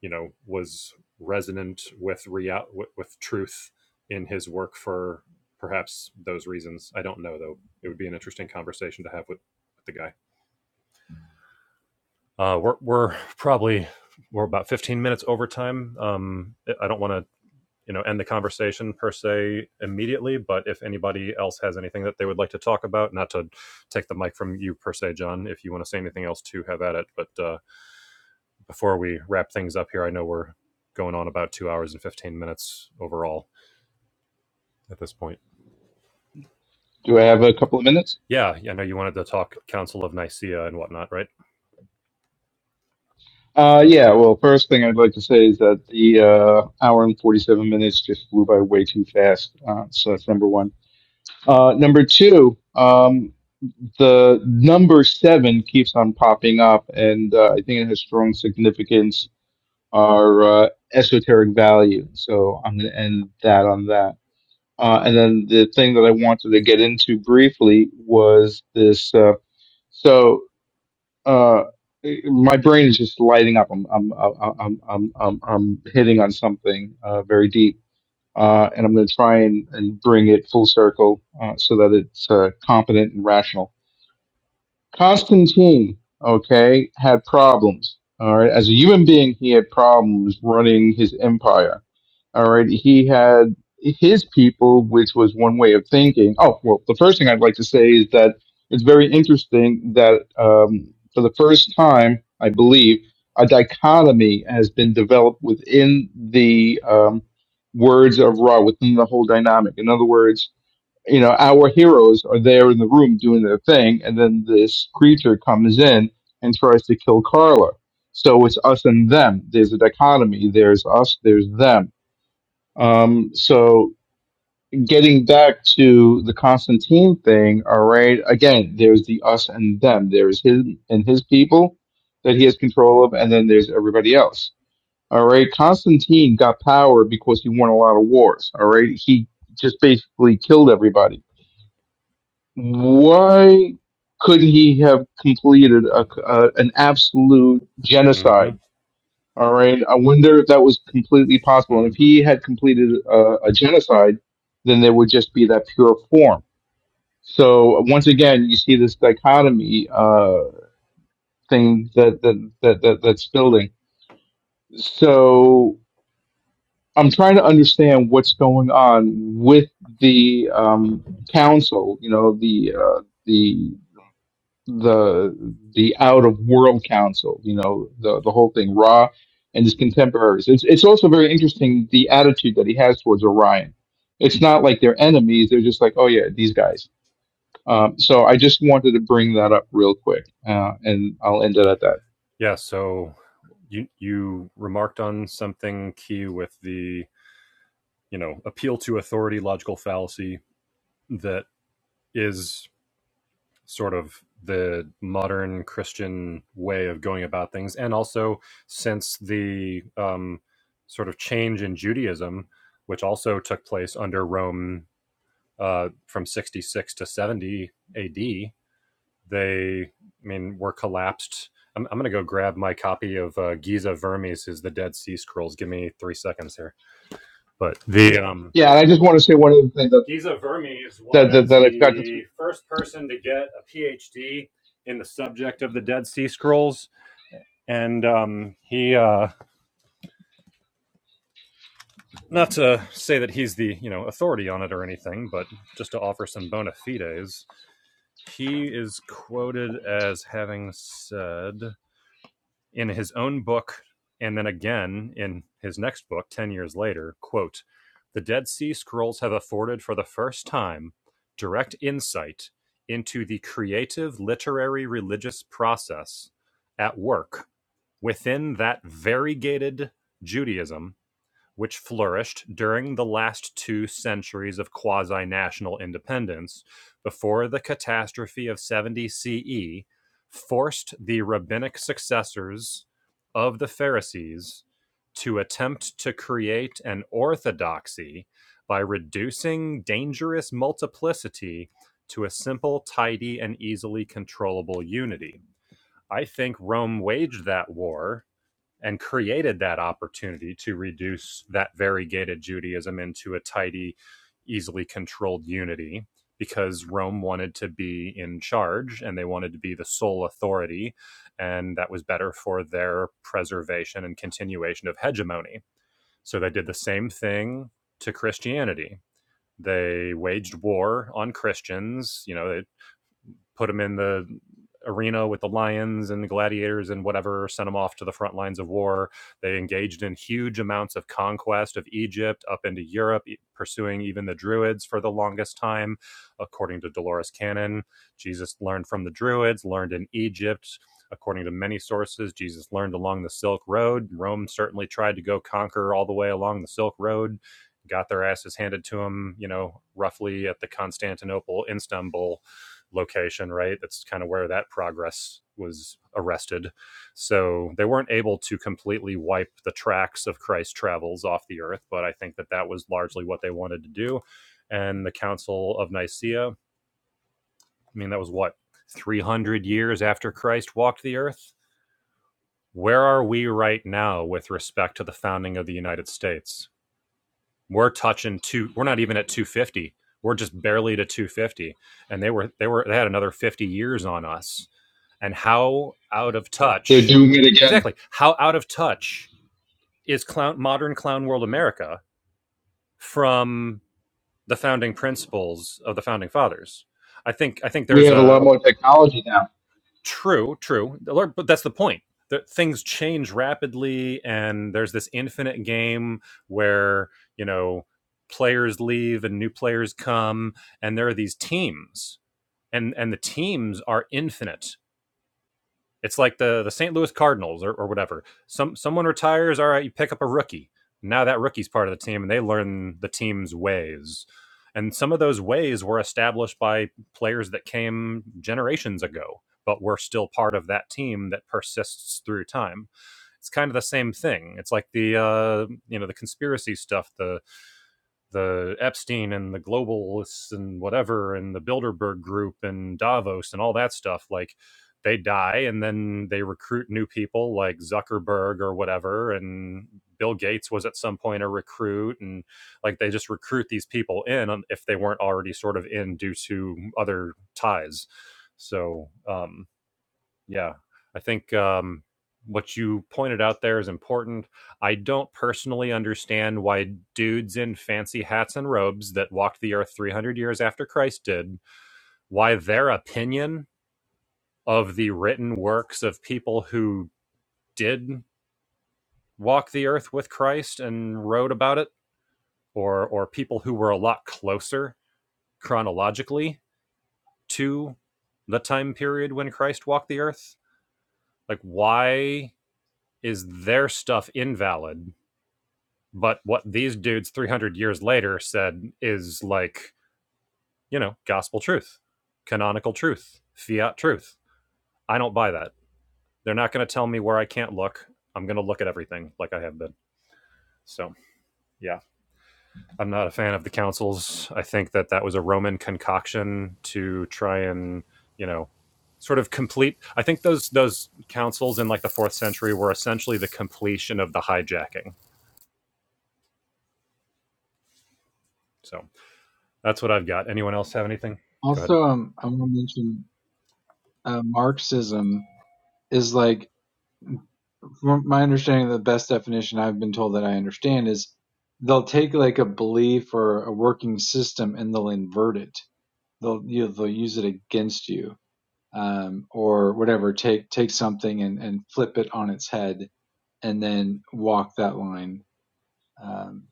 you know was resonant with real with, with truth in his work for perhaps those reasons i don't know though it would be an interesting conversation to have with, with the guy uh, we're, we're probably we're about 15 minutes over time um, I- don't want to you know end the conversation per se immediately but if anybody else has anything that they would like to talk about not to take the mic from you per se john if you want to say anything else to have at it but uh, before we wrap things up here, I know we're going on about two hours and 15 minutes overall at this point.
Do I have a couple of minutes?
Yeah, I know you wanted to talk Council of Nicaea and whatnot, right?
Uh, yeah. Well, first thing I'd like to say is that the uh, hour and forty-seven minutes just flew by way too fast. Uh, so that's number one. Uh, number two. Um, the number seven keeps on popping up, and uh, I think it has strong significance or uh, esoteric value. So I'm going to end that on that. Uh, and then the thing that I wanted to get into briefly was this. Uh, so uh, my brain is just lighting up. I'm I'm I'm I'm I'm, I'm, I'm hitting on something uh, very deep. Uh, and I'm going to try and, and bring it full circle uh, so that it's uh, competent and rational Constantine, okay, had problems. All right, as a human being, he had problems running his empire. All right, he had his people, which was one way of thinking. Oh, well, the first thing I'd like to say is that it's very interesting that um, for the first time, I believe, a dichotomy has been developed within the um, words of Ra, within the whole dynamic. In other words, you know, our heroes are there in the room doing their thing, and then this creature comes in and tries to kill Carla. So it's us and them. There's a dichotomy. There's us. There's them. Um, so getting back to the Constantine thing, all right. Again, there's the us and them. There's his and his people that he has control of, and then there's everybody else. All right. Constantine got power because he won a lot of wars. All right. He just basically killed everybody why couldn't he have completed a, a, an absolute
Mm-hmm.
genocide? All right. I wonder if that was completely possible. And if
Mm-hmm.
he had completed a, a genocide, then there would just be that pure form. So once again, you see this dichotomy uh, thing that, that, that, that that's building. So I'm trying to understand what's going on with the um, council. You know, the uh, the the the out of world council, you know, the the whole thing, Ra and his contemporaries. It's it's also very interesting the attitude that he has towards Orion. It's not like they're enemies; they're just like, oh yeah, these guys. Um, so I just wanted to bring that up real quick, uh, and I'll end it at that.
Yeah, so you you remarked on something key with the, you know, appeal to authority logical fallacy that is sort of the modern Christian way of going about things, and also since the um, sort of change in Judaism, which also took place under Rome uh, from 66 to 70 AD, they, I mean, were collapsed. I'm, I'm going to go grab my copy of uh, Giza Vermes, is the Dead Sea Scrolls. Give me three seconds here. But the um,
Yeah, and I just want to say one other thing that
Giza Vermes
that that,
was
that I forgot to.
the first person to get a PhD in the subject of the Dead Sea Scrolls, and um, he uh, not to say that he's the you know authority on it or anything, but just to offer some bona fides, he is quoted as having said. in his own book and then again in his next book 10 years later quote the dead sea scrolls have afforded for the first time direct insight into the creative literary religious process at work within that variegated judaism which flourished during the last two centuries of quasi national independence before the catastrophe of 70 CE, forced the rabbinic successors of the Pharisees to attempt to create an orthodoxy by reducing dangerous multiplicity to a simple, tidy, and easily controllable unity. I think Rome waged that war and created that opportunity to reduce that variegated Judaism into a tidy, easily controlled unity because Rome wanted to be in charge and they wanted to be the sole authority. And that was better for their preservation and continuation of hegemony. So they did the same thing to Christianity. They waged war on Christians. You know, they put them in the arena with the lions and the gladiators and whatever, sent them off to the front lines of war. They engaged in huge amounts of conquest of Egypt up into Europe, e- pursuing even the Druids for the longest time, according to Dolores Cannon. Jesus learned from the Druids, learned in Egypt. According to many sources, Jesus learned along the Silk Road. Rome certainly tried to go conquer all the way along the Silk Road, got their asses handed to them, you know, roughly at the Constantinople, Istanbul location, right? That's kind of where that progress was arrested. So they weren't able to completely wipe the tracks of Christ's travels off the earth, but I think that that was largely what they wanted to do. And the Council of Nicaea, I mean, that was what, 300 years after Christ walked the earth? Where are we right now with respect to the founding of the United States? We're touching two. We're not even at 250. We're just barely to 250, and they were they were they had another 50 years on us. And how out of
They're
touch?
doing it again.
Exactly. How out of touch is clown modern clown world America from the founding principles of the founding fathers? I think I think
We
there's
have a
a,
lot more technology now.
True, true. But that's the point. That things change rapidly, and there's this infinite game where you know players leave and new players come, and there are these teams, and and the teams are infinite. It's like the the St. Louis Cardinals or, or whatever. Some someone retires, all right, you pick up a rookie. Now that rookie's part of the team and they learn the team's ways. And some of those ways were established by players that came generations ago, but were still part of that team that persists through time. It's kind of the same thing. It's like the uh, you know the conspiracy stuff, The the Epstein and the globalists and whatever and the Bilderberg group and Davos and all that stuff like they die and then they recruit new people like Zuckerberg or whatever and Bill Gates was at some point a recruit and like they just recruit these people in um, if they weren't already sort of in due to other ties so um yeah, I think, um, what you pointed out there is important. I don't personally understand why dudes in fancy hats and robes that walked the earth 300 years after Christ did, why their opinion of the written works of people who did walk the earth with Christ and wrote about it or or people who were a lot closer chronologically to the time period when Christ walked the earth, like why is their stuff invalid But what these dudes 300 years later said is like, you know, gospel truth, canonical truth, fiat truth. I don't buy that. They're not going to tell me where I can't look. I'm going to look at everything like I have been. So, yeah, I'm not a fan of the councils. I think that that was a Roman concoction to try and, you know, sort of complete I think those those councils in like the 4th century were essentially the completion of the hijacking. So, that's what I've got. Anyone else have anything? Go ahead.
Also, um, I want to mention uh, Marxism is like, from my understanding, the best definition I've been told that I understand is they'll take like a belief or a working system and they'll invert it they'll you know, they'll use it against you um, or whatever. Take take something and, and flip it on its head and then walk that line. Um,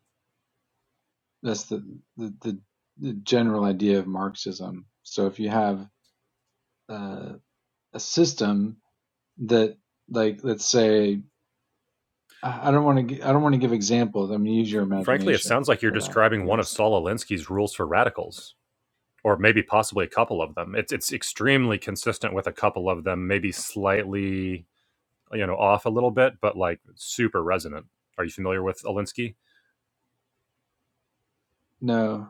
that's the, the the the general idea of Marxism. So if you have uh, a system that like let's say I don't want to I don't want to give examples. I'm gonna use your
Frankly, it
imagination
sounds like you're
for that, I
describing one of
guess.
Saul Alinsky's rules for radicals, or maybe possibly a couple of them. It's it's extremely consistent with a couple of them, maybe slightly you know off a little bit, but like super resonant. Are you familiar with Alinsky?
No.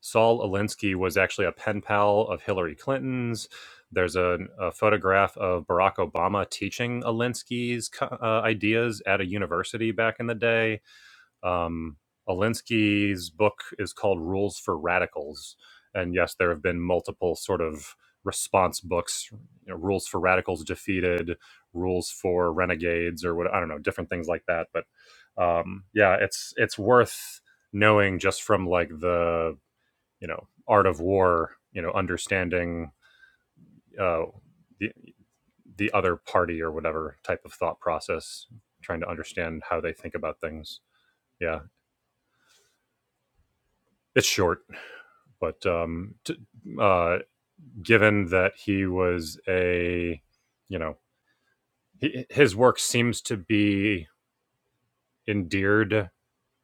Saul Alinsky was actually a pen pal of Hillary Clinton's. There's a, a photograph of Barack Obama teaching Alinsky's uh, ideas at a university back in the day Um, Alinsky's book is called Rules for Radicals. And yes, there have been multiple sort of response books, you know, Rules for Radicals Defeated, Rules for Renegades, or what I don't know, different things like that. But um, yeah, it's it's worth knowing just from like the you know art of war, you know, understanding uh, the the other party or whatever type of thought process, trying to understand how they think about things. Yeah, it's short But um, t- uh, given that he was a, you know, he, his work seems to be endeared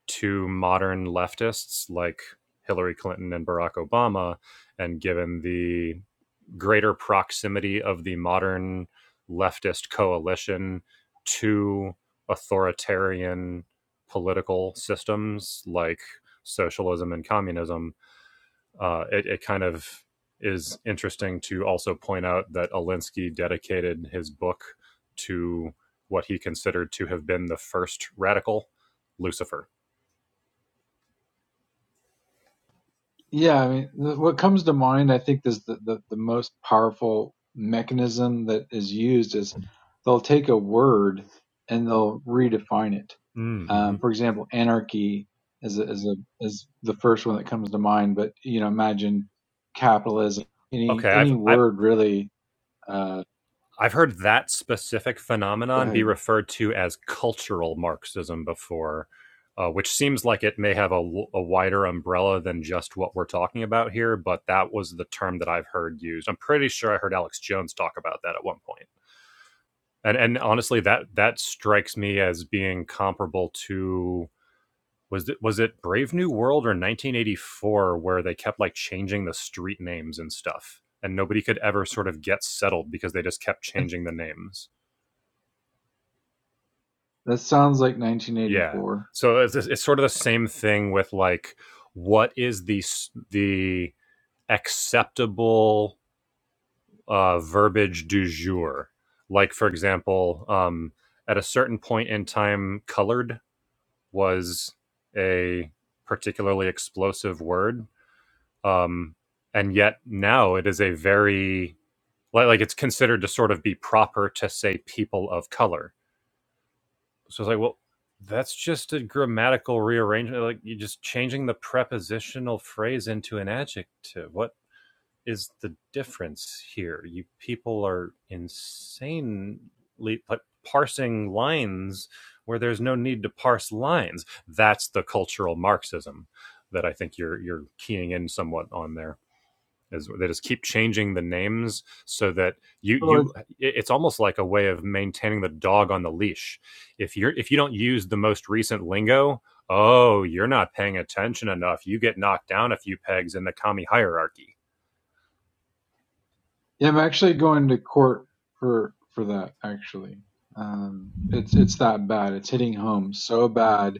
to modern leftists like Hillary Clinton and Barack Obama, and given the greater proximity of the modern leftist coalition to authoritarian political systems like socialism and communism, uh, it, it kind of is interesting to also point out that Alinsky dedicated his book to what he considered to have been the first radical, Lucifer.
Yeah, I mean, th- what comes to mind, I think, is the, the, the most powerful mechanism that is used is they'll take a word and they'll redefine it.
Mm-hmm.
Um, for example, anarchy is a, is a is the first one that comes to mind, but you know, imagine capitalism. Any
Okay, I've
any
I've
word really. Uh,
I've heard that specific
go
phenomenon be
ahead.
referred to as cultural Marxism before, uh, which seems like it may have a a wider umbrella than just what we're talking about here. But that was the term that I've heard used. I'm pretty sure I heard Alex Jones talk about that at one point. And and honestly, that that strikes me as being comparable to was it was it Brave New World or 1984 where they kept like changing the street names and stuff, and nobody could ever sort of get settled because they just kept changing the names.
That sounds like
Yeah,
1984.
so it's, it's sort of the same thing with like what is the s- the acceptable uh, verbiage du jour? Like for example, um, at a certain point in time, colored was a particularly explosive word. Um, and yet now it is a very, like, like it's considered to sort of be proper to say people of color. So it's like, well, that's just a grammatical rearrangement. Like you're just changing the prepositional phrase into an adjective. What? is the difference here. You people are insanely like parsing lines where there's no need to parse lines. That's the cultural Marxism that I think you're you're keying in somewhat on there. Is they just keep changing the names so that you you it's almost like a way of maintaining the dog on the leash. If you're if you don't use the most recent lingo, oh, you're not paying attention enough. You get knocked down a few pegs in the commie hierarchy
Yeah, I'm actually going to court for for that actually. Um it's it's that bad. It's hitting home so bad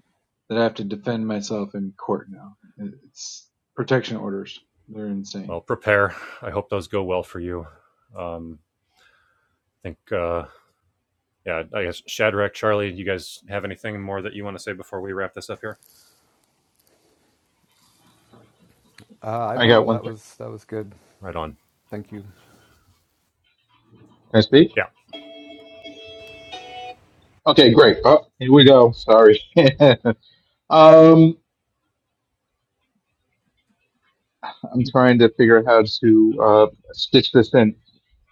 that I have to defend myself in court now. It- It's protection orders. They're insane.
Well, prepare. I hope those go well for you. Um, I think, uh, yeah, I guess Shadrach, Charlie, you guys have anything more that you want to say before we wrap this up here?
Uh, I
I got
don't
one.
that
Thing.
was that was good.
Right on.
Thank you.
Can I speak?
Yeah,
Okay, great. Oh, here we go. Sorry. um, I'm trying to figure out how to uh, stitch this in.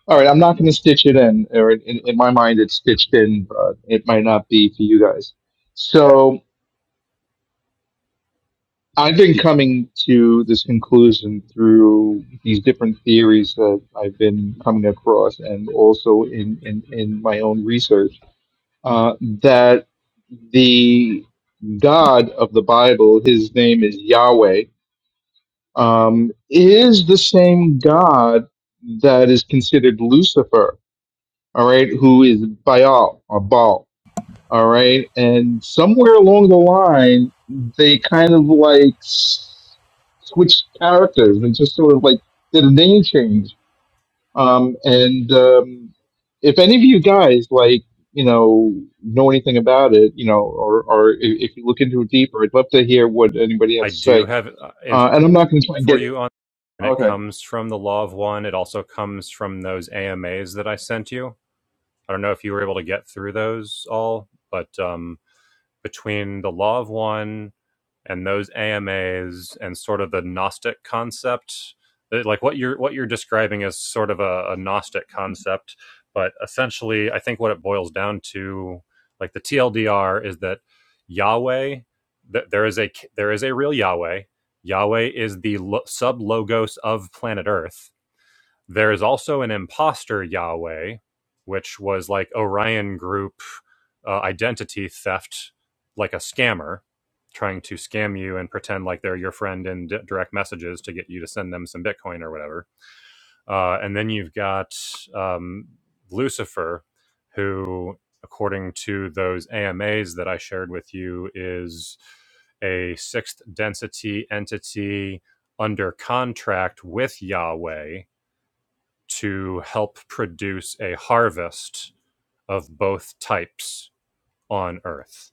All right, I'm not going to stitch it in, or in, in my mind, it's stitched in, but it might not be for you guys. So I've been coming to this conclusion through these different theories that I've been coming across, and also in in, in my own research, uh, that the God of the Bible, his name is Yahweh, um, is the same God that is considered Lucifer, all right, who is Baal or Baal, all right, and somewhere along the line they kind of like s- switched characters and just sort of like did a name change. Um, and um, if any of you guys like you know know anything about it, you know, or or if, if you look into it deeper, I'd love to hear what anybody
I
has to
do
say.
have uh, info
Uh, and I'm not going to try and
for
get
you on, and it
okay.
comes from the Law of One. It also comes from those AMAs that I sent you. I don't know if you were able to get through those all, but um, between the Law of One and those AMAs and sort of the Gnostic concept, uh, like what you're what you're describing is sort of a, a Gnostic concept, but essentially, I think what it boils down to, like the TLDR, is that Yahweh, that there is a there is a real Yahweh. Yahweh is the lo- sub logos of planet Earth there is also an imposter Yahweh, which was like Orion Group uh, identity theft, like a scammer trying to scam you and pretend like they're your friend in d- direct messages to get you to send them some Bitcoin or whatever. Uh, and then you've got um, Lucifer, who, according to those AMAs that I shared with you, is a sixth density entity under contract with Yahweh to help produce a harvest of both types on Earth.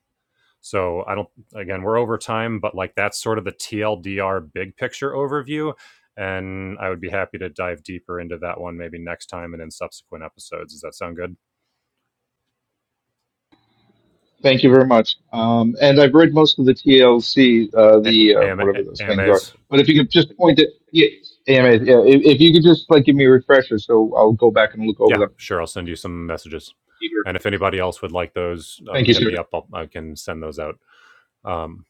So I don't again we're over time, but like that's sort of the TLDR big picture overview. And I would be happy to dive deeper into that one maybe next time and in subsequent episodes. Does that sound good?
Thank you very much. Um, and I've read most of the TLC, uh,
A-
the uh,
AM-
whatever those things are.
AMAs?
But if you could just point it, yeah, AMAs, yeah, yeah, if, if you could just like give me a refresher, so I'll go back and look over
Yeah,
them.
sure. I'll send you some messages.
Peter,
And if anybody else would like those,
Thank
um,
you,
hit
sir.
me up. I'll, I can send those out. Um,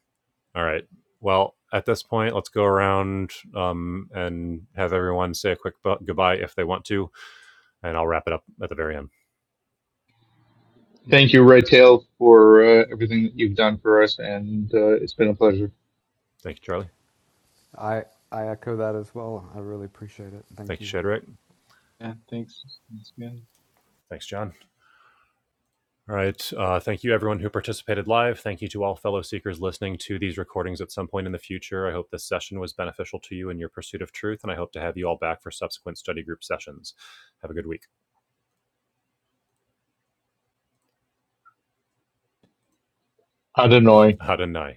All right. Well, at this point, let's go around um, and have everyone say a quick bu- goodbye if they want to, and I'll wrap it up at the very end.
Thank you, Red Tail, for uh, everything that you've done for us, and uh, it's been a pleasure.
Thank you, Charlie.
I I echo that as well. I really appreciate it. Thank
Thank you,
you.
Shadrach.
Yeah, thanks. That's good.
Thanks, John. All right. Uh, thank you, everyone who participated live. Thank you to all fellow seekers listening to these recordings at some point in the future. I hope this session was beneficial to you in your pursuit of truth, and I hope to have you all back for subsequent study group sessions. Have a good week.
Adonai.
Hadanai.